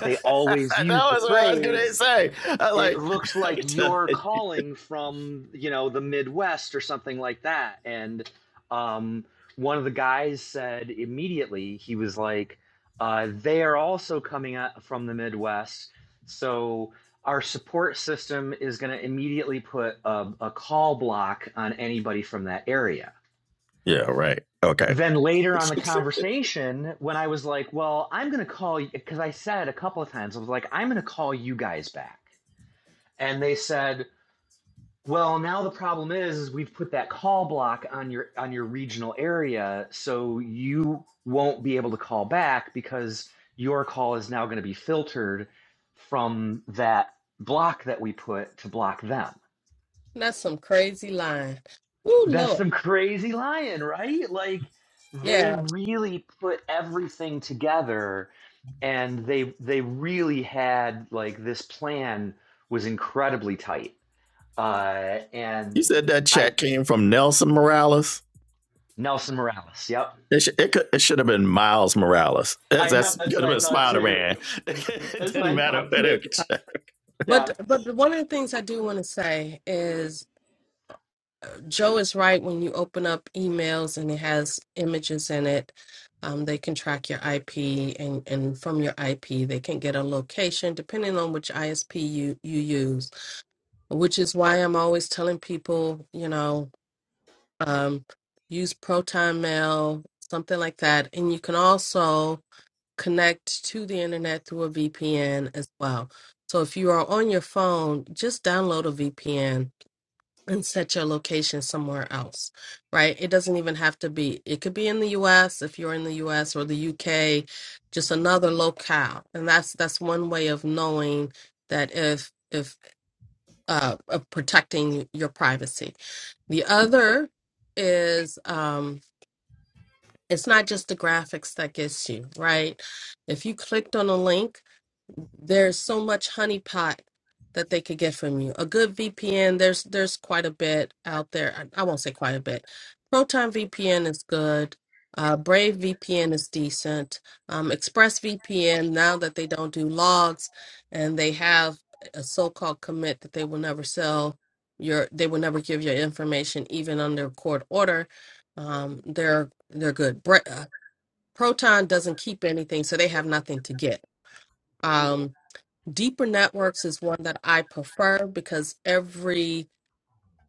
[SPEAKER 3] they always
[SPEAKER 1] that
[SPEAKER 3] use the
[SPEAKER 1] was what I was
[SPEAKER 3] phrase
[SPEAKER 1] gonna say. I
[SPEAKER 3] it
[SPEAKER 1] like
[SPEAKER 3] looks
[SPEAKER 1] I
[SPEAKER 3] like
[SPEAKER 1] could tell.
[SPEAKER 3] you're
[SPEAKER 1] you.
[SPEAKER 3] calling from you know the midwest or something like that and um, one of the guys said immediately he was like uh, they are also coming at, from the midwest so our support system is going to immediately put a, a call block on anybody from that area
[SPEAKER 1] Yeah, right. Okay.
[SPEAKER 3] then later on the conversation when i was like well i'm going to call you because i said a couple of times i was like i'm going to call you guys back and they said well, now the problem is, is we've put that call block on your on your regional area, so you won't be able to call back because your call is now going to be filtered from that block that we put to block them.
[SPEAKER 2] that's some crazy line. Ooh,
[SPEAKER 3] That's
[SPEAKER 2] Lord.
[SPEAKER 3] some crazy lying, right? Like they
[SPEAKER 2] Yeah.
[SPEAKER 3] really put everything together and they they really had like this plan was incredibly tight. Uh
[SPEAKER 1] you
[SPEAKER 3] and
[SPEAKER 1] said that
[SPEAKER 3] I
[SPEAKER 1] check came from Nelson Morales.
[SPEAKER 3] Nelson Morales. Yep.
[SPEAKER 1] It, sh- it, could, it should have been Miles Morales. That's
[SPEAKER 3] I know.
[SPEAKER 1] that's
[SPEAKER 3] That's
[SPEAKER 1] could
[SPEAKER 3] what
[SPEAKER 1] have
[SPEAKER 3] I
[SPEAKER 1] been
[SPEAKER 3] thought
[SPEAKER 1] Spider
[SPEAKER 3] too.
[SPEAKER 1] Man. it
[SPEAKER 3] That's what
[SPEAKER 1] didn't
[SPEAKER 3] I
[SPEAKER 1] matter.
[SPEAKER 3] thought too.
[SPEAKER 2] But
[SPEAKER 3] Yeah.
[SPEAKER 2] but one of the things I do want to say is Joe is right. When you open up emails and it has images in it, um, they can track your IP, and, and from your IP, they can get a location depending on which ISP you, you use, which is why I'm always telling people, you know, um, use Proton Mail, something like that. And you can also connect to the internet through a VPN as well. So if you are on your phone, just download a VPN and set your location somewhere else, right? It doesn't even have to be, it could be in the US if you're in the US or the UK, just another locale. And that's that's one way of knowing that if if uh of protecting your privacy. The other is um it's not just the graphics that gets you, right? If you clicked on a link there's so much honeypot that they could get from you. A good VPN, there's there's quite a bit out there. I, I won't say quite a bit. Proton VPN is good. Uh, Brave VPN is decent. Um, Express VPN, now that they don't do logs and they have a so-called commit that they will never sell your, they will never give your information even under court order. Um, they're they're good. Bra- uh, Proton doesn't keep anything, so they have nothing to get. Um, deeper networks is one that i prefer because every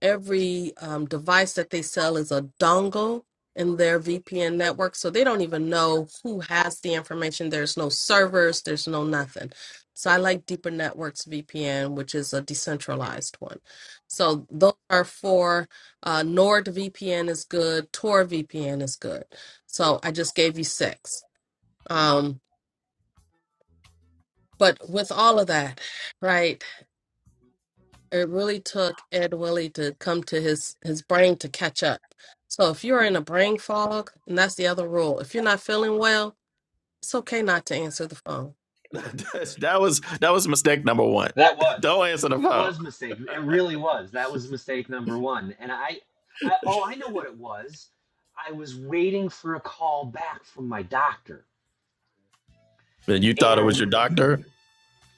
[SPEAKER 2] every um, device that they sell is a dongle in their vpn network so they don't even know who has the information there's no servers there's no nothing so i like deeper networks vpn which is a decentralized one so those are four uh, nord vpn is good tor vpn is good so i just gave you six um, but with all of that right it really took Ed Willie to come to his his brain to catch up. So if you're in a brain fog, and that's the other rule, if you're not feeling well, it's okay not to answer the phone.
[SPEAKER 1] that was that was mistake number one.
[SPEAKER 3] That
[SPEAKER 1] Don't
[SPEAKER 3] was.
[SPEAKER 1] answer the
[SPEAKER 3] It
[SPEAKER 1] phone.
[SPEAKER 3] was a mistake. It really was. That was mistake number one. And I, I oh, I know what it was. I was waiting for a call back from my doctor.
[SPEAKER 1] And you thought it was
[SPEAKER 3] And
[SPEAKER 1] your doctor.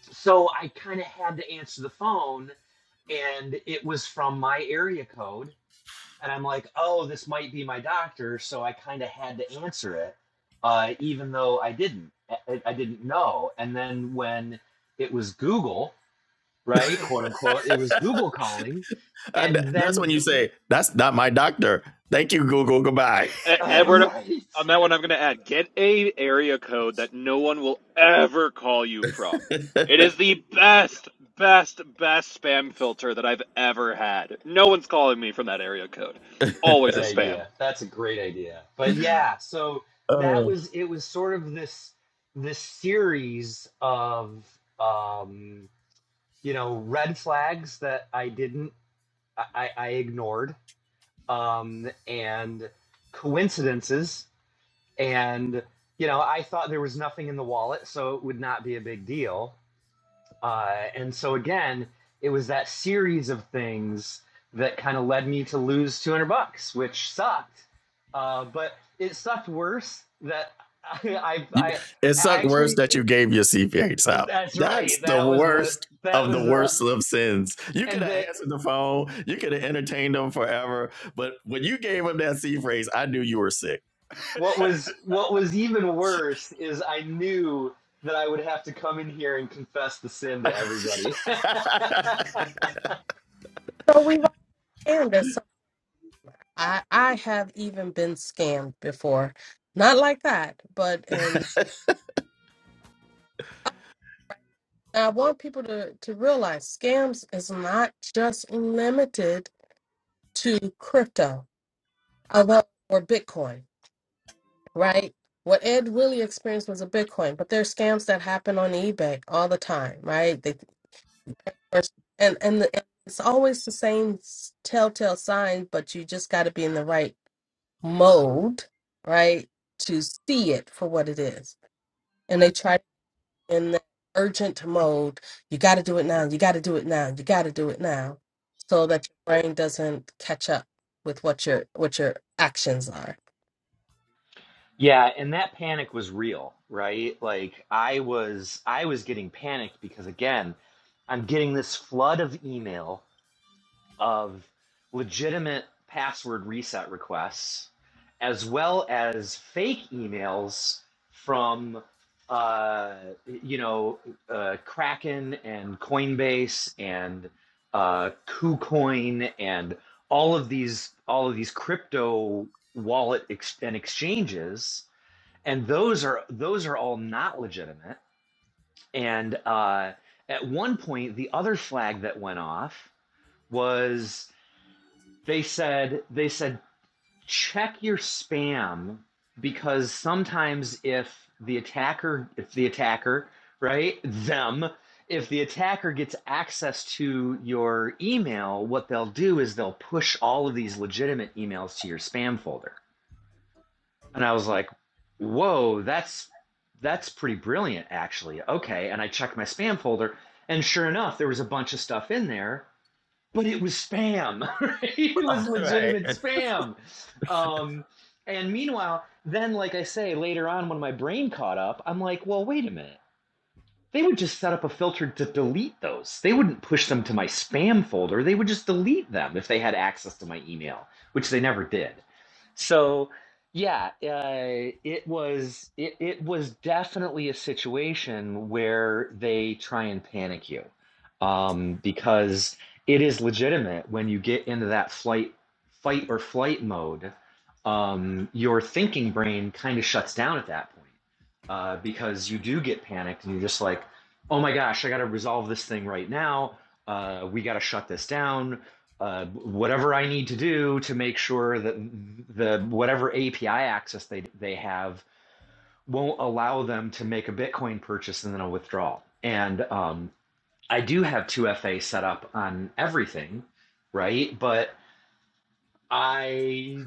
[SPEAKER 3] so I kind of had to answer the phone and it was from my area code and I'm like, oh, this might be my doctor, so I kind of had to answer it, uh, even though I didn't, I, I didn't know. And then when it was Google, right, quote unquote, it was Google calling,
[SPEAKER 1] Uh,
[SPEAKER 3] and
[SPEAKER 1] that's
[SPEAKER 3] then
[SPEAKER 1] when you say that's not my doctor. Thank you, Google. Goodbye.
[SPEAKER 4] E-
[SPEAKER 3] uh,
[SPEAKER 4] Edward,
[SPEAKER 3] right,
[SPEAKER 4] on that one, I'm going to add get a area code that no one will ever call you from. It is the best, best, best spam filter that I've ever had. No one's calling me from that area code. Always a
[SPEAKER 3] Good
[SPEAKER 4] spam.
[SPEAKER 3] idea. That's a great idea. But yeah, so that was it was sort of this this series of um, you know red flags that I didn't I, I I ignored um, and coincidences. And, you know, I thought there was nothing in the wallet, so it would not be a big deal. Uh, and so, again, it was that series of things that kind of led me to lose 200 bucks, which sucked. Uh, but it sucked worse that I, I,
[SPEAKER 1] It
[SPEAKER 3] I
[SPEAKER 1] sucked worse
[SPEAKER 3] actually,
[SPEAKER 1] that you gave your CPH out.
[SPEAKER 3] that's
[SPEAKER 1] That's
[SPEAKER 3] right.
[SPEAKER 1] the
[SPEAKER 3] That was the,
[SPEAKER 1] worst
[SPEAKER 3] that
[SPEAKER 1] of
[SPEAKER 3] was
[SPEAKER 1] the
[SPEAKER 3] the,
[SPEAKER 1] worst of sins. You could
[SPEAKER 3] and
[SPEAKER 1] have
[SPEAKER 3] the
[SPEAKER 1] answered the phone. You could have entertained them forever. But when you gave him that C phrase, I knew you were sick.
[SPEAKER 3] What was what was even worse is I knew that I would have to come in here and confess the sin to everybody.
[SPEAKER 2] So we've all scammed us. So I I have even been scammed before, not like that, but and I want people to to realize scams is not just limited to crypto, although or Bitcoin. right? What Ed really experienced was a Bitcoin, but there's scams that happen on eBay all the time, right? They and and the, it's always the same s- telltale sign, but you just got to be in the right mode, right, to see it for what it is. And they try in the urgent mode. You got to do it now. You got to do it now. You got to do it now, so that your brain doesn't catch up with what your what your actions are.
[SPEAKER 3] Yeah, and that panic was real, right? Like I was I was getting panicked because again, I'm getting this flood of email of legitimate password reset requests, as well as fake emails from, uh, you know, uh, Kraken and Coinbase and uh, KuCoin and all of these all of these crypto wallet ex- and exchanges, and those are those are all not legitimate. And uh, at one point, the other flag that went off was they said they said check your spam because sometimes if the attacker if the attacker right them if the attacker gets access to your email what they'll do is they'll push all of these legitimate emails to your spam folder and i was like whoa that's that's pretty brilliant actually okay and i checked my spam folder and sure enough there was a bunch of stuff in there but it was spam. Right? It was
[SPEAKER 1] right.
[SPEAKER 3] legitimate spam. Um, and meanwhile, then, like I say, later on when my brain caught up, I'm like, well, wait a minute they would just set up a filter to delete those. They wouldn't push them to my spam folder. They would just delete them if they had access to my email, which they never did. So, yeah, uh, it was it, it was definitely a situation where they try and panic you, um, because it is legitimate when you get into that flight, fight or flight mode. Um, your thinking brain kind of shuts down at that point uh, because you do get panicked and you're just like, oh my gosh, I got to resolve this thing right now. Uh, we got to shut this down. Uh, whatever I need to do to make sure that the whatever API access they they have won't allow them to make a Bitcoin purchase and then a withdrawal. And um, I do have 2FA set up on everything, right? But I,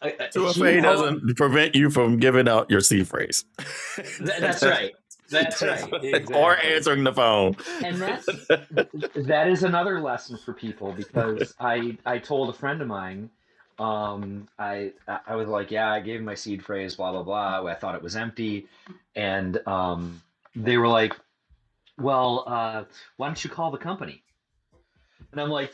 [SPEAKER 3] I- you
[SPEAKER 1] 2FA
[SPEAKER 3] know,
[SPEAKER 1] doesn't prevent you from giving out your C phrase.
[SPEAKER 3] th- that's
[SPEAKER 1] That's-
[SPEAKER 3] right. That's right.
[SPEAKER 1] that's- or
[SPEAKER 3] Exactly.
[SPEAKER 1] answering the phone.
[SPEAKER 3] and that's that is another lesson for people because I I told a friend of mine um I I was like yeah I gave him my seed phrase blah blah blah I thought it was empty and um they were like well uh why don't you call the company and I'm like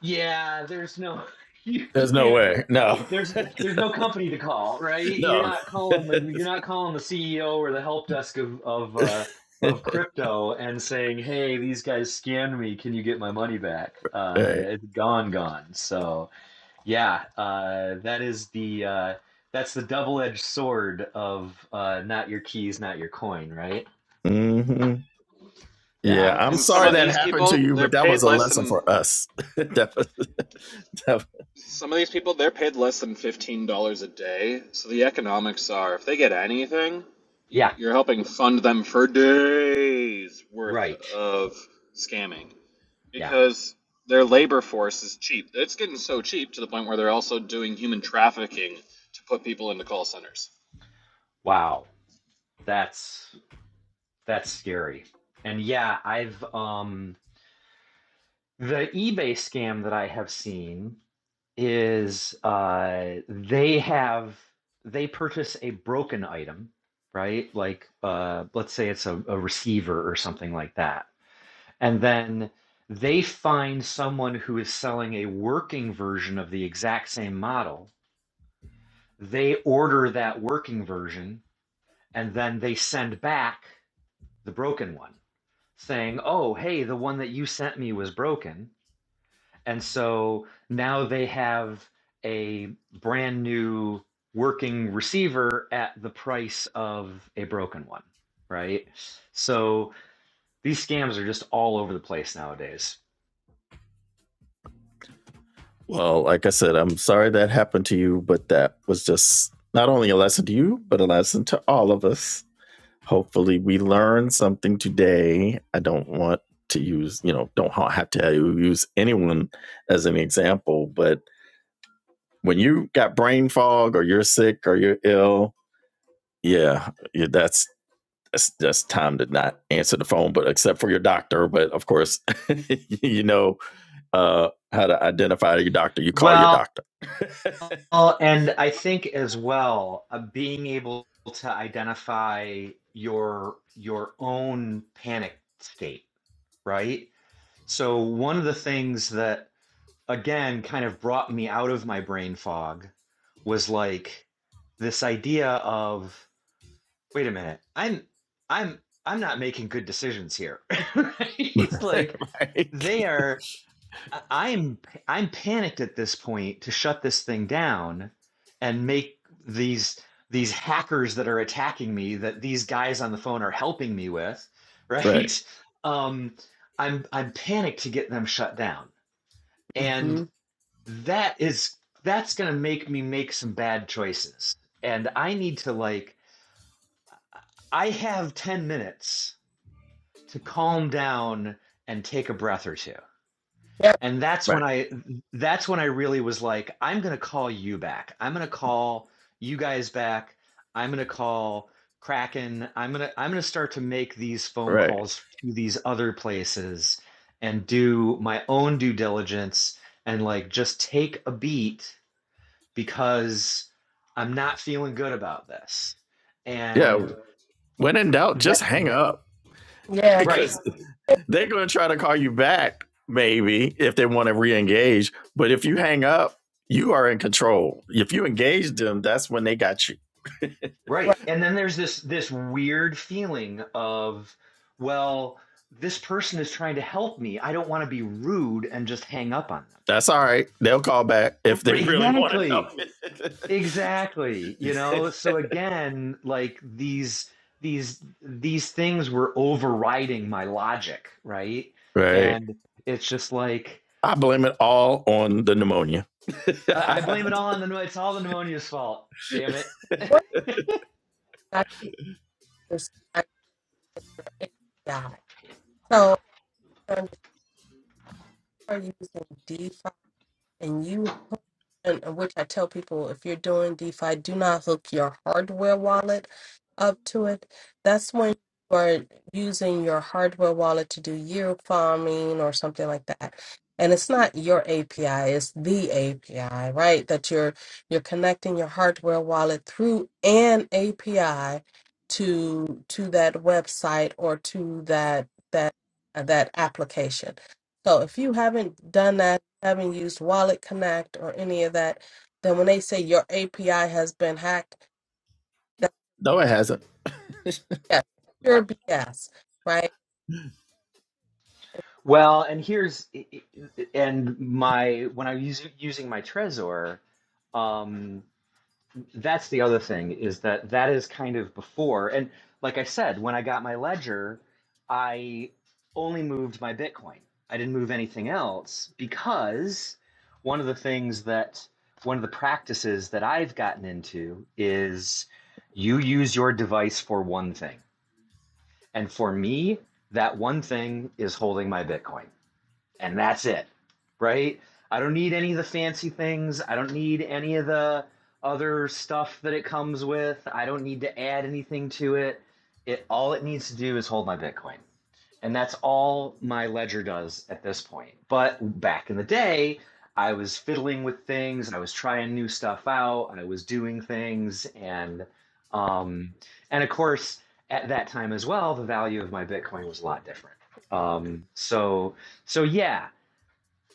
[SPEAKER 3] yeah there's no you
[SPEAKER 1] There's no
[SPEAKER 3] can't
[SPEAKER 1] way. No.
[SPEAKER 3] there's there's no company to call, right? You're
[SPEAKER 1] no.
[SPEAKER 3] not calling the you're not calling the CEO or the help desk of of uh, of crypto and saying, "Hey, these guys scammed me. Can you get my money back?" Uh,
[SPEAKER 1] right.
[SPEAKER 3] it's gone, gone. So yeah, uh, that is the uh, that's the double edged sword of uh, not your keys, not your coin, right?
[SPEAKER 1] hmm
[SPEAKER 3] Yeah.
[SPEAKER 1] Yeah,
[SPEAKER 4] And
[SPEAKER 1] I'm
[SPEAKER 4] and some
[SPEAKER 1] sorry
[SPEAKER 4] of
[SPEAKER 1] that
[SPEAKER 3] So
[SPEAKER 4] these
[SPEAKER 1] happened to
[SPEAKER 4] people,
[SPEAKER 1] you,
[SPEAKER 4] they're
[SPEAKER 1] but that was
[SPEAKER 4] paid
[SPEAKER 1] a
[SPEAKER 4] less
[SPEAKER 1] lesson
[SPEAKER 4] than
[SPEAKER 1] for us. That was- that- was,
[SPEAKER 4] some of these people, they're paid less than fifteen dollars a day. So the economics are, if they get anything, y-
[SPEAKER 3] yeah,
[SPEAKER 4] you're helping fund them for days worth
[SPEAKER 3] right.
[SPEAKER 4] of scamming.
[SPEAKER 3] Yeah.
[SPEAKER 4] because their labor force is cheap. It's getting so cheap to the point where they're also doing human trafficking to put people into call centers.
[SPEAKER 3] Wow, that's that's scary. And yeah, I've um. The eBay scam that I have seen is uh, they have they purchase a broken item, right? Like uh, let's say it's a, a receiver or something like that. And then they find someone who is selling a working version of the exact same model. They order that working version and then they send back the broken one, saying, "Oh, hey, the one that you sent me was broken." And so now they have a brand new working receiver at the price of a broken one, right? So these scams are just all over the place nowadays.
[SPEAKER 1] well, like I said, I'm sorry that happened to you, but that was just not only a lesson to you, but a lesson to all of us. Hopefully, we learn something today. I don't want to use, you know, don't have to use anyone as an example, but when you got brain fog or you're sick or you're ill, yeah, yeah that's that's that's time to not answer the phone, but except for your doctor. But of course, you know uh, how to identify your doctor. You call your
[SPEAKER 3] Well,
[SPEAKER 1] doctor,
[SPEAKER 3] and I think as well, uh, being able to identify your your own panic state, right? So one of the things that again kind of brought me out of my brain fog was like this idea of wait a minute i'm i'm i'm not making good decisions here it's like
[SPEAKER 1] right?
[SPEAKER 3] they are I- am i'm panicked at this point to shut this thing down and make these these hackers that are attacking me that these guys on the phone are helping me with
[SPEAKER 1] Right.
[SPEAKER 3] right um i'm i'm panicked to get them shut down and
[SPEAKER 2] Mm-hmm.
[SPEAKER 3] that is that's going to make me make some bad choices and i need to like i have 10 minutes to calm down and take a breath or two
[SPEAKER 2] Yep.
[SPEAKER 3] and that's when
[SPEAKER 1] Right.
[SPEAKER 3] i that's when i really was like i'm going to call you back i'm going to call you guys back i'm going to call kraken i'm going to i'm going to start to make these phone
[SPEAKER 1] Right.
[SPEAKER 3] calls to these other places and do my own due diligence and like just take a beat because I'm not feeling good about this.
[SPEAKER 1] Yeah.
[SPEAKER 3] And
[SPEAKER 1] When in doubt,
[SPEAKER 3] that
[SPEAKER 1] just hang up
[SPEAKER 2] Yeah.
[SPEAKER 3] right,
[SPEAKER 1] because They're going to try to call you back, maybe, if they want to re engage. But if you hang up, you are in control. If you engage them, that's when they got you.
[SPEAKER 3] right.
[SPEAKER 2] Right.
[SPEAKER 3] And then there's this this weird feeling of well, this person is trying to help me. I don't want to be rude and just hang up on them.
[SPEAKER 1] That's all right. They'll call back if they
[SPEAKER 3] Right,
[SPEAKER 1] really want to help
[SPEAKER 3] Exactly.
[SPEAKER 1] it.
[SPEAKER 3] Exactly. You know, so again, like these these these things were overriding my logic, right?
[SPEAKER 1] right.
[SPEAKER 3] And it's just like
[SPEAKER 1] I blame it all on the pneumonia.
[SPEAKER 3] I I blame it all on the it's all the pneumonia's fault. Damn it.
[SPEAKER 2] What I understand is So um, if you are using DeFi and you and of which I tell people if you're doing DeFi, do not hook your hardware wallet up to it. That's when you are using your hardware wallet to do yield farming or something like that. And it's not your API, it's the API, right? That you're you're connecting your hardware wallet through an API to to that website or to that that that application so if you haven't done that, haven't used Wallet Connect or any of that, then when they say your API has been hacked, that's
[SPEAKER 1] no, it hasn't.
[SPEAKER 2] yes, pure BS, right?
[SPEAKER 3] Well, and here's i- i- and my when I was using my Trezor, um, that's the other thing is that that is kind of before and like I said, when I got my ledger, I only moved my Bitcoin. I didn't move anything else because one of the things that one of the practices that I've gotten into is you use your device for one thing And for me, that one thing is holding my Bitcoin. And that's it, right? I don't need any of the fancy things. I don't need any of the other stuff that it comes with. I don't need to add anything to it. It all it needs to do is hold my Bitcoin. And that's all my ledger does at this point. But back in the day, I was fiddling with things, I was trying new stuff out, I was doing things, and um, and of course, at that time as well, the value of my Bitcoin was a lot different. Um, so so yeah,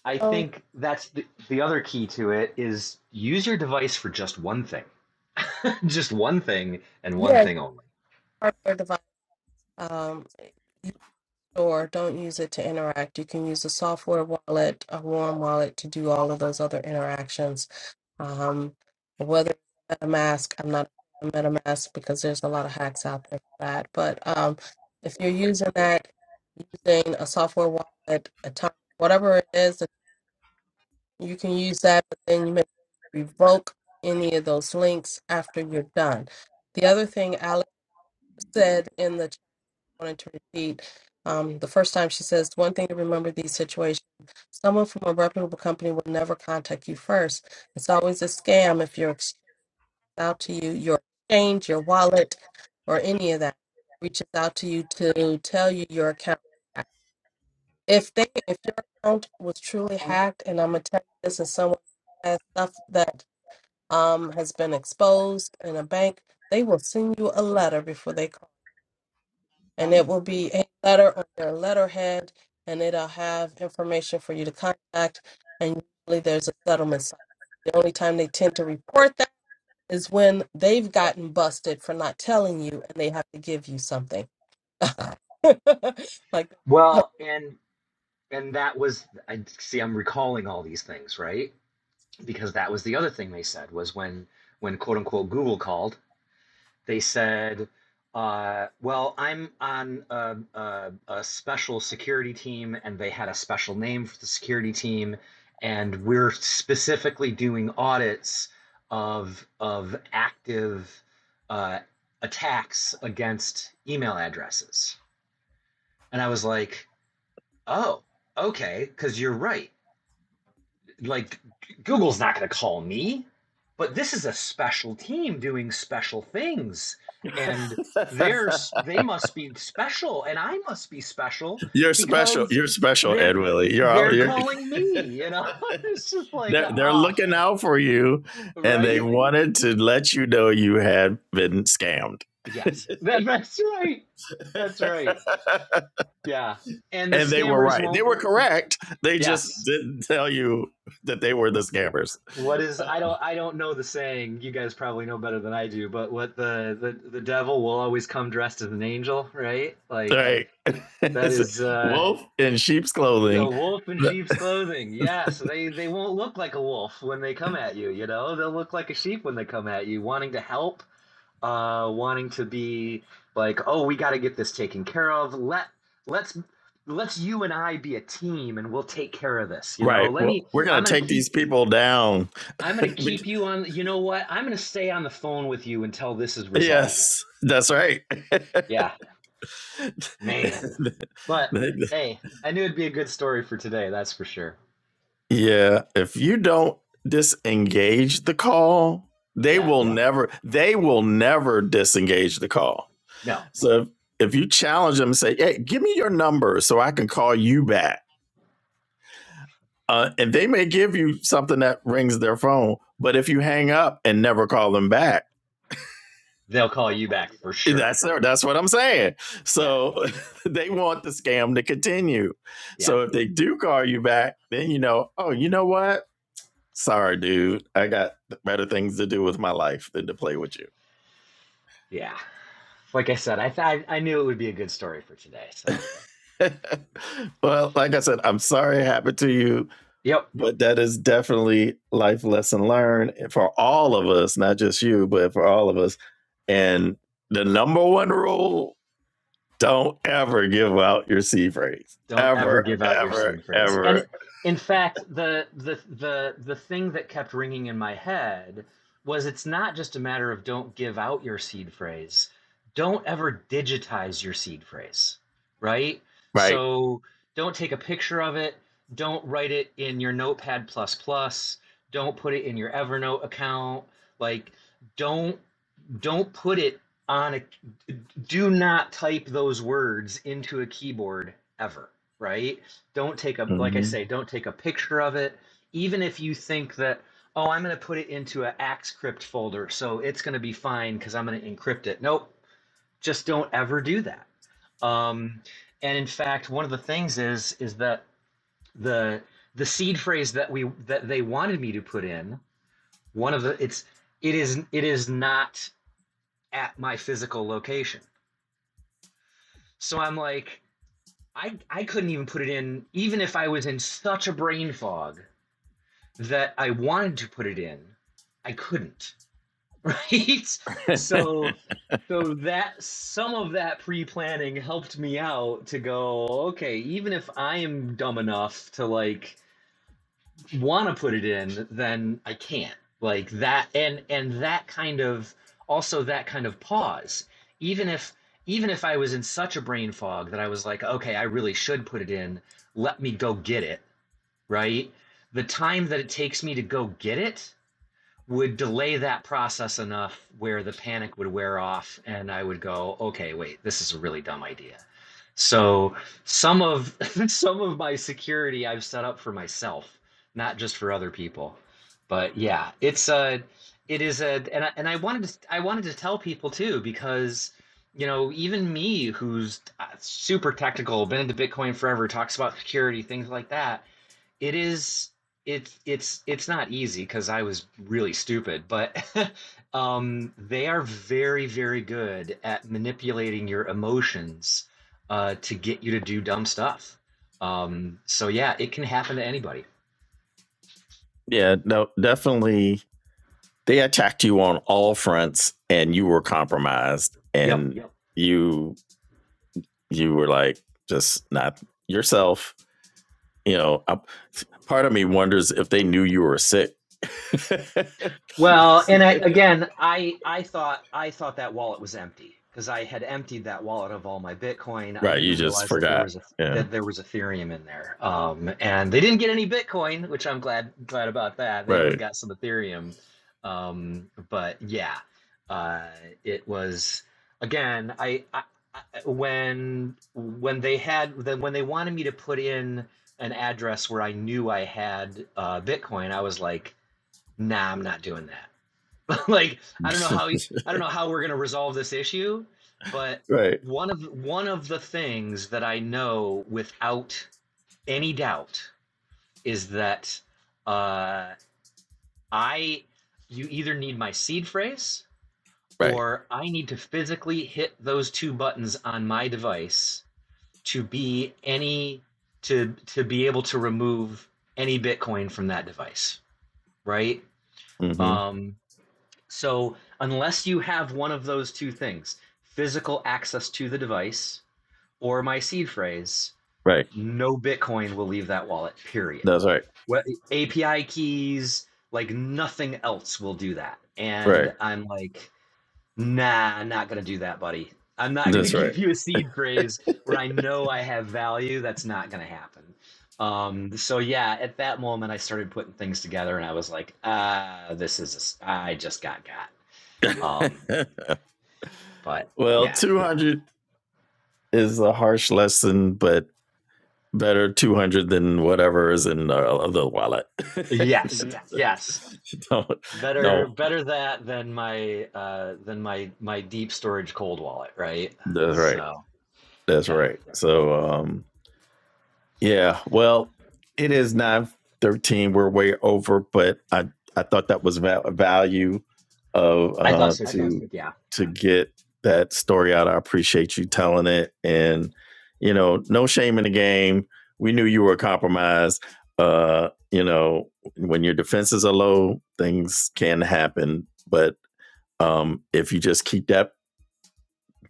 [SPEAKER 3] I
[SPEAKER 2] So
[SPEAKER 3] think that's the, the other key to it is use your device for just one thing, just one thing and one
[SPEAKER 2] yeah, your
[SPEAKER 3] thing only.
[SPEAKER 2] hardware device, um, use it or don't use it to interact. You can use a software wallet, a warm wallet to do all of those other interactions. Um, whether it's MetaMask, I'm not a MetaMask because there's a lot of hacks out there for that, but um, if you're using that using a software wallet, a time, whatever it is, you can use that, but then you may revoke any of those links after you're done. The other thing Alex said in the chat, I wanted to repeat um, the first time she says, one thing to remember these situations someone from a reputable company will never contact you first. It's always a scam if you're ex- out to you, your exchange, your wallet, or any of that reaches out to you to tell you your account. if they if your account was truly hacked and i'm gonna tell you this as someone who has stuff that um has been exposed in a bank they will send you a letter before they call and it will be a letter on their letterhead and it'll have information for you to contact and usually there's a settlement site the only time they tend to report that is when they've gotten busted for not telling you and they have to give you something like
[SPEAKER 3] Well, and and that was I see I'm recalling all these things, right? Because that was the other thing they said was when when quote unquote Google called, they said, uh, "Well, I'm on a, a, a special security team, and they had a special name for the security team, and we're specifically doing audits of of active uh, attacks against email addresses." And I was like, "Oh, okay, because you're right like Google's not going to call me, but this is a special team doing special things, and they're they must be special, and I must be special
[SPEAKER 1] you're special.
[SPEAKER 3] because
[SPEAKER 1] You're special,
[SPEAKER 3] they're
[SPEAKER 1] Ed Willie. You're, out,
[SPEAKER 3] they're
[SPEAKER 1] you're
[SPEAKER 3] calling me. You know, it's just like
[SPEAKER 1] they're, they're
[SPEAKER 3] ah,
[SPEAKER 1] looking out for you,
[SPEAKER 3] uh,
[SPEAKER 1] and they
[SPEAKER 3] right?
[SPEAKER 1] wanted to let you know you had been scammed.
[SPEAKER 3] Yes, that, that's right. That's right. Yeah, and the
[SPEAKER 1] and they were
[SPEAKER 3] scammers
[SPEAKER 1] right. They
[SPEAKER 3] won't.
[SPEAKER 1] were correct. They just
[SPEAKER 3] Yes,
[SPEAKER 1] didn't tell you that they were the scammers.
[SPEAKER 3] What is
[SPEAKER 1] Uh,
[SPEAKER 3] I don't I don't know the saying. You guys probably know better than I do, but what the the, the devil will always come dressed as an angel, right? Like
[SPEAKER 1] Right.
[SPEAKER 3] that is uh
[SPEAKER 1] wolf in sheep's
[SPEAKER 3] the
[SPEAKER 1] clothing.
[SPEAKER 3] wolf in sheep's clothing. Yes, they they won't look like a wolf when they come at you, you know? They'll look like a sheep when they come at you, wanting to help, uh wanting to be like, "Oh, we got to get this taken care of. Let let's let's you and I be a team and we'll take care of this, you know?
[SPEAKER 1] Right.
[SPEAKER 3] Let
[SPEAKER 1] Well,
[SPEAKER 3] me
[SPEAKER 1] we're going
[SPEAKER 3] I'm
[SPEAKER 1] to
[SPEAKER 3] going to
[SPEAKER 1] take
[SPEAKER 3] keep
[SPEAKER 1] these people down.
[SPEAKER 3] I'm gonna keep you on. You know what? I'm gonna stay on the phone with you until this is resolved.
[SPEAKER 1] yes, that's right.
[SPEAKER 3] Yeah, man. But hey, I knew it'd be a good story for today. That's for sure.
[SPEAKER 1] yeah. If you don't disengage the call, they
[SPEAKER 3] Yeah.
[SPEAKER 1] will never, they will never disengage the call
[SPEAKER 3] No,
[SPEAKER 1] So if, if you challenge them and say, hey, give me your number so I can call you back. Uh, and they may give you something that rings their phone, but if you hang up and never call them back,
[SPEAKER 3] they'll call you back for
[SPEAKER 1] that's
[SPEAKER 3] sure.
[SPEAKER 1] their, that's what I'm saying.
[SPEAKER 3] Yeah.
[SPEAKER 1] So they want the scam to continue.
[SPEAKER 3] Yeah.
[SPEAKER 1] So if they do call you back, then you know, oh, you know what? Sorry, dude. I got better things to do with my life than to play with you.
[SPEAKER 3] Yeah. Like I said, I th- I I knew it would be a good story for today. So.
[SPEAKER 1] well, like I said, I'm sorry it happened to you
[SPEAKER 3] Yep.
[SPEAKER 1] but that is definitely life lesson learned for all of us, not just you, but for all of us. And the number one rule: don't ever give out your C phrase.
[SPEAKER 3] Don't ever
[SPEAKER 1] Ever,
[SPEAKER 3] give out your
[SPEAKER 1] ever,
[SPEAKER 3] seed phrase. And
[SPEAKER 1] ever.
[SPEAKER 3] in fact, the the the the thing that kept ringing in my head was it's not just a matter of don't give out your seed phrase. Don't ever digitize your seed phrase, right?
[SPEAKER 1] Right.
[SPEAKER 3] So don't take a picture of it. Don't write it in your Notepad plus plus. Don't put it in your Evernote account. Like don't don't put it on a do not type those words into a keyboard ever, right? Don't take a like I
[SPEAKER 1] hmm
[SPEAKER 3] say, don't take a picture of it. Even if you think that oh, I'm going to put it into an ActScript folder, so it's going to be fine cuz I'm going to encrypt it. Nope. Just don't ever do that. Um and in fact, one of the things is is that the the seed phrase that we that they wanted me to put in, one of the it's it is it is not at my physical location. So I'm like, I, I couldn't even put it in, even if I was in such a brain fog that I wanted to put it in, I couldn't. Right? So so that some of that pre-planning helped me out to go, okay, even if I am dumb enough to like want to put it in then i can't like that and and that kind of also that kind of pause even if even if i was in such a brain fog that i was like okay i really should put it in let me go get it right the time that it takes me to go get it would delay that process enough where the panic would wear off and I would go, okay, wait, this is a really dumb idea. So some of some of my security I've set up for myself, not just for other people. But yeah, it's a it is a and I, and I wanted to I wanted to tell people too because you know even me who's uh, super technical, been into Bitcoin forever, talks about security things like that it is it's it's it's not easy because I was really stupid, but um, they are very very good at manipulating your emotions uh, to get you to do dumb stuff. Um, so yeah, it can happen to anybody.
[SPEAKER 1] yeah. No. Definitely. They attacked you on all fronts, and you were compromised,
[SPEAKER 3] Yep.
[SPEAKER 1] and you you were like just not yourself. You know, I, part of me wonders if they knew you were sick Like,
[SPEAKER 3] Well, and I, again, I I thought I thought that wallet was empty because I had emptied that wallet of all my Bitcoin. I
[SPEAKER 1] right.
[SPEAKER 3] didn't
[SPEAKER 1] You just
[SPEAKER 3] realize that there
[SPEAKER 1] forgot.
[SPEAKER 3] was a
[SPEAKER 1] Yeah.
[SPEAKER 3] that there was Ethereum in there. Um, and they didn't get any Bitcoin, which I'm glad glad about that. They only
[SPEAKER 1] Right.
[SPEAKER 3] got some Ethereum. Um, but yeah, uh, it was again. I, I, I when when they had then when they wanted me to put in an address where I knew I had uh, Bitcoin, I was like nah, I'm not doing that. like I don't know how I don't know how we're going to resolve this issue, but
[SPEAKER 1] right.
[SPEAKER 3] one of one of the things that I know without any doubt is that uh, I you either need my seed phrase
[SPEAKER 1] Right.
[SPEAKER 3] or I need to physically hit those two buttons on my device to be any to to be able to remove any Bitcoin from that device, right?
[SPEAKER 1] Mm-hmm.
[SPEAKER 3] Um, So, unless you have one of those two things physical access to the device or my seed phrase,
[SPEAKER 1] Right.
[SPEAKER 3] no Bitcoin will leave that wallet, period.
[SPEAKER 1] That's right.
[SPEAKER 3] What, API keys, like nothing else will do that.
[SPEAKER 1] Right.
[SPEAKER 3] And I'm like, nah, I'm not going to do that, buddy. I'm not going to
[SPEAKER 1] That's
[SPEAKER 3] give
[SPEAKER 1] right.
[SPEAKER 3] you a seed phrase where I know I have value. That's not going to happen. Um, so yeah, at that moment, I started putting things together, and I was like, "Ah, this is a s- I just got got." Um, but
[SPEAKER 1] well,
[SPEAKER 3] yeah.
[SPEAKER 1] 200 is a harsh lesson, but better 200 than whatever is in the, the wallet.
[SPEAKER 3] Yes.
[SPEAKER 1] Yes.
[SPEAKER 3] Yes.
[SPEAKER 1] don't,
[SPEAKER 3] Better
[SPEAKER 1] don't.
[SPEAKER 3] better that than my uh than my my deep storage cold wallet, right?
[SPEAKER 1] That's right.
[SPEAKER 3] So,
[SPEAKER 1] That's
[SPEAKER 3] yeah.
[SPEAKER 1] right. So, um, Yeah. Well, it is nine thirteen. We're way over, but I I thought that was val- value of
[SPEAKER 3] I
[SPEAKER 1] uh
[SPEAKER 3] thought so
[SPEAKER 1] to
[SPEAKER 3] too. Yeah.
[SPEAKER 1] to get that story out. I appreciate you telling it, and you know, no shame in the game. We knew you were compromised. Uh, you know, when your defenses are low, things can happen, but um, if you just keep that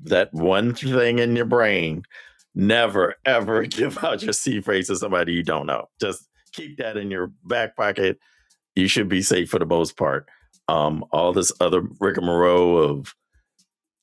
[SPEAKER 1] that one thing in your brain. Never ever give out your seed phrase to somebody you don't know. Just keep that in your back pocket. You should be safe for the most part. Um, all this other rigmarole of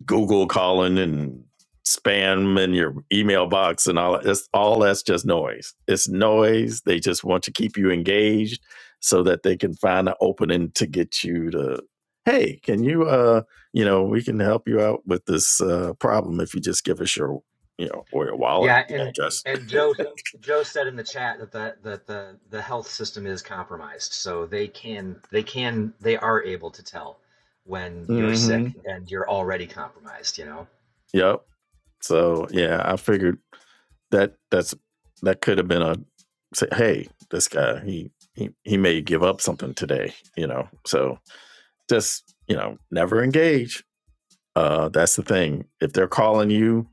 [SPEAKER 1] Google calling and spam in your email box and all that's all that's just noise. It's noise. They just want to keep you engaged so that they can find an opening to get you to hey, can you uh you know, we can help you out with this uh problem if you just give us your you know, or your wallet
[SPEAKER 3] Yeah, and
[SPEAKER 1] address.
[SPEAKER 3] and Joe Joe said in the chat that the that the the health system is compromised. So they can they can they are able to tell when you're sick
[SPEAKER 1] mm-hmm.
[SPEAKER 3] and you're already compromised, you know.
[SPEAKER 1] Yep. So yeah, I figured that that's that could have been a say, hey, this guy he he he may give up something today, you know. So just you know, never engage. Uh, that's the thing. If they're calling you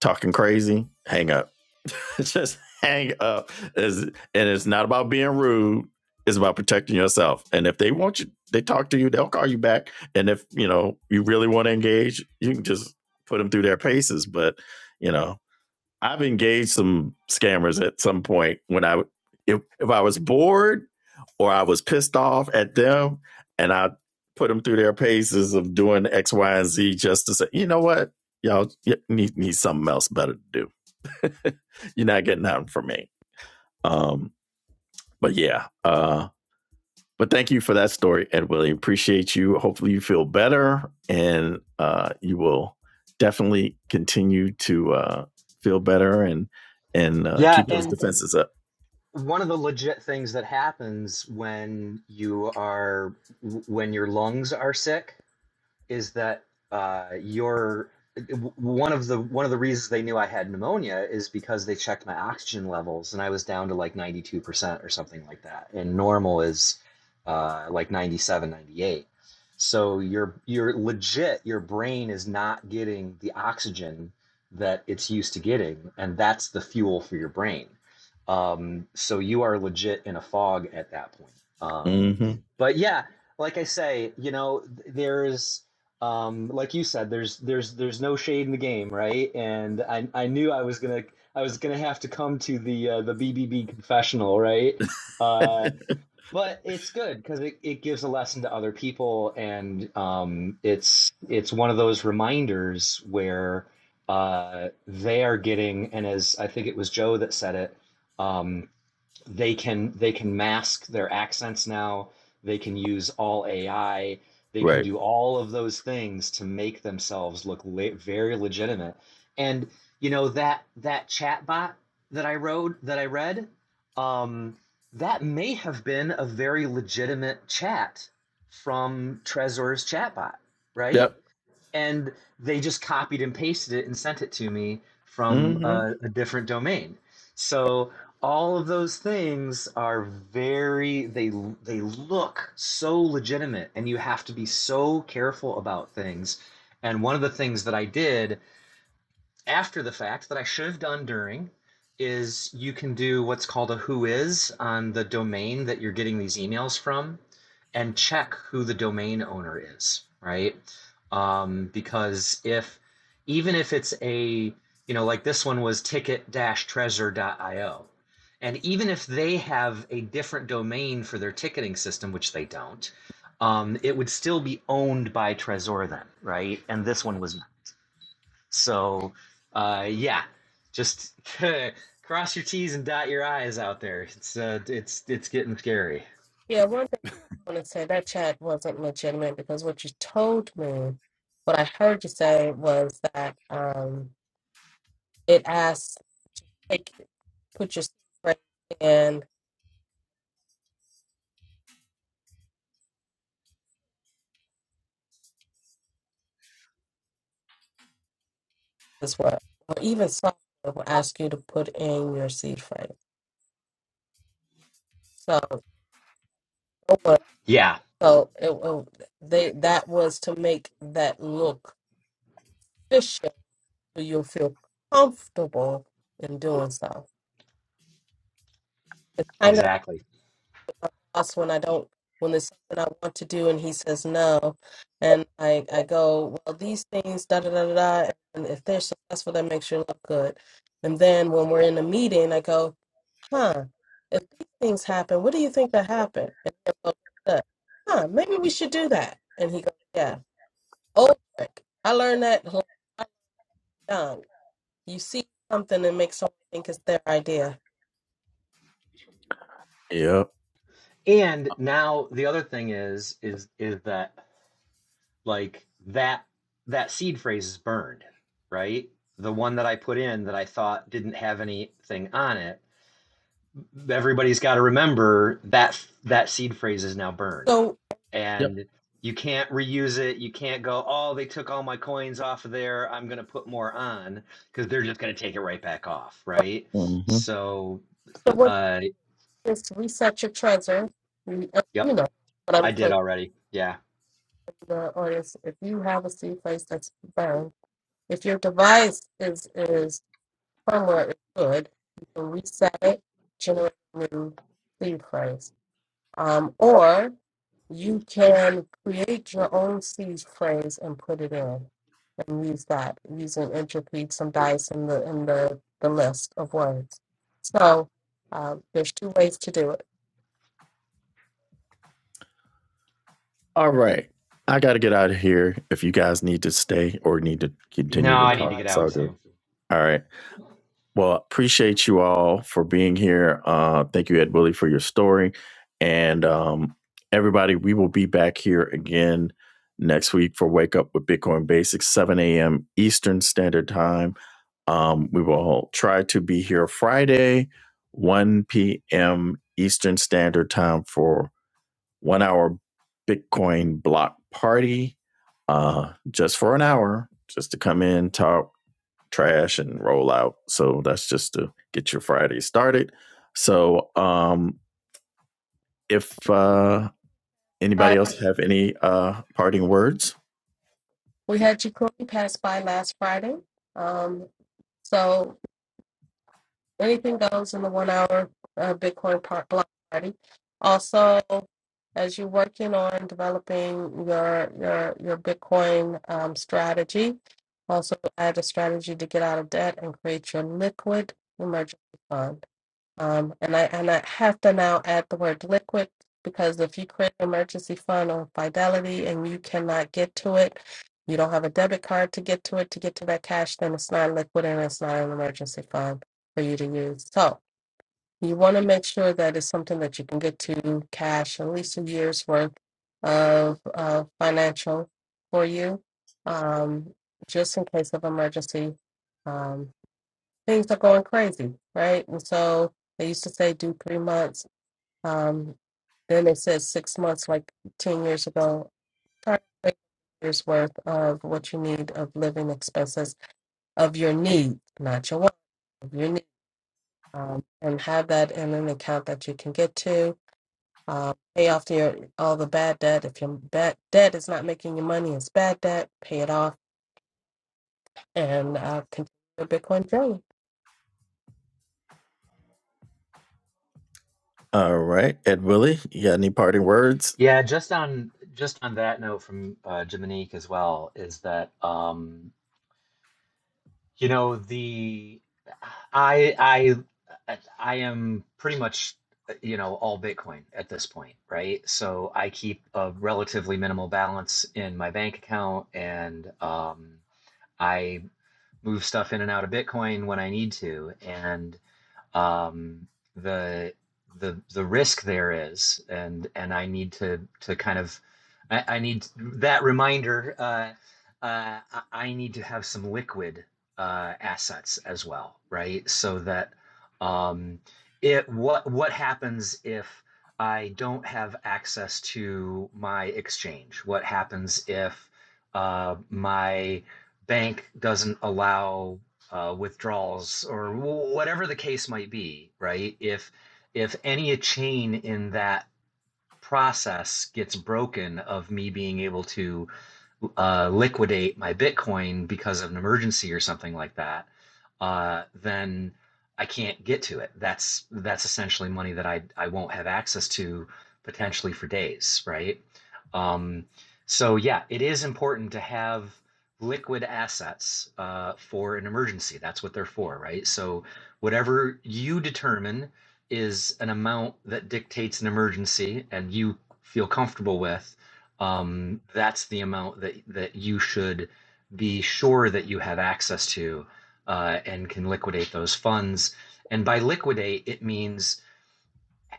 [SPEAKER 1] talking crazy, hang up. just hang up. Is and it's not about being rude. It's about protecting yourself. And if they want you, they talk to you. They'll call you back. And if you know you really want to engage, you can just put them through their paces. But you know, I've engaged some scammers at some point when I if if I was bored or I was pissed off at them and I put them through their paces of doing X, Y, and Z just to say, you know what, y'all need need something else better to do. You're not getting nothing from me. Um, but yeah, uh, but thank you for that story, Ed Willie. Appreciate you. Hopefully, you feel better and uh, you will definitely continue to uh, feel better and and uh,
[SPEAKER 3] Yeah,
[SPEAKER 1] keep those
[SPEAKER 3] and
[SPEAKER 1] defenses up.
[SPEAKER 3] one of the legit things that happens when you are when your lungs are sick is that uh, your one of the one of the reasons they knew I had pneumonia is because they checked my oxygen levels and I was down to like 92% or something like that. And normal is uh, like 97 98 So you're you're legit your brain is not getting the oxygen that it's used to getting and that's the fuel for your brain. Um, so you are legit in a fog at that point. Um,
[SPEAKER 1] hmm
[SPEAKER 3] but yeah, like I say, you know, there's um, like you said, there's there's there's no shade in the game, right? And I I knew I was gonna I was gonna have to come to the uh, the BBB confessional, right? Uh, but it's good because it, it gives a lesson to other people, and um, it's it's one of those reminders where uh, they are getting, and as I think it was Joe that said it, um, they can they can mask their accents now they can use all ai they can
[SPEAKER 1] Right.
[SPEAKER 3] do all of those things to make themselves look le- very legitimate and you know that that chatbot that i wrote that i read um, that may have been a very legitimate chat from Trezor's chatbot right
[SPEAKER 1] Yep.
[SPEAKER 3] and they just copied and pasted it and sent it to me from
[SPEAKER 1] hmm
[SPEAKER 3] a, a different domain. So all of those things are very they they look so legitimate and you have to be so careful about things. And one of the things that I did after the fact that I should have done during is you can do what's called a who is on the domain that you're getting these emails from and check who the domain owner is, right? Um, because if even if it's a you know like this one was ticket-treasure.io and even if they have a different domain for their ticketing system which they don't um, it would still be owned by trezor then right and this one was so, uh, yeah, just cross your T's and dot your I's out there. It's uh, it's it's getting scary.
[SPEAKER 2] yeah, want to say that chat wasn't legitimate because what you told me, what I heard you say was that um, it asks, take, put your seed phrase in as well. Or even software will ask you to put in your seed phrase. So, it was-
[SPEAKER 3] Yeah,
[SPEAKER 2] so it, it, they that was to make that look official so you'll feel comfortable in doing so.
[SPEAKER 3] exactly.
[SPEAKER 2] my boss when I don't when there's something I want to do and he says no, and I I go well these things da da da da da, and if they're successful that makes you look good, and then when we're in a meeting I go huh if these things happen what do you think that happened and he goes, "Huh, huh maybe we should do that and he goes yeah old trick I learned that when I was young you see something and make someone think it's their idea
[SPEAKER 1] Yep.
[SPEAKER 3] And now the other thing is is is that like that that seed phrase is burned, right? The one that I put in that I thought didn't have anything on it everybody's got to remember that that seed phrase is now burned
[SPEAKER 2] so
[SPEAKER 1] Yep.
[SPEAKER 3] and you can't reuse it you can't go oh they took all my coins off of there i'm going to put more on because they're just going to take it right back off
[SPEAKER 2] right
[SPEAKER 3] right
[SPEAKER 1] hmm
[SPEAKER 3] so
[SPEAKER 2] so what
[SPEAKER 3] uh
[SPEAKER 2] just reset your treasure. You uh, you
[SPEAKER 3] yep
[SPEAKER 2] know what
[SPEAKER 3] i
[SPEAKER 2] I'm
[SPEAKER 3] did
[SPEAKER 2] putting
[SPEAKER 3] already yeah
[SPEAKER 2] in the audience. If you have a C place that's burned, if your device is is firmware is good, you can reset it, generate a new C phrase. Um, or you can create your own C phrase and put it in and use that using entropy, some dice in the in the, the list of words. So uh, there's two ways to do it.
[SPEAKER 1] All right. I got to get out of here. If you guys need to stay or need to
[SPEAKER 3] no
[SPEAKER 1] continue to
[SPEAKER 3] i
[SPEAKER 1] no,
[SPEAKER 3] need to
[SPEAKER 1] talk,
[SPEAKER 3] get
[SPEAKER 1] it's
[SPEAKER 3] out
[SPEAKER 1] all good.
[SPEAKER 3] too
[SPEAKER 1] All right. Well, appreciate you all for being here. Uh, thank you, Ed Willie, for your story. And um, everybody, we will be back here again next week for Wake Up with Bitcoin Basics, 7 a.m. Eastern Standard Time. Um, we will try to be here Friday, 1 p.m. Eastern Standard Time for one hour Bitcoin block party, uh, just for an hour, just to come in, talk, trash and roll out. So that's just to get your Friday started. So um, if uh, anybody else have any uh, parting words,
[SPEAKER 2] We had Jacory pass by last Friday. Um, so anything goes in the one hour uh, Bitcoin part block party. Also, as you're working on developing your your your Bitcoin um, strategy, also add a strategy to get out of debt and create your liquid emergency fund. Um, and I and I have to now add the word liquid because if you create an emergency fund on Fidelity and you cannot get to it, you don't have a debit card to get to it to get to that cash, then it's not liquid and it's not an emergency fund for you to use. So you want to make sure that it's something that you can get to cash, at least a year's worth of uh, financial for you, um, just in case of emergency. Um, things are going crazy, right? And so they used to say do three months. Um, then they said six months, like 10 years ago. Try to make years worth of what you need of living expenses of your need, not your want, of your need, um, and have that in an account that you can get to. Uh, pay off your all the bad debt. If your bad debt is not making you money, it's bad debt. Pay it off and uh, continue your Bitcoin journey.
[SPEAKER 1] all right, Ed Willie, you got any parting words?
[SPEAKER 3] Yeah, just on just on that note from uh, Jiminique as well is that um, You know, the I I I am pretty much uh, you know all Bitcoin at this point, right? So I keep a relatively minimal balance in my bank account, and um, I move stuff in and out of Bitcoin when I need to, and um, the the the risk there is, and and I need to to kind of I, I need that reminder. Uh, uh, I need to have some liquid uh, assets as well, right? So that um, it what what happens if I don't have access to my exchange? What happens if uh, my bank doesn't allow uh, withdrawals or whatever the case might be, right? If if any chain in that process gets broken of me being able to uh, liquidate my Bitcoin because of an emergency or something like that, uh, then I can't get to it. That's that's essentially money that I I won't have access to potentially for days, right? Um, so yeah, it is important to have liquid assets uh, for an emergency. That's what they're for, right? So whatever you determine is an amount that dictates an emergency and you feel comfortable with um, that's the amount that that you should be sure that you have access to uh, and can liquidate those funds. And by liquidate, it means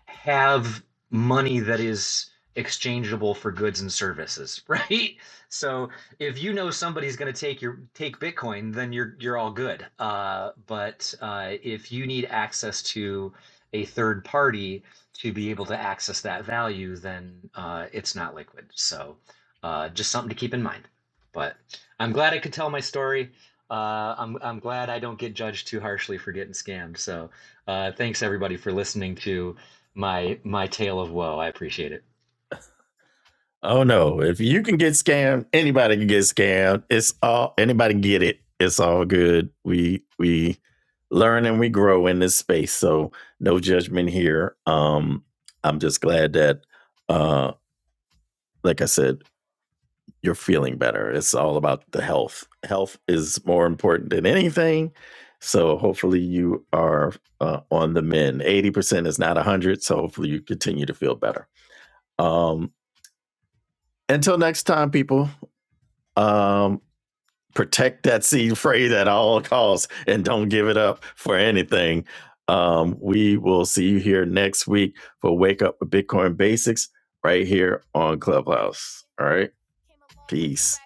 [SPEAKER 3] have money that is exchangeable for goods and services, right? So if you know somebody's going to take your take Bitcoin, then you're you're all good. Uh, but uh, if you need access to a third party to be able to access that value, then uh, it's not liquid. So uh, just something to keep in mind. But I'm glad I could tell my story. Uh, I'm I'm glad I don't get judged too harshly for getting scammed. So uh, thanks everybody for listening to my my tale of woe. I appreciate it.
[SPEAKER 1] Oh no! If you can get scammed, anybody can get scammed. It's all anybody can get it. It's all good. We we learn and we grow in this space. So no judgment here. Um, I'm just glad that, uh, like I said, you're feeling better. It's all about the health. Health is more important than anything. So hopefully you are uh, on the mend. Eighty percent is not one hundred. So hopefully you continue to feel better. Um, until next time, people. Um, protect that seed phrase at all costs and don't give it up for anything. Um, we will see you here next week for Wake Up with Bitcoin Basics right here on Clubhouse. All right. Peace.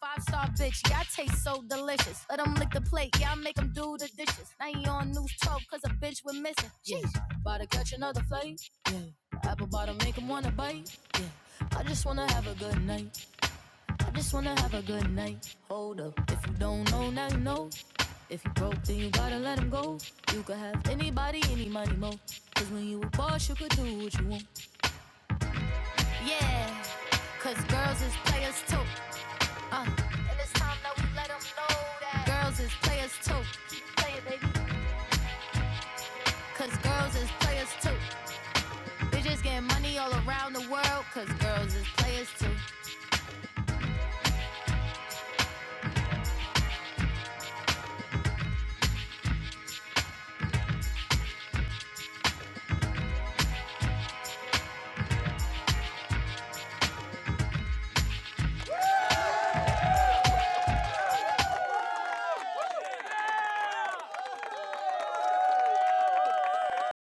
[SPEAKER 1] Five star bitch, yeah, I taste so delicious. Let 'em lick the plate, yeah, I make 'em do the dishes. Now you on news 12 cause a bitch we're missing. Jeez.